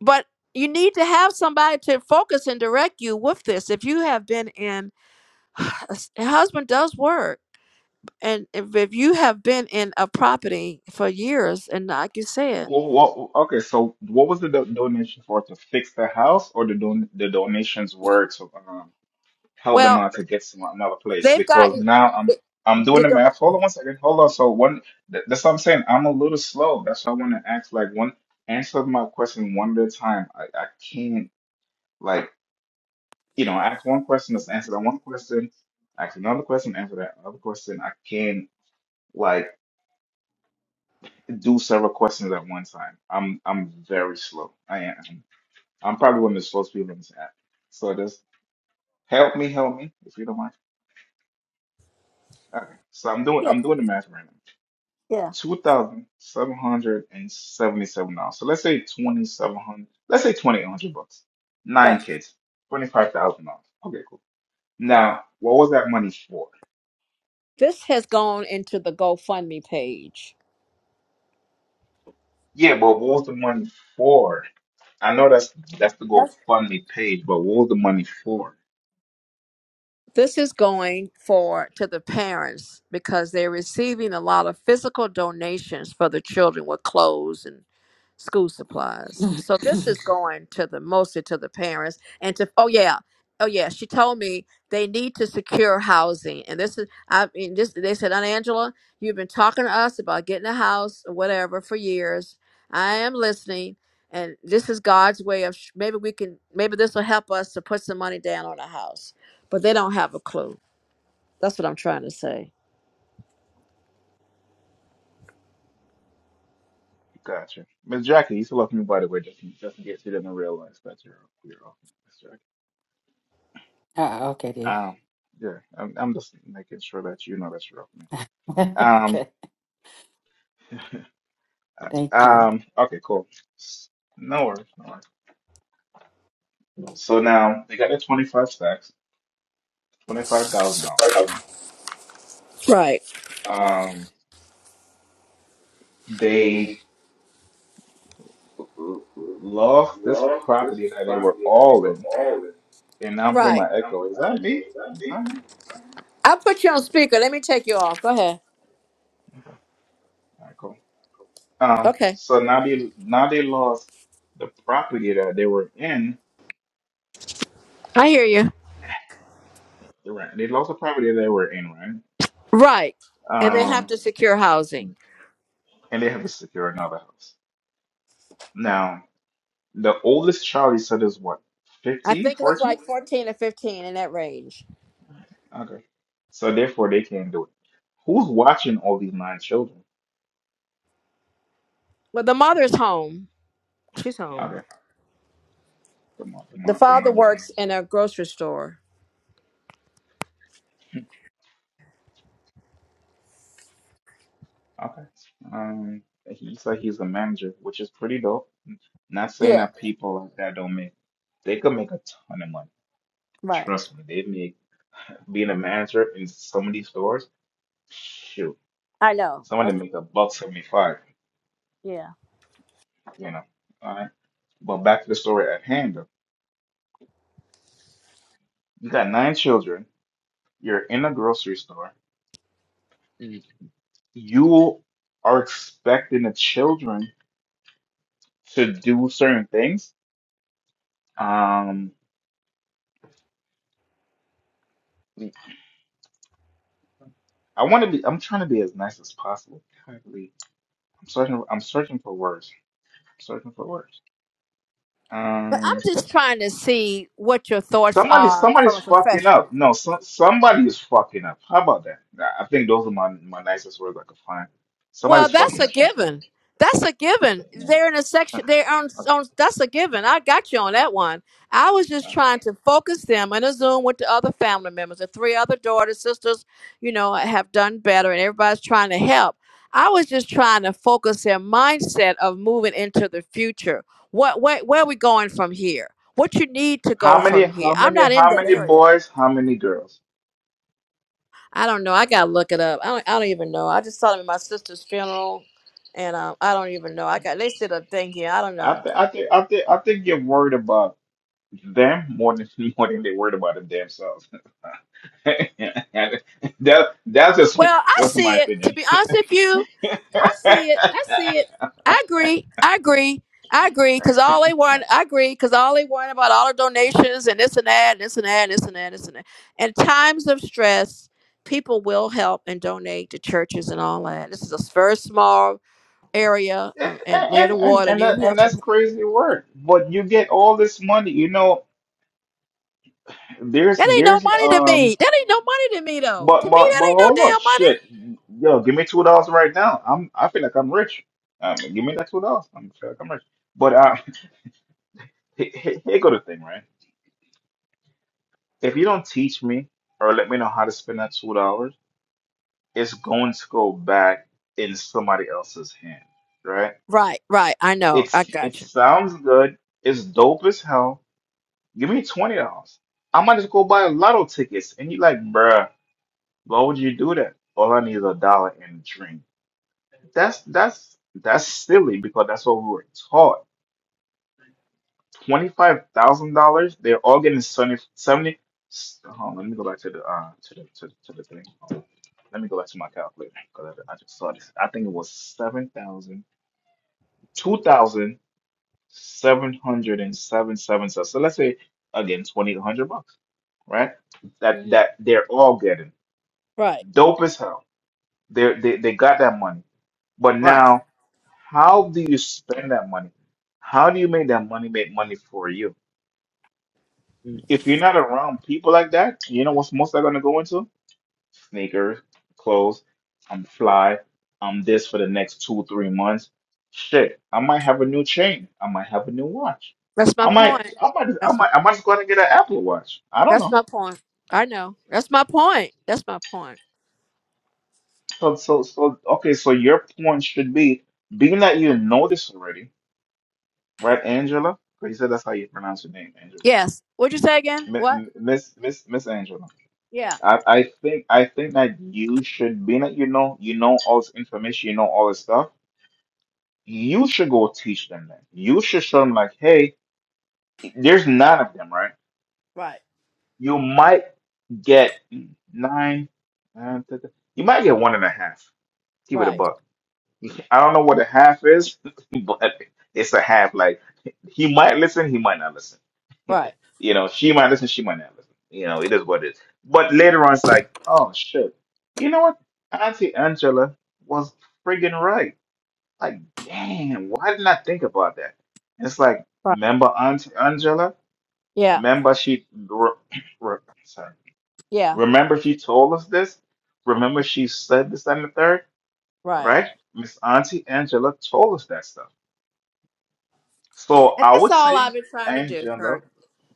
Speaker 4: but you need to have somebody to focus and direct you with this if you have been in a husband does work and if, if you have been in a property for years and like you said
Speaker 5: Well, what, okay, so what was the do donation for to fix the house, or the don the donations were to um? help them
Speaker 4: well
Speaker 5: out to get some another place
Speaker 4: they've
Speaker 5: because
Speaker 4: gotten
Speaker 5: now I'm
Speaker 4: the,
Speaker 5: I'm
Speaker 4: the,
Speaker 5: doing the
Speaker 4: the-
Speaker 5: math. Hold on one second. Hold on. So one, th- that's what I'm saying. I'm a little slow. That's why I want to ask like one answer my question one at a time. I, I can't like you know ask one question, let's answer that one question, ask another question, answer that another question. I can't like do several questions at one time. I'm I'm very slow. I am. I'm probably one of the slowest people on this app. So just help me, help me if you don't mind. Okay. So I'm doing
Speaker 4: yeah,
Speaker 5: I'm doing the math right now.
Speaker 4: yeah
Speaker 5: $2,777. So let's say 2700 let's say 2800 bucks. Nine
Speaker 4: right
Speaker 5: kids, $25,000. Okay, cool. Now, what was that money for?
Speaker 4: this has gone into the gofundme page
Speaker 5: Yeah, but what was the money for? I know that's that's the
Speaker 4: That's-
Speaker 5: GoFundMe page, but what was the money for?
Speaker 4: this is going for to the parents because they're receiving a lot of physical donations for the children with clothes and. school supplies. So this is going to the mostly to the parents and to oh yeah. Oh yeah, she told me they need to secure housing, and this is I mean this. They said, "Aunt Angela, you've been talking to us about getting a house or whatever for years. I am listening, and this is God's way of sh- maybe we can maybe this will help us to put some money down on a house, but they don't have a clue. That's what I'm trying to say.
Speaker 5: Gotcha. Miss Jackie, you still love me by the way, just in, just in case you didn't realize that you're you're off, Miss Jackie.
Speaker 6: Ah, okay, dear.
Speaker 5: Um, yeah, I'm, I'm just making sure that you know that you're off me.
Speaker 6: okay. Thank
Speaker 5: Um, okay, cool. No worries, no worries. So now they got their 25 stacks, $25,000, right?
Speaker 4: Right.
Speaker 5: Um, they
Speaker 4: Right.
Speaker 5: l- lost this
Speaker 4: love this
Speaker 5: property that they were
Speaker 4: property that they
Speaker 5: all
Speaker 4: were
Speaker 5: in,
Speaker 4: all in.
Speaker 5: and now I'm hearing
Speaker 4: Right.
Speaker 5: my
Speaker 4: And I'm
Speaker 5: echo. Is
Speaker 4: my
Speaker 5: that
Speaker 4: echo.
Speaker 5: me?
Speaker 4: Is that
Speaker 5: Is
Speaker 4: me?
Speaker 5: that me?
Speaker 4: I put you on speaker. Let me take you off. Go ahead.
Speaker 5: All right, cool. Um,
Speaker 4: Okay.
Speaker 5: so now they now they lost the property that they were in,
Speaker 4: I hear you.
Speaker 5: right? They lost the property they were in, right?
Speaker 4: Right. And they have Uh,
Speaker 5: Um,
Speaker 4: to secure housing.
Speaker 5: and they have to secure another house. Now. The oldest child you said is what,
Speaker 4: I
Speaker 5: 15,
Speaker 4: think it looks
Speaker 5: 14?
Speaker 4: like 14 or 15 in that range.
Speaker 5: Okay. So therefore they can't do it. Who's watching all these nine children?
Speaker 4: Well, the mother's home. She's home.
Speaker 5: Okay. The mom, the
Speaker 4: The
Speaker 5: mom, the
Speaker 4: father
Speaker 5: mom is home.
Speaker 4: works in a grocery store.
Speaker 5: Okay. Um, he said he's the manager, which is pretty dope. Not saying
Speaker 4: Yeah,
Speaker 5: that people like that don't make, they could make a ton of money.
Speaker 4: right.
Speaker 5: Trust me, they make being a manager in some of these stores. Shoot,
Speaker 4: I know.
Speaker 5: some of
Speaker 4: That's
Speaker 5: them make a buck seventy five.
Speaker 4: yeah.
Speaker 5: You know, all right. But back to the story at hand. though. You got nine children. You're in a grocery store. You are expecting the children to do certain things. Um, I want to be. I'm trying to be as nice as possible. Currently, I'm searching. I'm searching for words. I'm searching for words.
Speaker 4: But I'm
Speaker 5: Um,
Speaker 4: just trying to see what your thoughts
Speaker 5: somebody,
Speaker 4: are from
Speaker 5: somebody's
Speaker 4: a
Speaker 5: fucking
Speaker 4: professional.
Speaker 5: up. No, so, somebody is fucking up. How about that? I I think those are my my nicest words I could find.
Speaker 4: Well,
Speaker 5: Somebody's
Speaker 4: that's
Speaker 5: fucking
Speaker 4: a
Speaker 5: up.
Speaker 4: given. That's a given.
Speaker 5: Mm,
Speaker 4: They're in a section.
Speaker 5: Okay.
Speaker 4: They're on,
Speaker 5: Okay.
Speaker 4: on. That's a given. I got you on that one. I was just
Speaker 5: okay.
Speaker 4: trying to focus them in a Zoom with the other family members. The three other daughters, sisters, you know, have done better, and everybody's trying to help. I was just trying to focus their mindset of moving into the future. What, where, where are we going from here? What you need to go
Speaker 5: How many?
Speaker 4: from here?
Speaker 5: How
Speaker 4: I'm
Speaker 5: many?
Speaker 4: not in
Speaker 5: How
Speaker 4: that
Speaker 5: many
Speaker 4: area.
Speaker 5: boys? How many girls?
Speaker 4: I don't know. I gotta look it up. I don't. I don't even know. I just saw them at my sister's funeral, and um, I don't even know. I got. They said a thing here. I don't
Speaker 5: I
Speaker 4: know.
Speaker 5: think I think I think I think you're worried about them more than more than they're worried about them themselves. that that's just
Speaker 4: Well, I
Speaker 5: that's
Speaker 4: see
Speaker 5: my
Speaker 4: it. To
Speaker 5: opinion.
Speaker 4: be honest with you, I see it. I see it. I agree. I agree. I agree. Cause all they want, I agree. Cause all they want about all the donations and this and that, and this and that, and this and that, and this and that. In times of stress, people will help and donate to churches and all that. This is a very small area um, and near the
Speaker 5: And and
Speaker 4: water,
Speaker 5: and
Speaker 4: near
Speaker 5: that, and
Speaker 4: Hilton
Speaker 5: that's crazy work. But you get all this money, you know. There's
Speaker 4: That ain't no
Speaker 5: there's
Speaker 4: money to
Speaker 5: um,
Speaker 4: me. That ain't no money to me though. To
Speaker 5: but
Speaker 4: me,
Speaker 5: but but
Speaker 4: that ain't no
Speaker 5: hold on,
Speaker 4: damn money.
Speaker 5: shit, yo, give me two dollars right now. I'm I feel like I'm rich. Um, give me that two dollars. I'm I feel like I'm rich. But uh, here, here go the thing, right? If you don't teach me or let me know how to spend that two dollars, it's going to go back in somebody else's hand, right?
Speaker 4: Right, right. I know. I
Speaker 5: It's it
Speaker 4: got you.
Speaker 5: sounds good. It's dope as hell. Give me twenty dollars. I might just go buy lotto tickets. And you like, bruh, why would you do that? All I need is a dollar and a drink. That's that's that's silly because that's what we were taught $25,000. They're all getting 70, 70 hold on, let me go back to the uh to the to the, to the thing. Hold on. Let me go back to my calculator because I, I just saw this. I think it was seven thousand, two thousand, seven hundred and seven seven. So So let's say again 2,800 bucks, right? That
Speaker 4: hmm
Speaker 5: that they're all getting
Speaker 4: Right.
Speaker 5: dope as hell. They they they got that money. But now how do you spend that money? How do you make that money make money for you? If you're not around people like that, you know what's most likely gonna go into? Sneakers, clothes, I'm fly, I'm this for the next two, three months. Shit, I might have a new chain. I might have a new watch.
Speaker 4: That's my
Speaker 5: I might,
Speaker 4: point.
Speaker 5: I might, I
Speaker 4: That's my
Speaker 5: might, I might just go out and get an Apple Watch. I don't
Speaker 4: that's
Speaker 5: know.
Speaker 4: my point. I know. That's my point. That's my point.
Speaker 5: So, so, so, okay. So your point should be, being that you know this already, right, Angela? Because you said that's how you pronounce your name, Angela.
Speaker 4: Yes. What'd you say again?
Speaker 5: Mi-
Speaker 4: What?
Speaker 5: mi- Miss, Miss, Miss Angela.
Speaker 4: Yeah.
Speaker 5: I, I think I think that you should be that you know you know all this information, you know all this stuff. You should go teach them that. You should show them like, hey, there's nine of them, right?
Speaker 4: Right.
Speaker 5: You might get nine, nine th- th- you might get one and a half. Keep it a
Speaker 4: Right.
Speaker 5: buck. I don't know what a half is, but it's a half. Like he might listen, he might not listen.
Speaker 4: Right.
Speaker 5: you know, she might listen, she might not listen. You know, it is what it is. But later on, it's like, oh shit, you know what? Auntie Angela was friggin' right. Like, damn, why didn't I think about that? It's like,
Speaker 4: Right.
Speaker 5: remember Auntie Angela?
Speaker 4: Yeah.
Speaker 5: Remember she, re, re- sorry,
Speaker 4: Yeah.
Speaker 5: remember she told us this? Remember she said this and the third,
Speaker 4: Right.
Speaker 5: right? Miss Auntie Angela told us that stuff. So
Speaker 4: And
Speaker 5: I
Speaker 4: that's
Speaker 5: would
Speaker 4: all I've
Speaker 5: say
Speaker 4: been trying to do, Kurt.
Speaker 5: Angela,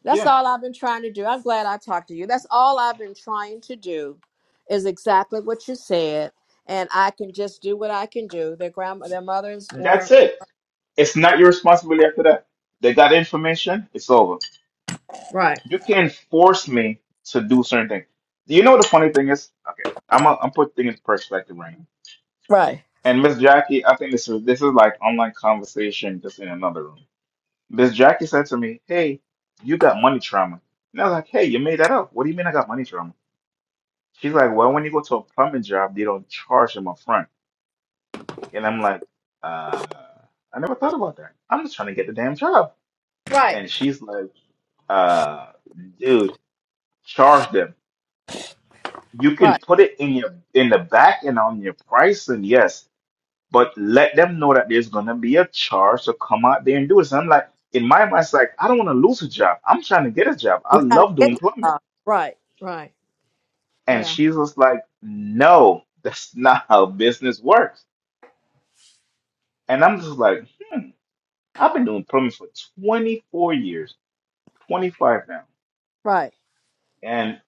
Speaker 4: That's
Speaker 5: yeah,
Speaker 4: all I've been trying to do. I'm glad I talked to you. That's all I've been trying to do is exactly what you said. And I can just do what I can do. Their grandma, their mother's, uh,
Speaker 5: that's
Speaker 4: her.
Speaker 5: it It's not your responsibility after that. They got information, it's over.
Speaker 4: Right,
Speaker 5: You can't force me to do certain things. Do you know what the funny thing is? Okay, I'm i I'm putting things in perspective right now.
Speaker 4: right,
Speaker 5: And Miss Jackie, I think this is this is like online conversation just in another room. Miss Jackie said to me, Hey, you got money trauma. And I was like, Hey, you made that up. What do you mean I got money trauma? She's like, Well, when you go to a plumbing job, they don't charge them up front. And I'm like, uh, I never thought about that. I'm just trying to get the damn job.
Speaker 4: right,
Speaker 5: And she's like, uh, dude, charge them. You
Speaker 4: right.
Speaker 5: can put it in your in the back and on your pricing, yes, but let them know that there's gonna be a charge to come out there and do this. And I'm like, in my mind, it's like I don't want to lose a job. I'm trying to get a job. I
Speaker 4: You're trying to
Speaker 5: love
Speaker 4: get
Speaker 5: doing
Speaker 4: the
Speaker 5: plumbing,
Speaker 4: job. Right, right.
Speaker 5: and
Speaker 4: Yeah,
Speaker 5: she's just like, no, that's not how business works. And I'm just like, hmm, I've been doing plumbing for 24 years, 25 now,
Speaker 4: right.
Speaker 5: and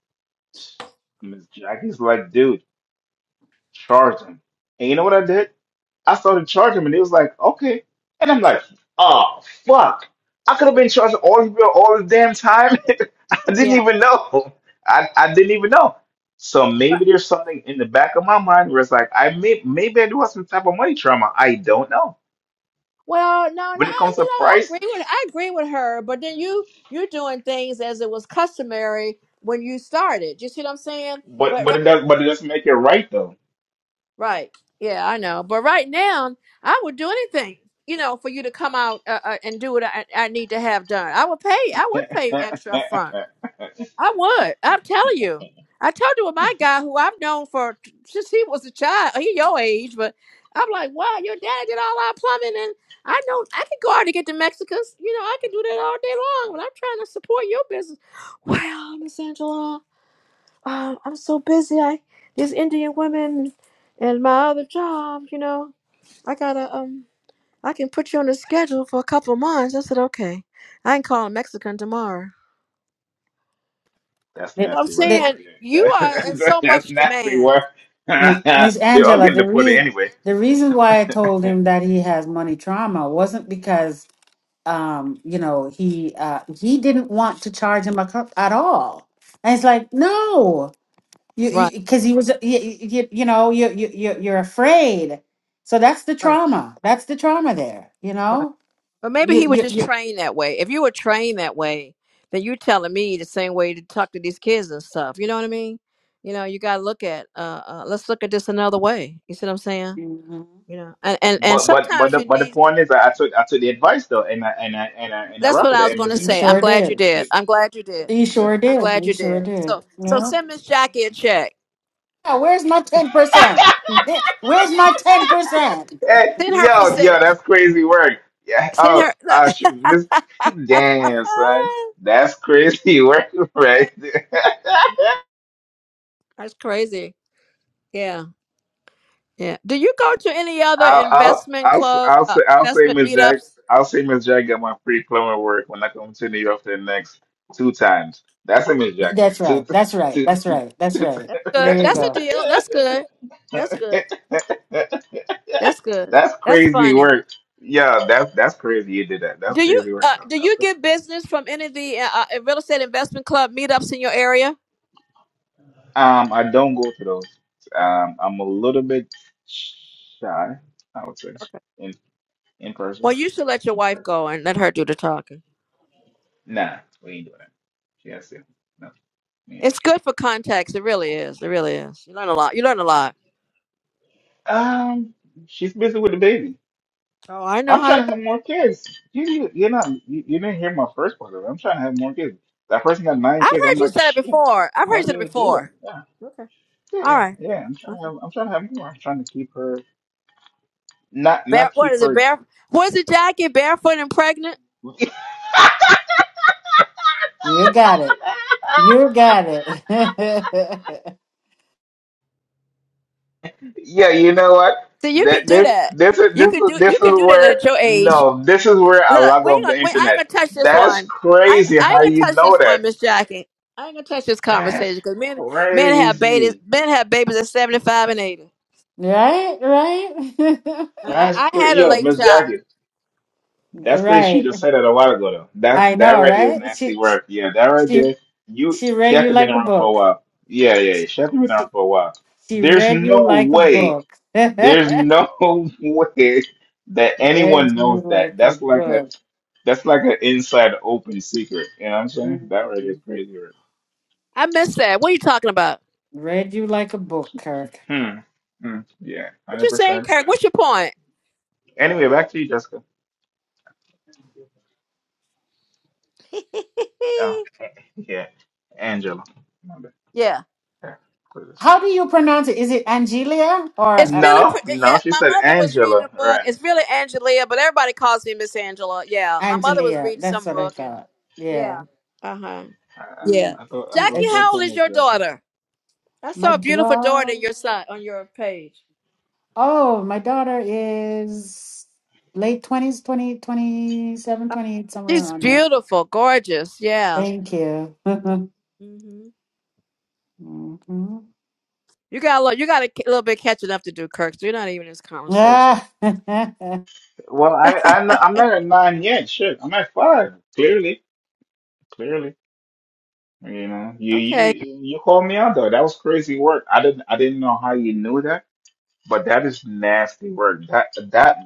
Speaker 5: Miss Jackie's like, dude, charge them. And you know what I did? I started charging him, and he was like, okay. And I'm like, oh, fuck. I could have been charging all this all the damn time. I didn't
Speaker 4: Yeah.
Speaker 5: even know. I, I didn't even know. So
Speaker 4: Right.
Speaker 5: maybe there's something in the back of my mind where it's like, I may maybe I do have some type of money trauma. I don't know.
Speaker 4: Well, no, no,
Speaker 5: When it
Speaker 4: I-
Speaker 5: comes
Speaker 4: you
Speaker 5: to
Speaker 4: know, I
Speaker 5: price,
Speaker 4: agree with I agree with her, but then you you're doing things as it was customary when you started. You see what I'm saying?
Speaker 5: but
Speaker 4: But
Speaker 5: but it does but it doesn't make it right though.
Speaker 4: Right. Yeah, I know. But right now, I would do anything, you know, for you to come out uh, uh, and do what I, I need to have done. I would pay. I would pay
Speaker 5: That's
Speaker 4: extra up front. I would. I'm telling you. I told you with my guy who I've known for since he was a child. He your age, but I'm like, wow, your dad did all our plumbing, and I know I could go out to get the Mexicans. You know, I can do that all day long. But I'm trying to support your business. Wow, Miss Angela um, I'm so busy. I these Indian women and my other job, you know, I gotta um, I can put you on the schedule for a couple months. I said, okay, I can call a Mexican tomorrow. So I'm
Speaker 5: nasty work right
Speaker 6: you.
Speaker 4: saying you
Speaker 5: there.
Speaker 4: are in
Speaker 5: That,
Speaker 4: so
Speaker 5: that's
Speaker 4: much
Speaker 5: nasty
Speaker 4: demand.
Speaker 5: work.
Speaker 6: Mi- Miss
Speaker 5: They're all
Speaker 6: Angela,
Speaker 5: getting
Speaker 6: the
Speaker 5: deported
Speaker 6: reason
Speaker 5: anyway.
Speaker 6: the reason why I told him that he has money trauma wasn't because um, you know, he uh he didn't want to charge him a cup at all. And it's like, no, you
Speaker 4: Right,
Speaker 6: because he was you, you, you know, you you you- you're afraid. So that's the
Speaker 4: right,
Speaker 6: trauma. That's the trauma there, you
Speaker 4: right.
Speaker 6: know?
Speaker 4: But maybe
Speaker 6: You
Speaker 4: he was
Speaker 6: you
Speaker 4: just
Speaker 6: you
Speaker 4: trained that way. If you were trained that way, then you telling me the same way to talk to these kids and stuff. You know what I mean? You know, you gotta look at uh, uh let's look at this another way. You see what I'm saying?
Speaker 6: Mhm.
Speaker 4: You know, and and, and
Speaker 5: But but but
Speaker 4: sometimes
Speaker 5: the
Speaker 4: you
Speaker 5: but the
Speaker 4: need
Speaker 5: point is, I, I took I took the advice though, and I and I and I and I
Speaker 4: That's
Speaker 5: rock
Speaker 4: what
Speaker 5: with
Speaker 4: I was
Speaker 5: the
Speaker 4: going to
Speaker 5: MS
Speaker 6: You
Speaker 4: say. I'm
Speaker 6: sure
Speaker 5: Junkie.
Speaker 4: glad you
Speaker 6: did.
Speaker 5: Yeah.
Speaker 4: did. I'm glad you did.
Speaker 6: You
Speaker 5: yeah.
Speaker 6: sure
Speaker 4: I'm
Speaker 6: did.
Speaker 4: glad
Speaker 6: You
Speaker 4: you
Speaker 6: sure
Speaker 4: did.
Speaker 6: did.
Speaker 4: So, so
Speaker 6: Yeah.
Speaker 4: send Miss Jackie a check.
Speaker 6: Yeah, Where's my 10%? Where's my 10%?
Speaker 5: Hey,
Speaker 4: Send her
Speaker 5: yo, yo,
Speaker 4: percentage.
Speaker 5: that's crazy work. Yeah.
Speaker 4: Send her.
Speaker 5: Oh, uh, shoot, Miss.
Speaker 4: look.
Speaker 5: Damn, son, that's crazy work right there.
Speaker 4: That's crazy. Yeah, yeah. Do you go to any other
Speaker 5: I'll, I'll,
Speaker 4: investment
Speaker 5: I'll, s-
Speaker 4: club,
Speaker 5: I'll
Speaker 4: uh,
Speaker 5: say, I'll say,
Speaker 4: investment
Speaker 5: Miss Jack,
Speaker 4: meetups?
Speaker 5: I'll say, Miss Jack got my free plumber work when I come to New York the next two times. That's a Miss
Speaker 6: Th-
Speaker 5: Jack.
Speaker 6: That's right.
Speaker 5: Two,
Speaker 6: That's right.
Speaker 5: two,
Speaker 6: That's right. That's
Speaker 5: two,
Speaker 6: right.
Speaker 4: That's
Speaker 6: There
Speaker 4: good.
Speaker 6: you
Speaker 4: That's a
Speaker 6: go.
Speaker 4: deal. That's good. That's good. That's good.
Speaker 5: that's
Speaker 4: That's
Speaker 5: crazy
Speaker 4: funny.
Speaker 5: work. Yeah, that's that's crazy. You did that. That's
Speaker 4: Do you
Speaker 5: crazy work,
Speaker 4: uh, do you
Speaker 5: though.
Speaker 4: get business from any of the uh, uh, real estate investment club meetups in your area?
Speaker 5: Um, I don't go to those. Um, I'm a little bit shy. I would say in in
Speaker 4: Well,
Speaker 5: person.
Speaker 4: you should let your
Speaker 5: In
Speaker 4: wife
Speaker 5: person.
Speaker 4: go and let her do the talking.
Speaker 5: Nah, we ain't doing that. She has to. No.
Speaker 4: It's good for context. It really is. It really is. You learn a lot. You learn a lot.
Speaker 5: Um, she's busy with the baby.
Speaker 4: Oh, I know
Speaker 5: I'm
Speaker 4: how
Speaker 5: trying
Speaker 4: that.
Speaker 5: to have more kids. You, you, you're not, you, you didn't hear my first part of it. I'm trying to have more kids. That person got nine
Speaker 4: I've
Speaker 5: kids.
Speaker 4: heard
Speaker 5: I'm
Speaker 4: you
Speaker 5: like,
Speaker 4: say it
Speaker 5: shit,
Speaker 4: before. I've heard
Speaker 5: how
Speaker 4: you say it
Speaker 5: did I do
Speaker 4: before.
Speaker 5: that?
Speaker 4: Okay.
Speaker 5: Yeah,
Speaker 4: All
Speaker 5: yeah,
Speaker 4: right.
Speaker 5: yeah. I'm trying to
Speaker 4: Okay.
Speaker 5: have, I'm trying to have more. I'm trying to keep her, not,
Speaker 4: Bare.
Speaker 5: not
Speaker 4: What
Speaker 5: keep
Speaker 4: is it?
Speaker 5: her.
Speaker 4: Bare. Was it Jackie barefoot and pregnant?
Speaker 6: You got it. You got it.
Speaker 5: Yeah, you know what?
Speaker 4: See, you can
Speaker 5: That
Speaker 4: do
Speaker 5: this
Speaker 4: that.
Speaker 5: this is
Speaker 4: You
Speaker 5: this
Speaker 4: can
Speaker 5: is
Speaker 4: do.
Speaker 5: this
Speaker 4: You
Speaker 5: is
Speaker 4: can do that at
Speaker 5: where
Speaker 4: your age.
Speaker 5: no, this is where I
Speaker 4: Look,
Speaker 5: log
Speaker 4: we ain't
Speaker 5: off
Speaker 4: gonna.
Speaker 5: the
Speaker 4: We, I ain't
Speaker 5: internet.
Speaker 4: gonna touch this
Speaker 5: That's
Speaker 4: one. I ain't,
Speaker 5: crazy
Speaker 4: I
Speaker 5: how
Speaker 4: ain't
Speaker 5: you
Speaker 4: gonna touch
Speaker 5: know
Speaker 4: this
Speaker 5: that.
Speaker 4: one, Miss Jackie. I ain't gonna touch this conversation
Speaker 5: That's
Speaker 4: because men men have babies
Speaker 5: crazy.
Speaker 4: men have babies at seventy five and eighty.
Speaker 6: right? Right?
Speaker 4: And
Speaker 5: That's
Speaker 4: I, I
Speaker 5: crazy.
Speaker 4: had a
Speaker 5: Yo,
Speaker 4: late
Speaker 5: Miss
Speaker 4: child.
Speaker 5: Jackie, that's crazy. She
Speaker 6: right.
Speaker 5: just said that a while ago, though.
Speaker 6: I
Speaker 5: That that
Speaker 6: know,
Speaker 5: right there is
Speaker 6: right?
Speaker 5: nasty
Speaker 6: She
Speaker 5: work. Yeah, that right
Speaker 6: she
Speaker 5: there. You,
Speaker 6: she
Speaker 5: she
Speaker 6: read
Speaker 5: has
Speaker 6: you
Speaker 5: to been
Speaker 6: like a
Speaker 5: around for a
Speaker 6: book.
Speaker 5: while. Yeah, yeah, yeah. she has to been around
Speaker 6: She
Speaker 5: for a while.
Speaker 6: she
Speaker 5: There's
Speaker 6: read you
Speaker 5: no
Speaker 6: like a
Speaker 5: way.
Speaker 6: book.
Speaker 5: There's no way that
Speaker 6: read
Speaker 5: anyone
Speaker 6: you
Speaker 5: knows that.
Speaker 6: like a
Speaker 5: That's like a
Speaker 6: book.
Speaker 5: that's like an inside open secret. You know what I'm saying? That right there is
Speaker 6: Mm.
Speaker 5: crazy work.
Speaker 4: I missed that. What are you talking about?
Speaker 6: Read you like a book, Kirk.
Speaker 5: Hmm. Hmm. Yeah,
Speaker 4: What
Speaker 5: hundred
Speaker 4: you saying,
Speaker 5: percent.
Speaker 4: Kirk? What's your point?
Speaker 5: Anyway, back to you, Jessica. Oh, yeah, Angela. My bad.
Speaker 4: Yeah.
Speaker 5: Yeah, put it this
Speaker 6: How
Speaker 5: way.
Speaker 6: do you pronounce it? Is it Angelia or
Speaker 4: It's
Speaker 6: uh,
Speaker 4: really
Speaker 5: No,
Speaker 4: pretty. Yeah,
Speaker 5: no, she
Speaker 4: my
Speaker 5: said
Speaker 4: mother was reading a
Speaker 5: Angela.
Speaker 4: book.
Speaker 5: Right.
Speaker 4: It's really Angelia, but everybody calls me Miss Angela. Yeah, my mother was
Speaker 6: Angelia?
Speaker 4: reading
Speaker 6: That's
Speaker 4: some
Speaker 6: what I
Speaker 4: book, and
Speaker 6: thought. Yeah.
Speaker 4: yeah, uh huh,
Speaker 5: I,
Speaker 4: yeah.
Speaker 6: Mm,
Speaker 5: I I thought I
Speaker 6: mm,
Speaker 5: thought
Speaker 4: Jackie,
Speaker 6: It's,
Speaker 5: I
Speaker 4: how old
Speaker 6: it's
Speaker 5: thought
Speaker 4: is
Speaker 5: Miss
Speaker 4: your
Speaker 5: Jackson.
Speaker 4: daughter? I
Speaker 6: my
Speaker 4: saw a beautiful daughter
Speaker 6: daughter.
Speaker 4: in your side on your page.
Speaker 6: Oh, my daughter is late 20s, seven, twenty eight,
Speaker 4: Uh,
Speaker 6: somewhere
Speaker 4: She's
Speaker 6: around there.
Speaker 4: beautiful, gorgeous. Yeah.
Speaker 6: Thank you.
Speaker 4: yeah. hmm
Speaker 6: Mhm.
Speaker 4: You got a little, you got a ki- little bit catching up to do, Kirk. So you're not even in this conversation.
Speaker 6: Ah, yeah,
Speaker 5: Well, I I'm not, I'm not at nine yet. Shit, I'm at five. Clearly, clearly. You know, you
Speaker 4: okay.
Speaker 5: you you called me out though. That was crazy work. I didn't I didn't know how you knew that, but that is nasty work. That that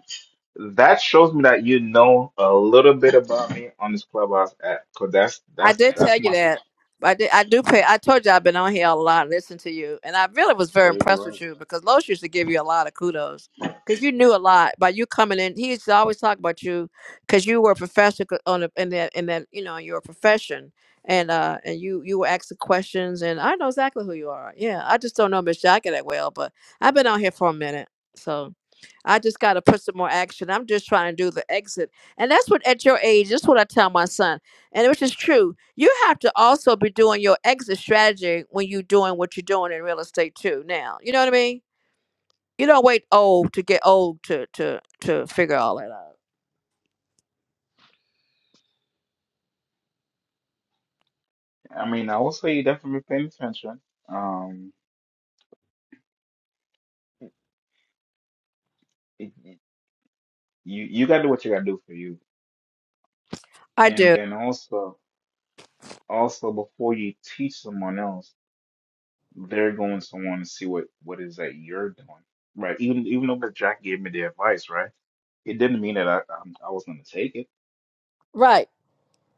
Speaker 5: that shows me that you know a little bit about me on this clubhouse app. Cause that's
Speaker 4: I
Speaker 5: that's
Speaker 4: did tell
Speaker 5: that's
Speaker 4: you
Speaker 5: my
Speaker 4: that. I did. I do
Speaker 5: Hmm,
Speaker 4: pay. I told you I've been on here a lot, listen to you, and I really was very
Speaker 5: crazy
Speaker 4: impressed
Speaker 5: work.
Speaker 4: with you because Los used to give you a lot of kudos because you knew a lot by you coming in. He used to always talk about you because you were a professor co- on the, in that in that you know your profession, and uh and you you were asking questions, and I know exactly who you are. Yeah, I just don't know Miss Jackie that well, but I've been on here for a minute, so. I just got to put some more action. I'm just trying to do the exit. And that's what, at your age, that's what I tell my son. And which is true. You have to also be doing your exit strategy when you're doing what you're doing in real estate too now. You know what I mean? You don't wait old to get old to, to, to figure all that out.
Speaker 5: I mean, I will say you definitely paying attention. Um, it, it- you you gotta do what you gotta do for you,
Speaker 4: I
Speaker 5: and
Speaker 4: do.
Speaker 5: then also also before you teach someone else, they're going to want to see what what is that you're doing, right? Even even though Miss Jack gave me the advice, right? It didn't mean that I I'm- I, was gonna take it,
Speaker 4: Right.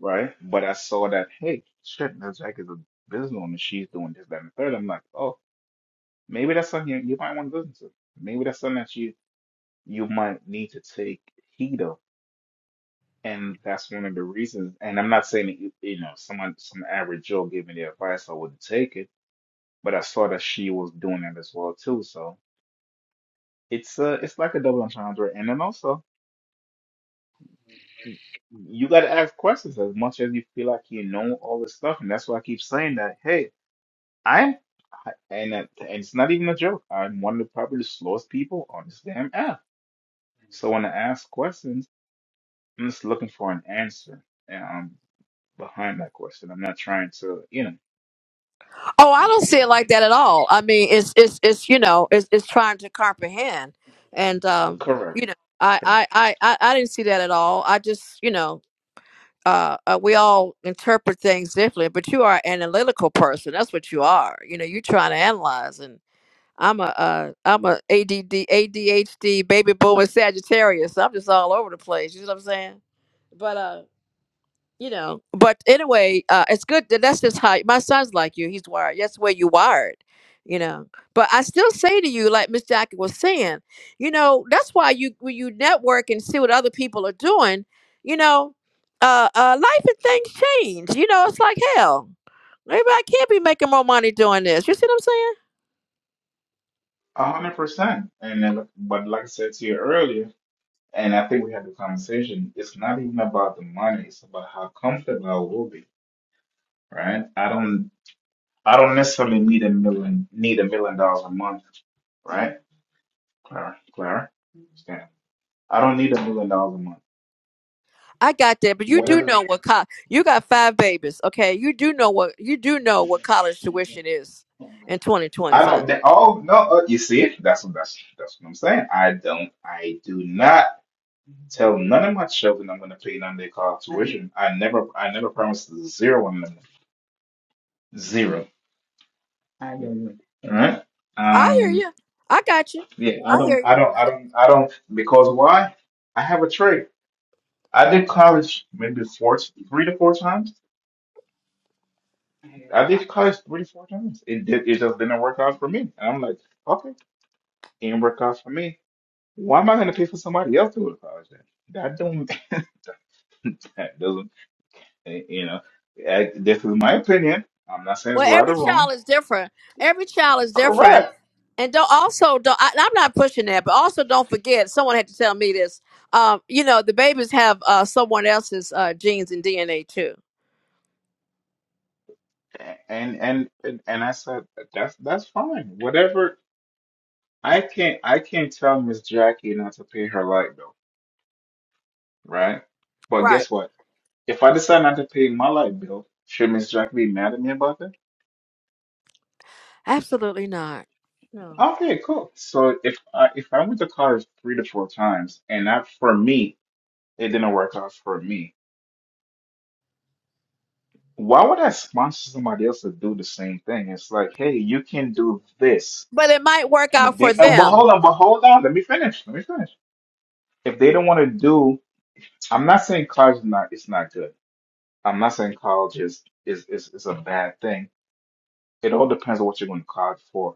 Speaker 5: right? But I saw that hey, shit, Miss Jack is a business owner. She's doing this, that, and the third. I'm like, oh, maybe that's something you, you might want to listen to. Maybe that's something that you you might need to take heed of And that's one of the reasons. And I'm not saying, you you know, someone, some average Joe gave me the advice, I wouldn't take it. But I saw that she was doing that as well too. So it's uh, it's like a double entendre. And then also, y- you got to ask questions as much as you feel like you know all this stuff. And that's why I keep saying that. Hey, I'm, I- and that, and it's not even a joke. I'm one of the probably the slowest people on this damn app. So when I ask questions, I'm just looking for an answer um, behind that question. I'm not trying to, you know.
Speaker 4: Oh, I don't see it like that at all. I mean, it's it's it's you know, it's it's trying to comprehend, and um,
Speaker 5: Correct,
Speaker 4: you know, I
Speaker 5: correct.
Speaker 4: I I I I didn't see that at all. I just you know, uh, uh, we all interpret things differently, but you are an analytical person. That's what you are. You know, you're trying to analyze, and I'm a uh, I'm a ADD ADHD baby boomer Sagittarius. So I'm just all over the place. You know what I'm saying? But uh you know but anyway uh it's good that that's just how my son's like you he's wired that's where you wired you know but i still say to you like miss jackie was saying you know that's why you when you network and see what other people are doing you know uh uh life and things change you know it's like hell Maybe I can't be making more money doing this. You see what I'm saying?
Speaker 5: A hundred percent. And then, but like I said to you earlier, and I think we had the conversation, it's not even about the money, it's about how comfortable I will be, right? I don't I don't necessarily need a million need a million dollars a month, right? Clara, Clara, stand up. I don't need a million dollars a month.
Speaker 4: I got that, but you do
Speaker 5: Whatever.
Speaker 4: know what co- you got five babies, okay? You do know what you do know what college tuition is in
Speaker 5: I
Speaker 4: 2025.
Speaker 5: don't. They, oh no! Uh, you see it? That's what that's that's what I'm saying. I don't. I do not. Tell none of my children I'm going to pay none of their college tuition. I never, I never promised zero on them. Zero. Hallelujah. All right.
Speaker 4: I hear
Speaker 5: Um.
Speaker 4: you. I got you.
Speaker 5: Yeah. I
Speaker 4: I hear
Speaker 5: don't.
Speaker 4: you.
Speaker 5: I don't. I don't. I don't. Because why? I have a trade. I did college maybe four, three to four times. I
Speaker 4: Fine.
Speaker 5: did college three to four times. It did. It just didn't work out for me. And I'm like, okay, it didn't work out for me. Why am I going to pay for somebody else to go to college then? That don't. that doesn't. Eh, You know, eh, this is my opinion. I'm not saying it's
Speaker 4: Well,
Speaker 5: right or
Speaker 4: every child
Speaker 5: wrong.
Speaker 4: is different. Every child is different,
Speaker 5: Correct.
Speaker 4: and don't also don't. I, I'm not pushing that, but also don't forget. Someone had to tell me this. Um, you know, the babies have uh, someone else's uh, genes and DNA too.
Speaker 5: And and and, and I said that's that's fine. Whatever. I can't I can't tell Miss Jackie not to pay her light bill, right? But
Speaker 4: Right.
Speaker 5: guess what? If I decide not to pay my light bill, should Miss Jackie be mad at me about that?
Speaker 4: Absolutely not. No.
Speaker 5: Okay, cool. So if I if I went to college three to four times and that for me it didn't work out for me, Why would I sponsor somebody else to do the same thing? It's like, hey, you can do this.
Speaker 4: But it might work
Speaker 5: And if
Speaker 4: out for
Speaker 5: they, oh, but
Speaker 4: them.
Speaker 5: hold on, but hold on, let me finish. Let me finish. If they don't want to do, I'm not saying college is not, it's not good. I'm not saying college is, is, is, is a bad thing. It all depends on what you're going to college for.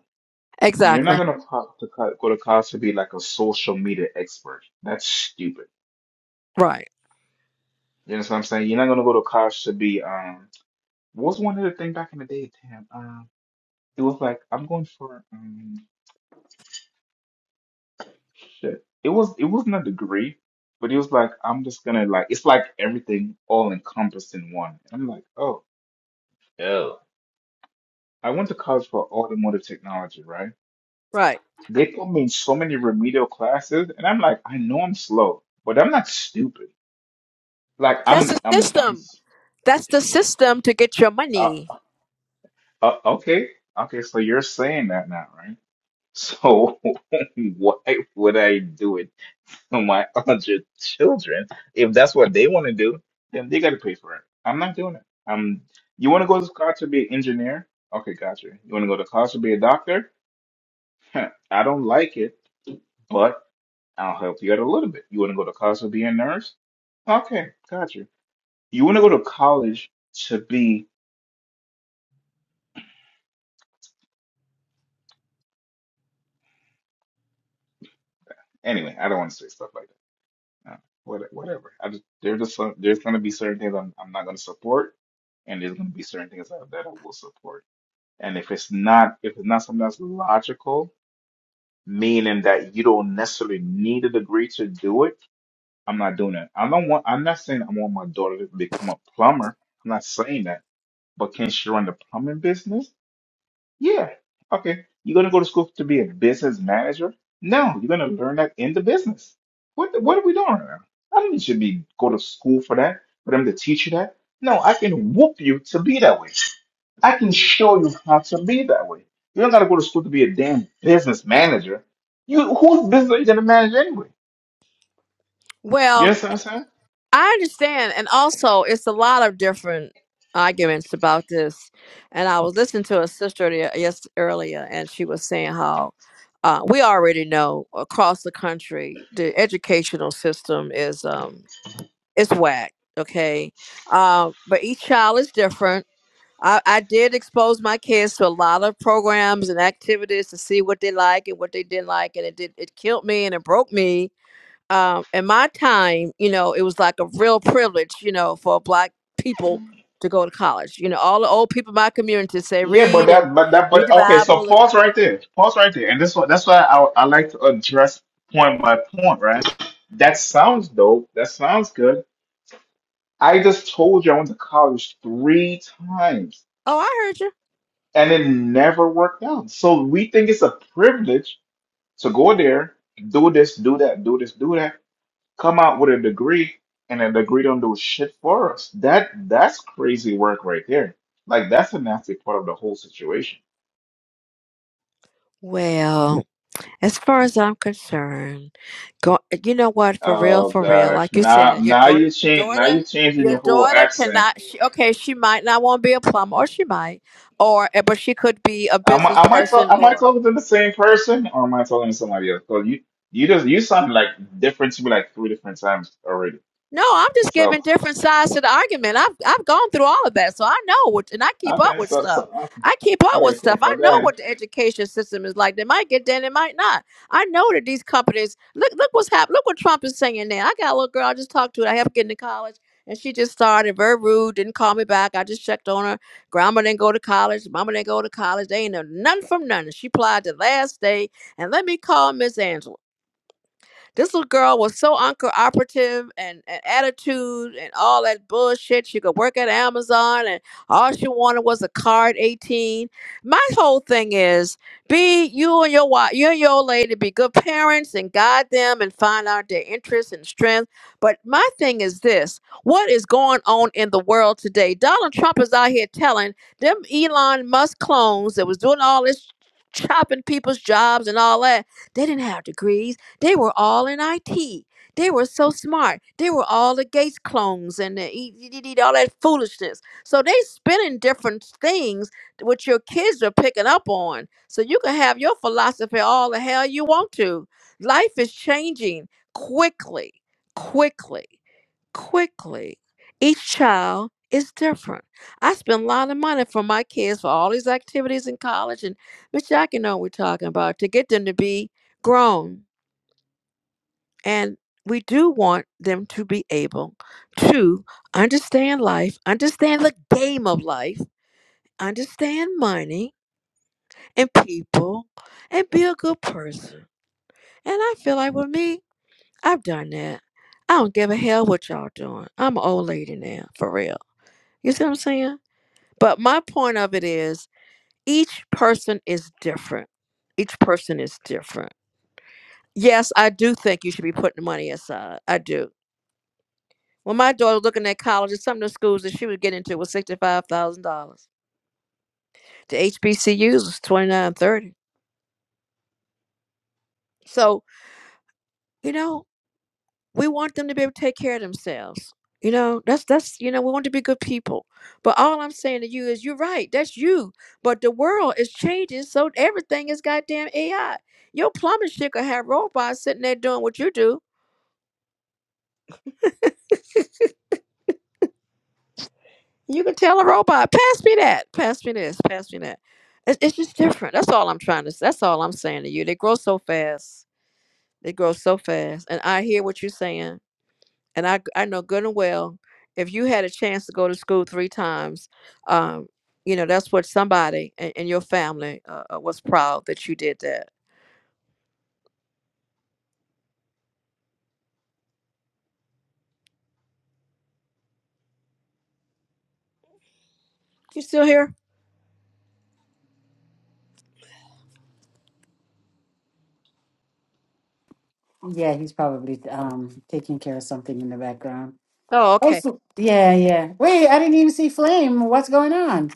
Speaker 5: You're not
Speaker 4: Exactly.
Speaker 5: going to, co- to co- go to college to be like a social media expert. That's stupid.
Speaker 4: Right.
Speaker 5: You understand what I'm saying? You're not going to go to college to be, um, what was one other thing back in the day, Tam? Um, it was like I'm going for. um, Shit. It was it wasn't a degree, but he was like, I'm just gonna like it's like everything all encompassed in one. And I'm like, oh hell. I went to college for automotive technology, right?
Speaker 4: Right.
Speaker 5: They put me in so many remedial classes, and I'm like, I know I'm slow, but I'm not stupid. Like
Speaker 4: That's
Speaker 5: I'm
Speaker 4: the
Speaker 5: I'm I'm
Speaker 4: system.
Speaker 5: s-
Speaker 4: That's the system to get your
Speaker 5: uh,
Speaker 4: money.
Speaker 5: uh, okay, okay. So you're saying that now, right? So why would I do it? Oh, my 100 children, if that's what they want to do, then they got to pay for it. I'm not doing it. Um, you want to go to college to be an engineer? Okay, gotcha. You want to go to college to be a doctor? Heh, I don't like it, but I'll help you out a little bit. You want to go to college to be a nurse? Okay, gotcha. You want to go to college to be anyway? I don't want to say stuff like that. Uh, what- Whatever. I just there's just some, there's going to be certain things I'm I'm not going to support, and there's going to be certain things that, that I will support. And if it's not, if it's not something that's logical, meaning that you don't necessarily need a degree to do it, I'm not doing it. I don't want, I'm not saying I want my daughter to become a plumber. I'm not saying that. But can she run the plumbing business? Yeah. Okay. You're gonna go to school to be a business manager? No, you're gonna learn that in the business. What what are we doing right now? I don't need you to be go to school for that, for them to teach you that. No, I can whoop you to be that way. I can show you how to be that way. You don't got to go to school to be a damn business manager. You whose business are you gonna manage anyway? You
Speaker 4: Well,
Speaker 5: understand what I'm saying?
Speaker 4: I understand. And also, it's a lot of different arguments about this. And I was listening to a sister the- yes earlier, and she was saying how uh, we already know across the country the educational system is um, it's whack. Okay, um, but each child is different I, I did expose my kids to a lot of programs and activities to see what they like and what they didn't like, and it did it killed me and it broke me. Um, in my time, you know, it was like a real privilege, you know, for black people to go to college. You know, all the old people in my community say
Speaker 5: Yeah, but
Speaker 4: read and
Speaker 5: that, but that,
Speaker 4: read
Speaker 5: but
Speaker 4: the
Speaker 5: okay. So
Speaker 4: Bible, and
Speaker 5: pause right there. Pause right there. And this one, that's why I, I like to address point by point. Right? That sounds dope. That sounds good. I just told you I went to college three times
Speaker 4: oh, I heard you.
Speaker 5: and it never worked out. So we think it's a privilege to go there, do this, do that, do this, do that come out with a degree and a degree don't do shit for us. That that's crazy work right there. Like that's a nasty part of the whole situation.
Speaker 4: Well, As far as I'm concerned, go. You know what? For real,
Speaker 5: Oh
Speaker 4: for real.
Speaker 5: gosh,
Speaker 4: Like you
Speaker 5: now
Speaker 4: said, your
Speaker 5: now
Speaker 4: daughter,
Speaker 5: you
Speaker 4: your
Speaker 5: change now
Speaker 4: daughter,
Speaker 5: you're changing
Speaker 4: your
Speaker 5: your whole
Speaker 4: daughter
Speaker 5: accent.
Speaker 4: cannot. She, okay, she might not want to be a plumber, or she might, or eh, but she could be a
Speaker 5: Am
Speaker 4: business
Speaker 5: I am I talk
Speaker 4: person,
Speaker 5: am I
Speaker 4: or
Speaker 5: talking to the same person or am I talking to somebody else? Because you you just you sound like different to me like three different times already.
Speaker 4: No, I'm just
Speaker 5: So
Speaker 4: giving different sides to the argument. I've I've gone through all of that, so I know what, and I keep up
Speaker 5: okay,
Speaker 4: with
Speaker 5: so,
Speaker 4: stuff.
Speaker 5: so okay,
Speaker 4: I keep up with
Speaker 5: okay, cool.
Speaker 4: stuff. I
Speaker 5: So go
Speaker 4: know
Speaker 5: ahead.
Speaker 4: what the education system is like. They might get there, it might not. I know that these companies look look what's happening. Look what Trump is saying now. I got a little girl I just talked to. I helped get into college, and she just started very rude. Didn't call me back. I just checked on her. Grandma didn't go to college. Mama didn't go to college. They ain't know nothing from nothing. She applied the last day, and let me call Miss Angela. This little girl was so uncooperative and, and attitude and all that bullshit. She could work at Amazon and all she wanted was a card 18. My whole thing is be you and your wife, you and your old lady, be good parents and guide them and find out their interests and strengths. But my thing is this what is going on in the world today? Donald Trump is out here telling them Elon Musk clones that was doing all this chopping people's jobs and all that. They didn't have degrees. They were all in IT. They were so smart. They were all the Gates clones and the, E- E- E- E- all that foolishness. So they spinning different things which your kids are picking up on. So you can have your philosophy all the hell you want to. Life is changing quickly, quickly, quickly. Each child is different. I spend a lot of money for my kids for all these activities in college, and Miss Jackie know what we're talking about to get them to be grown and we do want them to be able to understand life, understand the game of life, understand money and people, and be a good person. And I feel like with me, I've done that. I don't give a hell what y'all doing. I'm an old lady now, for real. You see what I'm saying? But my point of it is each person is different. Each person is different. Yes, I do think you should be putting money aside. I do. Well, my daughter was looking at colleges. Some of the schools that she was getting into was sixty five thousand dollars. The HBCUs was twenty nine thirty. So you know, we want them to be able to take care of themselves. You know, that's that's you know, we want to be good people. But all I'm saying to you is, you're right. That's you. But the world is changing, so everything is goddamn AI. Your plumbing shit could have robots sitting there doing what you do You can tell a robot, pass me that, pass me this, pass me that. It's, it's just different. That's all I'm trying to. s- That's all I'm saying to you. They grow so fast. They grow so fast, and I hear what you're saying, and I I know good and well. If you had a chance to go to school three times, um, you know that's what somebody in, in your family uh, uh, was proud that you did that. You still here?
Speaker 6: he's probably um taking care of something in the background.
Speaker 4: Oh,
Speaker 6: Oh,
Speaker 4: okay.
Speaker 6: so- yeah, yeah. Wait, I didn't even see Flame. What's going on?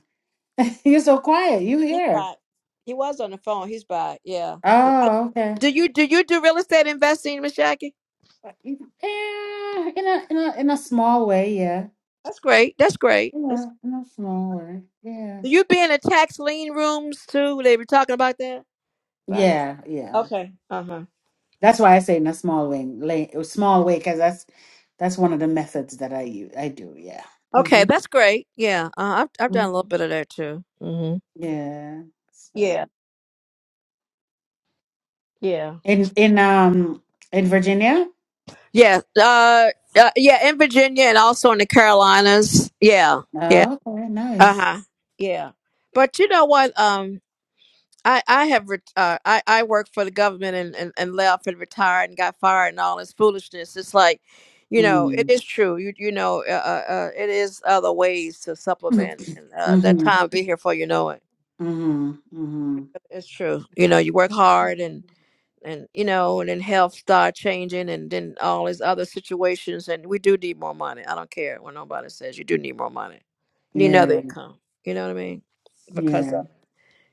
Speaker 6: You're so quiet. You
Speaker 4: He's
Speaker 6: here?
Speaker 4: back. He was on the phone. He's back. Yeah. yeah. I-
Speaker 6: Oh, okay.
Speaker 4: do you do you do real estate investing, Miss Jackie?
Speaker 6: Eh, in a in a in a small way, yeah.
Speaker 4: That's great. That's great. That's
Speaker 6: Yeah, in a small way. Yeah.
Speaker 4: You be in the tax lien rooms too? They were talking about that. About it?
Speaker 6: Yeah, yeah.
Speaker 4: Okay. Uh huh.
Speaker 6: That's why I say in a small way, lay, small way, because that's that's one of the methods that I use. I do, yeah.
Speaker 4: Okay,
Speaker 6: Mm-hmm.
Speaker 4: that's great. Yeah, uh, I've I've done a little bit of that too. hmm
Speaker 6: Yeah.
Speaker 4: Yeah.
Speaker 6: So
Speaker 4: Yeah.
Speaker 6: in in um in Virginia.
Speaker 4: Yeah. Uh, uh. Yeah. In Virginia and also in the Carolinas. Yeah. Yeah.
Speaker 6: Oh, okay,
Speaker 4: Uh
Speaker 6: nice.
Speaker 4: huh. Yeah. But you know what? Um. I, I have ret- uh, I, I worked for the government and, and, and left and retired and got fired and all this foolishness. It's like, you know, it
Speaker 6: Mm.
Speaker 4: is true. You you know, uh, uh, uh, it is other ways to supplement and uh, that
Speaker 6: Mm-hmm.
Speaker 4: time be here for you know it.
Speaker 6: Mm-hmm. Mm-hmm.
Speaker 4: It's true. You know, you work hard and and you know, and then health start changing and then all these other situations. And we do need more money. I don't care what nobody says. You do need more money. You need another
Speaker 6: Yeah.
Speaker 4: income. You know what I mean? Because
Speaker 6: Yeah.
Speaker 4: uh,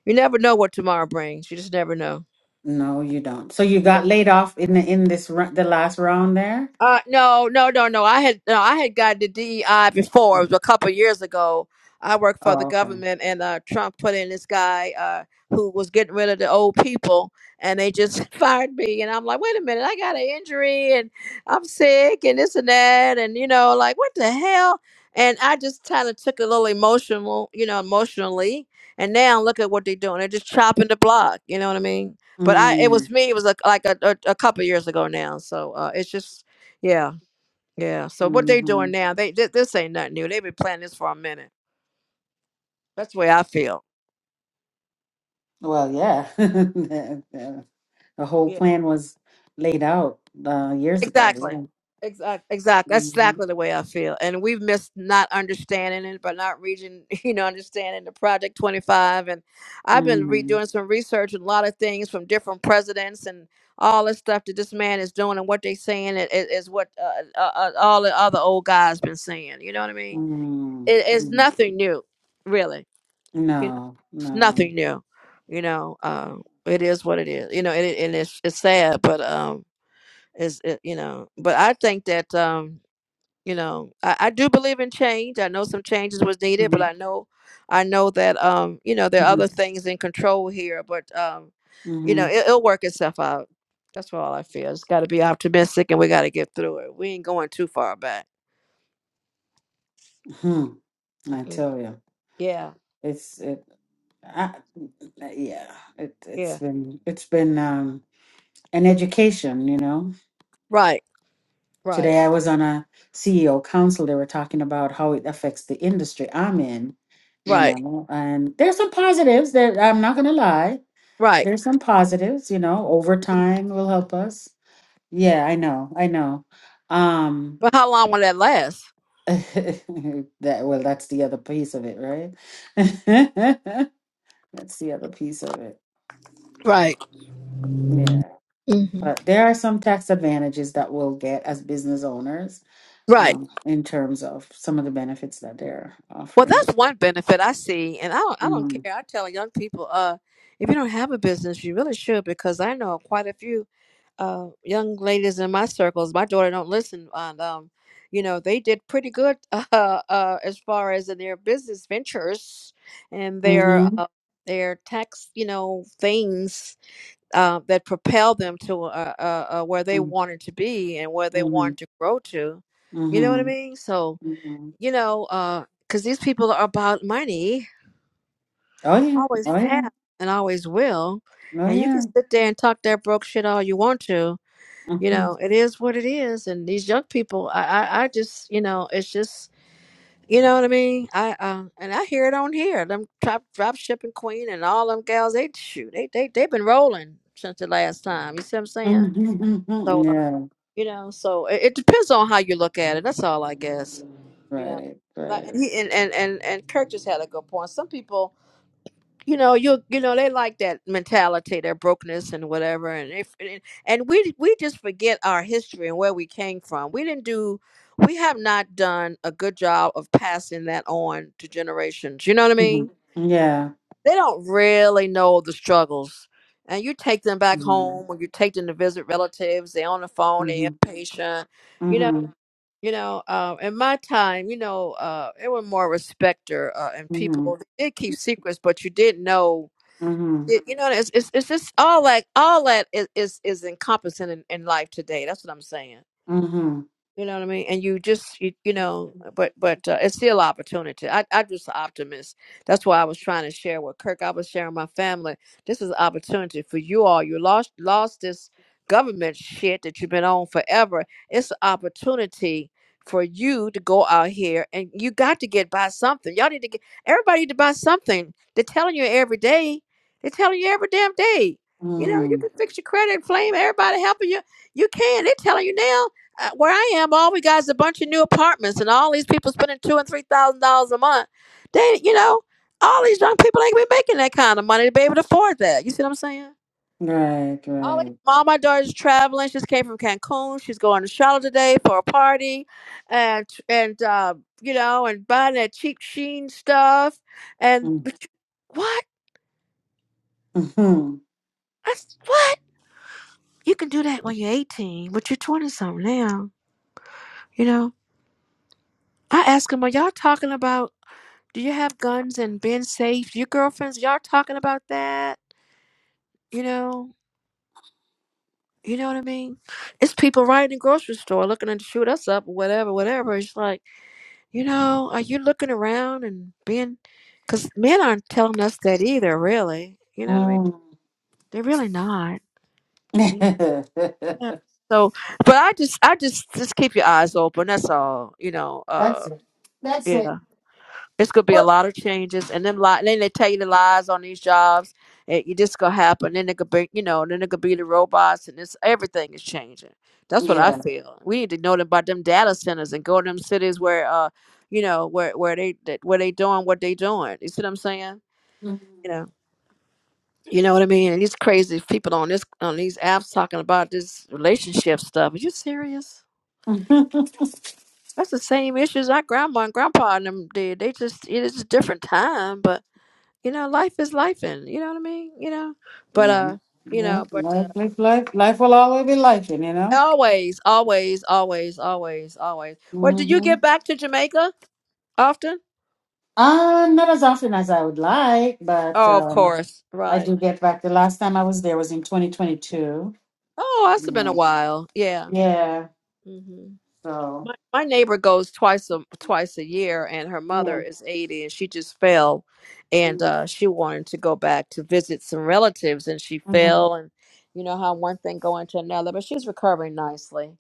Speaker 4: you never know what tomorrow brings. You just never know.
Speaker 6: No, you don't. So you got laid off in the in this ru- the last round there.
Speaker 4: Uh, no, no, no, no. I had no, I had gotten the DEI before.
Speaker 6: Mm.
Speaker 4: It was a couple years ago. I worked for the
Speaker 6: Oh, okay.
Speaker 4: government, and uh, Trump put in this guy uh, who was getting rid of the old people, and they just fired me. And I'm like, wait a minute, I got an injury, and I'm sick, and this and that, and you know, like what the hell? And I just kind of took it a little emotional, you know, emotionally. And now look at what they're doing. They're just chopping the block. You know what I mean? But I, it was
Speaker 6: Mm.
Speaker 4: me. It was a, like a, a, a couple years ago now. So uh, it's just yeah, yeah. So what they
Speaker 6: mm-hmm.
Speaker 4: doing now? They thi- this ain't nothing new. They've been planning this for a minute. That's the way I feel.
Speaker 6: Well, yeah. The the- the whole
Speaker 4: Yeah,
Speaker 6: plan was laid out uh, years ago.
Speaker 4: exactly,
Speaker 6: Yeah.
Speaker 4: exactly, exactly. That's
Speaker 6: Mm-hmm.
Speaker 4: exactly the way I feel. And we've missed not understanding it, but not reaching, you know, understanding the Project Twenty Five. And I've been re-
Speaker 6: Mm-hmm.
Speaker 4: doing some research and a lot of things from different presidents and all the stuff that this man is doing and what they saying i- is, what uh, uh, uh, all the other old guys been saying. You know what I mean?
Speaker 6: Mm-hmm.
Speaker 4: It, it's
Speaker 6: Mm-hmm.
Speaker 4: nothing new, really.
Speaker 6: No, no.
Speaker 4: nothing new. You know, uh, it is what it is. You know, and, it, and it's it's sad, but um, it's it, you know, but I think that um, you know, I, I do believe in change. I know some changes was needed, but
Speaker 6: Mm-hmm.
Speaker 4: I know, I know that um, you know, there are
Speaker 6: Mm-hmm.
Speaker 4: other things in control here, but um, you know, it, it'll work itself out. That's all I feel. It's got to be optimistic, and we got to get through it. We ain't going too far back.
Speaker 6: Mm-hmm. I
Speaker 4: Mm,
Speaker 6: tell you,
Speaker 4: Yeah,
Speaker 6: it's it. I, yeah, it it's
Speaker 4: yeah,
Speaker 6: been it's been um an education, you know.
Speaker 4: right, right,
Speaker 6: Today I was on a CEO council. They were talking about how it affects the industry I'm in, you
Speaker 4: right,
Speaker 6: know, and there's some positives that I'm not gonna lie.
Speaker 4: right.
Speaker 6: There's some positives, you know, overtime will help us. Yeah, I know, I know. Um
Speaker 4: But how long will that last?
Speaker 6: that well, that's the other piece of it, right? That's the other piece of it.
Speaker 4: Right.
Speaker 6: Yeah.
Speaker 4: hmm
Speaker 6: But there are some tax advantages that we'll get as business owners
Speaker 4: Right.
Speaker 6: um, in terms of some of the benefits that they're
Speaker 4: Well,
Speaker 6: offering.
Speaker 4: that's one benefit I see, and I don't, I don't
Speaker 6: Mm.
Speaker 4: care. I tell young people, uh, if you don't have a business, you really should, because I know quite a few uh, young ladies in my circles. My daughter don't listen, and um, you know they did pretty good uh, uh, as far as in their business ventures and their
Speaker 6: Mhm.
Speaker 4: uh, their tax, you know, things uh, that propel them to uh, uh, uh, where they
Speaker 6: Mm.
Speaker 4: wanted to be and where they wanted
Speaker 6: Mhm.
Speaker 4: to grow to. You know what I
Speaker 6: Mhm.
Speaker 4: mean? So
Speaker 6: Mhm.
Speaker 4: you know, because these people are about money,
Speaker 6: Oh yeah.
Speaker 4: always
Speaker 6: Oh yeah.
Speaker 4: have and always will.
Speaker 6: Oh
Speaker 4: And you can
Speaker 6: yeah.
Speaker 4: sit there and talk that broke shit all you want to. You
Speaker 6: Mhm.
Speaker 4: know, it is what it is. And these young people, I, I, I just, you know, it's just, you know what I mean? I, uh, and I hear it on here. Them drop, drop shipping queen and all them gals, they shoot, they, they, they've been rolling since the last time. You see what I'm saying?
Speaker 6: Mhm. Mhm.
Speaker 4: so.
Speaker 6: Yeah.
Speaker 4: You know, so it, it depends on how you look at it. That's all I guess. You know,
Speaker 6: Right.
Speaker 4: like
Speaker 6: Right.
Speaker 4: and he and and and, and Kirk just had a good point. Some people, you know, you you know, they like that mentality, their brokenness and whatever, and if and, and we we just forget our history and where we came from. We didn't do. We have not done a good job of passing that on to generations. You know what I mean?
Speaker 6: Mhm. Yeah.
Speaker 4: they don't really know the struggles. And you take them back
Speaker 6: Mhm.
Speaker 4: home or you take them to visit relatives, they're on the phone, they're
Speaker 6: Mhm.
Speaker 4: impatient, you know.
Speaker 6: Mhm.
Speaker 4: You know, uh, in my time, you know, uh, it was more respecter uh, and
Speaker 6: Mhm.
Speaker 4: people did keep secrets, but you did know.
Speaker 6: Mhm.
Speaker 4: It, you know, it's, it's it's just all that all that is is, is encompassing in, in life today. That's what I'm saying.
Speaker 6: Mhm.
Speaker 4: You know what I mean? And you just, you, you know, but but uh, it's still opportunity. I, I'm just an optimist. That's why I was trying to share with Kirk. I was sharing my family. This is an opportunity for you all. You lost lost this government shit that you've been on forever. It's an opportunity for you to go out here and you got to get by something. Y'all need to get everybody to buy something. They're telling you every day. They're telling you every damn day. You know, you
Speaker 6: Mhm.
Speaker 4: can fix your credit, flame everybody helping you. You can. They're telling you now uh, where I am, all we got is a bunch of new apartments, and all these people spending two and three thousand dollars a month. They, you know, all these young people ain't gonna be making that kind of money to be able to afford that. You see what I'm saying?
Speaker 6: Right.
Speaker 4: All, these-
Speaker 6: Right.
Speaker 4: all my daughter's traveling. She just came from Cancun. She's going to Charlotte today for a party, and and uh, you know, and buying that cheap Sheen stuff. And
Speaker 6: Mhm.
Speaker 4: but you- what?
Speaker 6: Mhm.
Speaker 4: That's what you can do that when you're 18, but you're 20 something now. You know, I ask them, are y'all talking about? Do you have guns and been safe? Your girlfriends, y'all talking about that? You know, you know what I mean? It's people right in the grocery store looking to shoot us up or whatever, whatever. It's like, you know, are you looking around and being, because men aren't telling us that either, really. You know what I mean?
Speaker 6: Mhm.
Speaker 4: They're really not. you know? Yeah. So, but I just, I just, just keep your eyes open. That's all. You know.
Speaker 6: That's
Speaker 4: Uh,
Speaker 6: it. That's
Speaker 4: yeah.
Speaker 6: it.
Speaker 4: It's gonna be a
Speaker 6: What?
Speaker 4: lot of changes, and then li- then they tell you the lies on these jobs. It, it just gonna happen. Then it could be, you know, then it could be the robots, and it's everything is changing. That's what I
Speaker 6: Yeah.
Speaker 4: feel. We need to know about them data centers and go to them cities where, uh, you know, where where they that- where they doing what they doing. You see what I'm saying?
Speaker 6: Mhm.
Speaker 4: You know, you know what I mean. And these crazy people on this on these apps talking about this relationship stuff. Are you serious? That's the same issues our grandma and grandpa and them did. They just it is a different time, but. you know, life is life and you know what I mean? You know? But
Speaker 6: Life,
Speaker 4: uh, you know, but uh
Speaker 6: life, life, life, life will always be life, you know.
Speaker 4: always, always, always, always, always. Well, did you
Speaker 6: hmm
Speaker 4: get back to Jamaica often?
Speaker 6: Uh, not as often as I would like, but
Speaker 4: Oh, of
Speaker 6: um,
Speaker 4: course.
Speaker 6: I
Speaker 4: Right.
Speaker 6: do get back. The last time I was there was in 2022.
Speaker 4: Oh,
Speaker 6: You
Speaker 4: that's been a
Speaker 6: know,
Speaker 4: while. Yeah.
Speaker 6: yeah.
Speaker 4: hmm
Speaker 6: So
Speaker 4: My my neighbor goes twice a twice a year and her mother
Speaker 6: yeah.
Speaker 4: is 80 and she just fell and
Speaker 6: Mm-hmm.
Speaker 4: uh she wanted to go back to visit some relatives and she fell and you know how one thing go into another, but she's recovering nicely.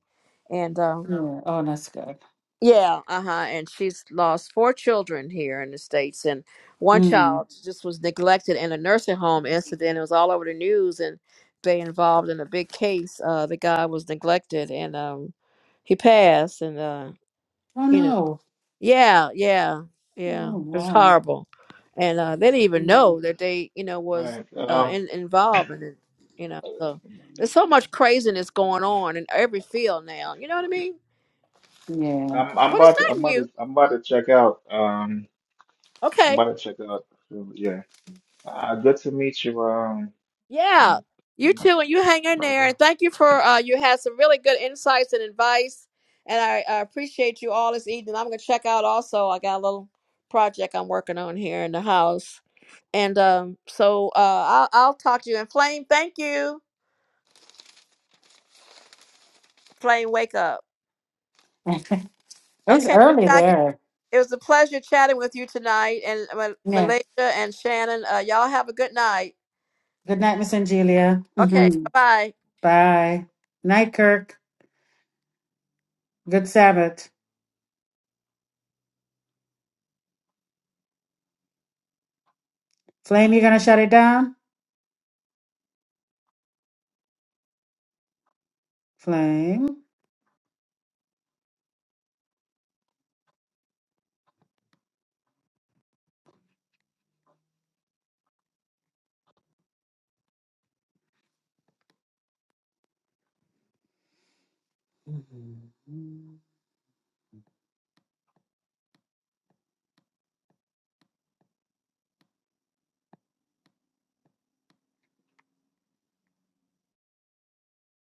Speaker 4: And um
Speaker 6: yeah. Oh, that's good.
Speaker 4: Yeah, uh-huh. And she's lost four children here in the States and one
Speaker 6: Mm.
Speaker 4: child just was neglected in a nursing home incident. It was all over the news and they involved in a big case. Uh the guy was neglected and um he passed and uh
Speaker 6: Oh
Speaker 4: you know
Speaker 6: no.
Speaker 4: yeah, yeah, yeah.
Speaker 6: Oh
Speaker 4: It's
Speaker 6: wow.
Speaker 4: horrible. And uh they didn't even
Speaker 6: Mm.
Speaker 4: know that they, you know,
Speaker 5: All
Speaker 4: was
Speaker 5: right.
Speaker 4: uh
Speaker 5: Um,
Speaker 4: in, involved in it, you know. So there's so much craziness going on in every field now, you know what I mean?
Speaker 6: Yeah.
Speaker 5: I'm I'm
Speaker 4: But it's
Speaker 5: about to I'm
Speaker 4: not
Speaker 5: about
Speaker 4: new.
Speaker 5: to I'm about to check out. Um. I'm
Speaker 4: Okay.
Speaker 5: about to check out. Yeah. Uh, good to meet you, um,
Speaker 4: Yeah,
Speaker 5: and
Speaker 4: you too, and you hang in there.
Speaker 5: brother.
Speaker 4: And thank you for uh, you had some really good insights and advice, and I, I appreciate you all this evening. I'm gonna check out also. I got a little project I'm working on here in the house, and um, so uh, I'll I'll talk to you. And Flame, thank you, Flame. Wake up.
Speaker 6: it's
Speaker 4: Okay, Miss
Speaker 6: early
Speaker 4: Jackie,
Speaker 6: there.
Speaker 4: it was a pleasure chatting with you tonight, and Ma-
Speaker 6: Yeah.
Speaker 4: Malaysia and Shannon. Uh, y'all have a good night.
Speaker 6: Good night, Miss Angelia.
Speaker 4: Okay,
Speaker 6: hmm
Speaker 4: bye bye.
Speaker 6: Bye. Night, Kirk. Good Sabbath. Flame, you gonna shut it down? Flame. Mhm.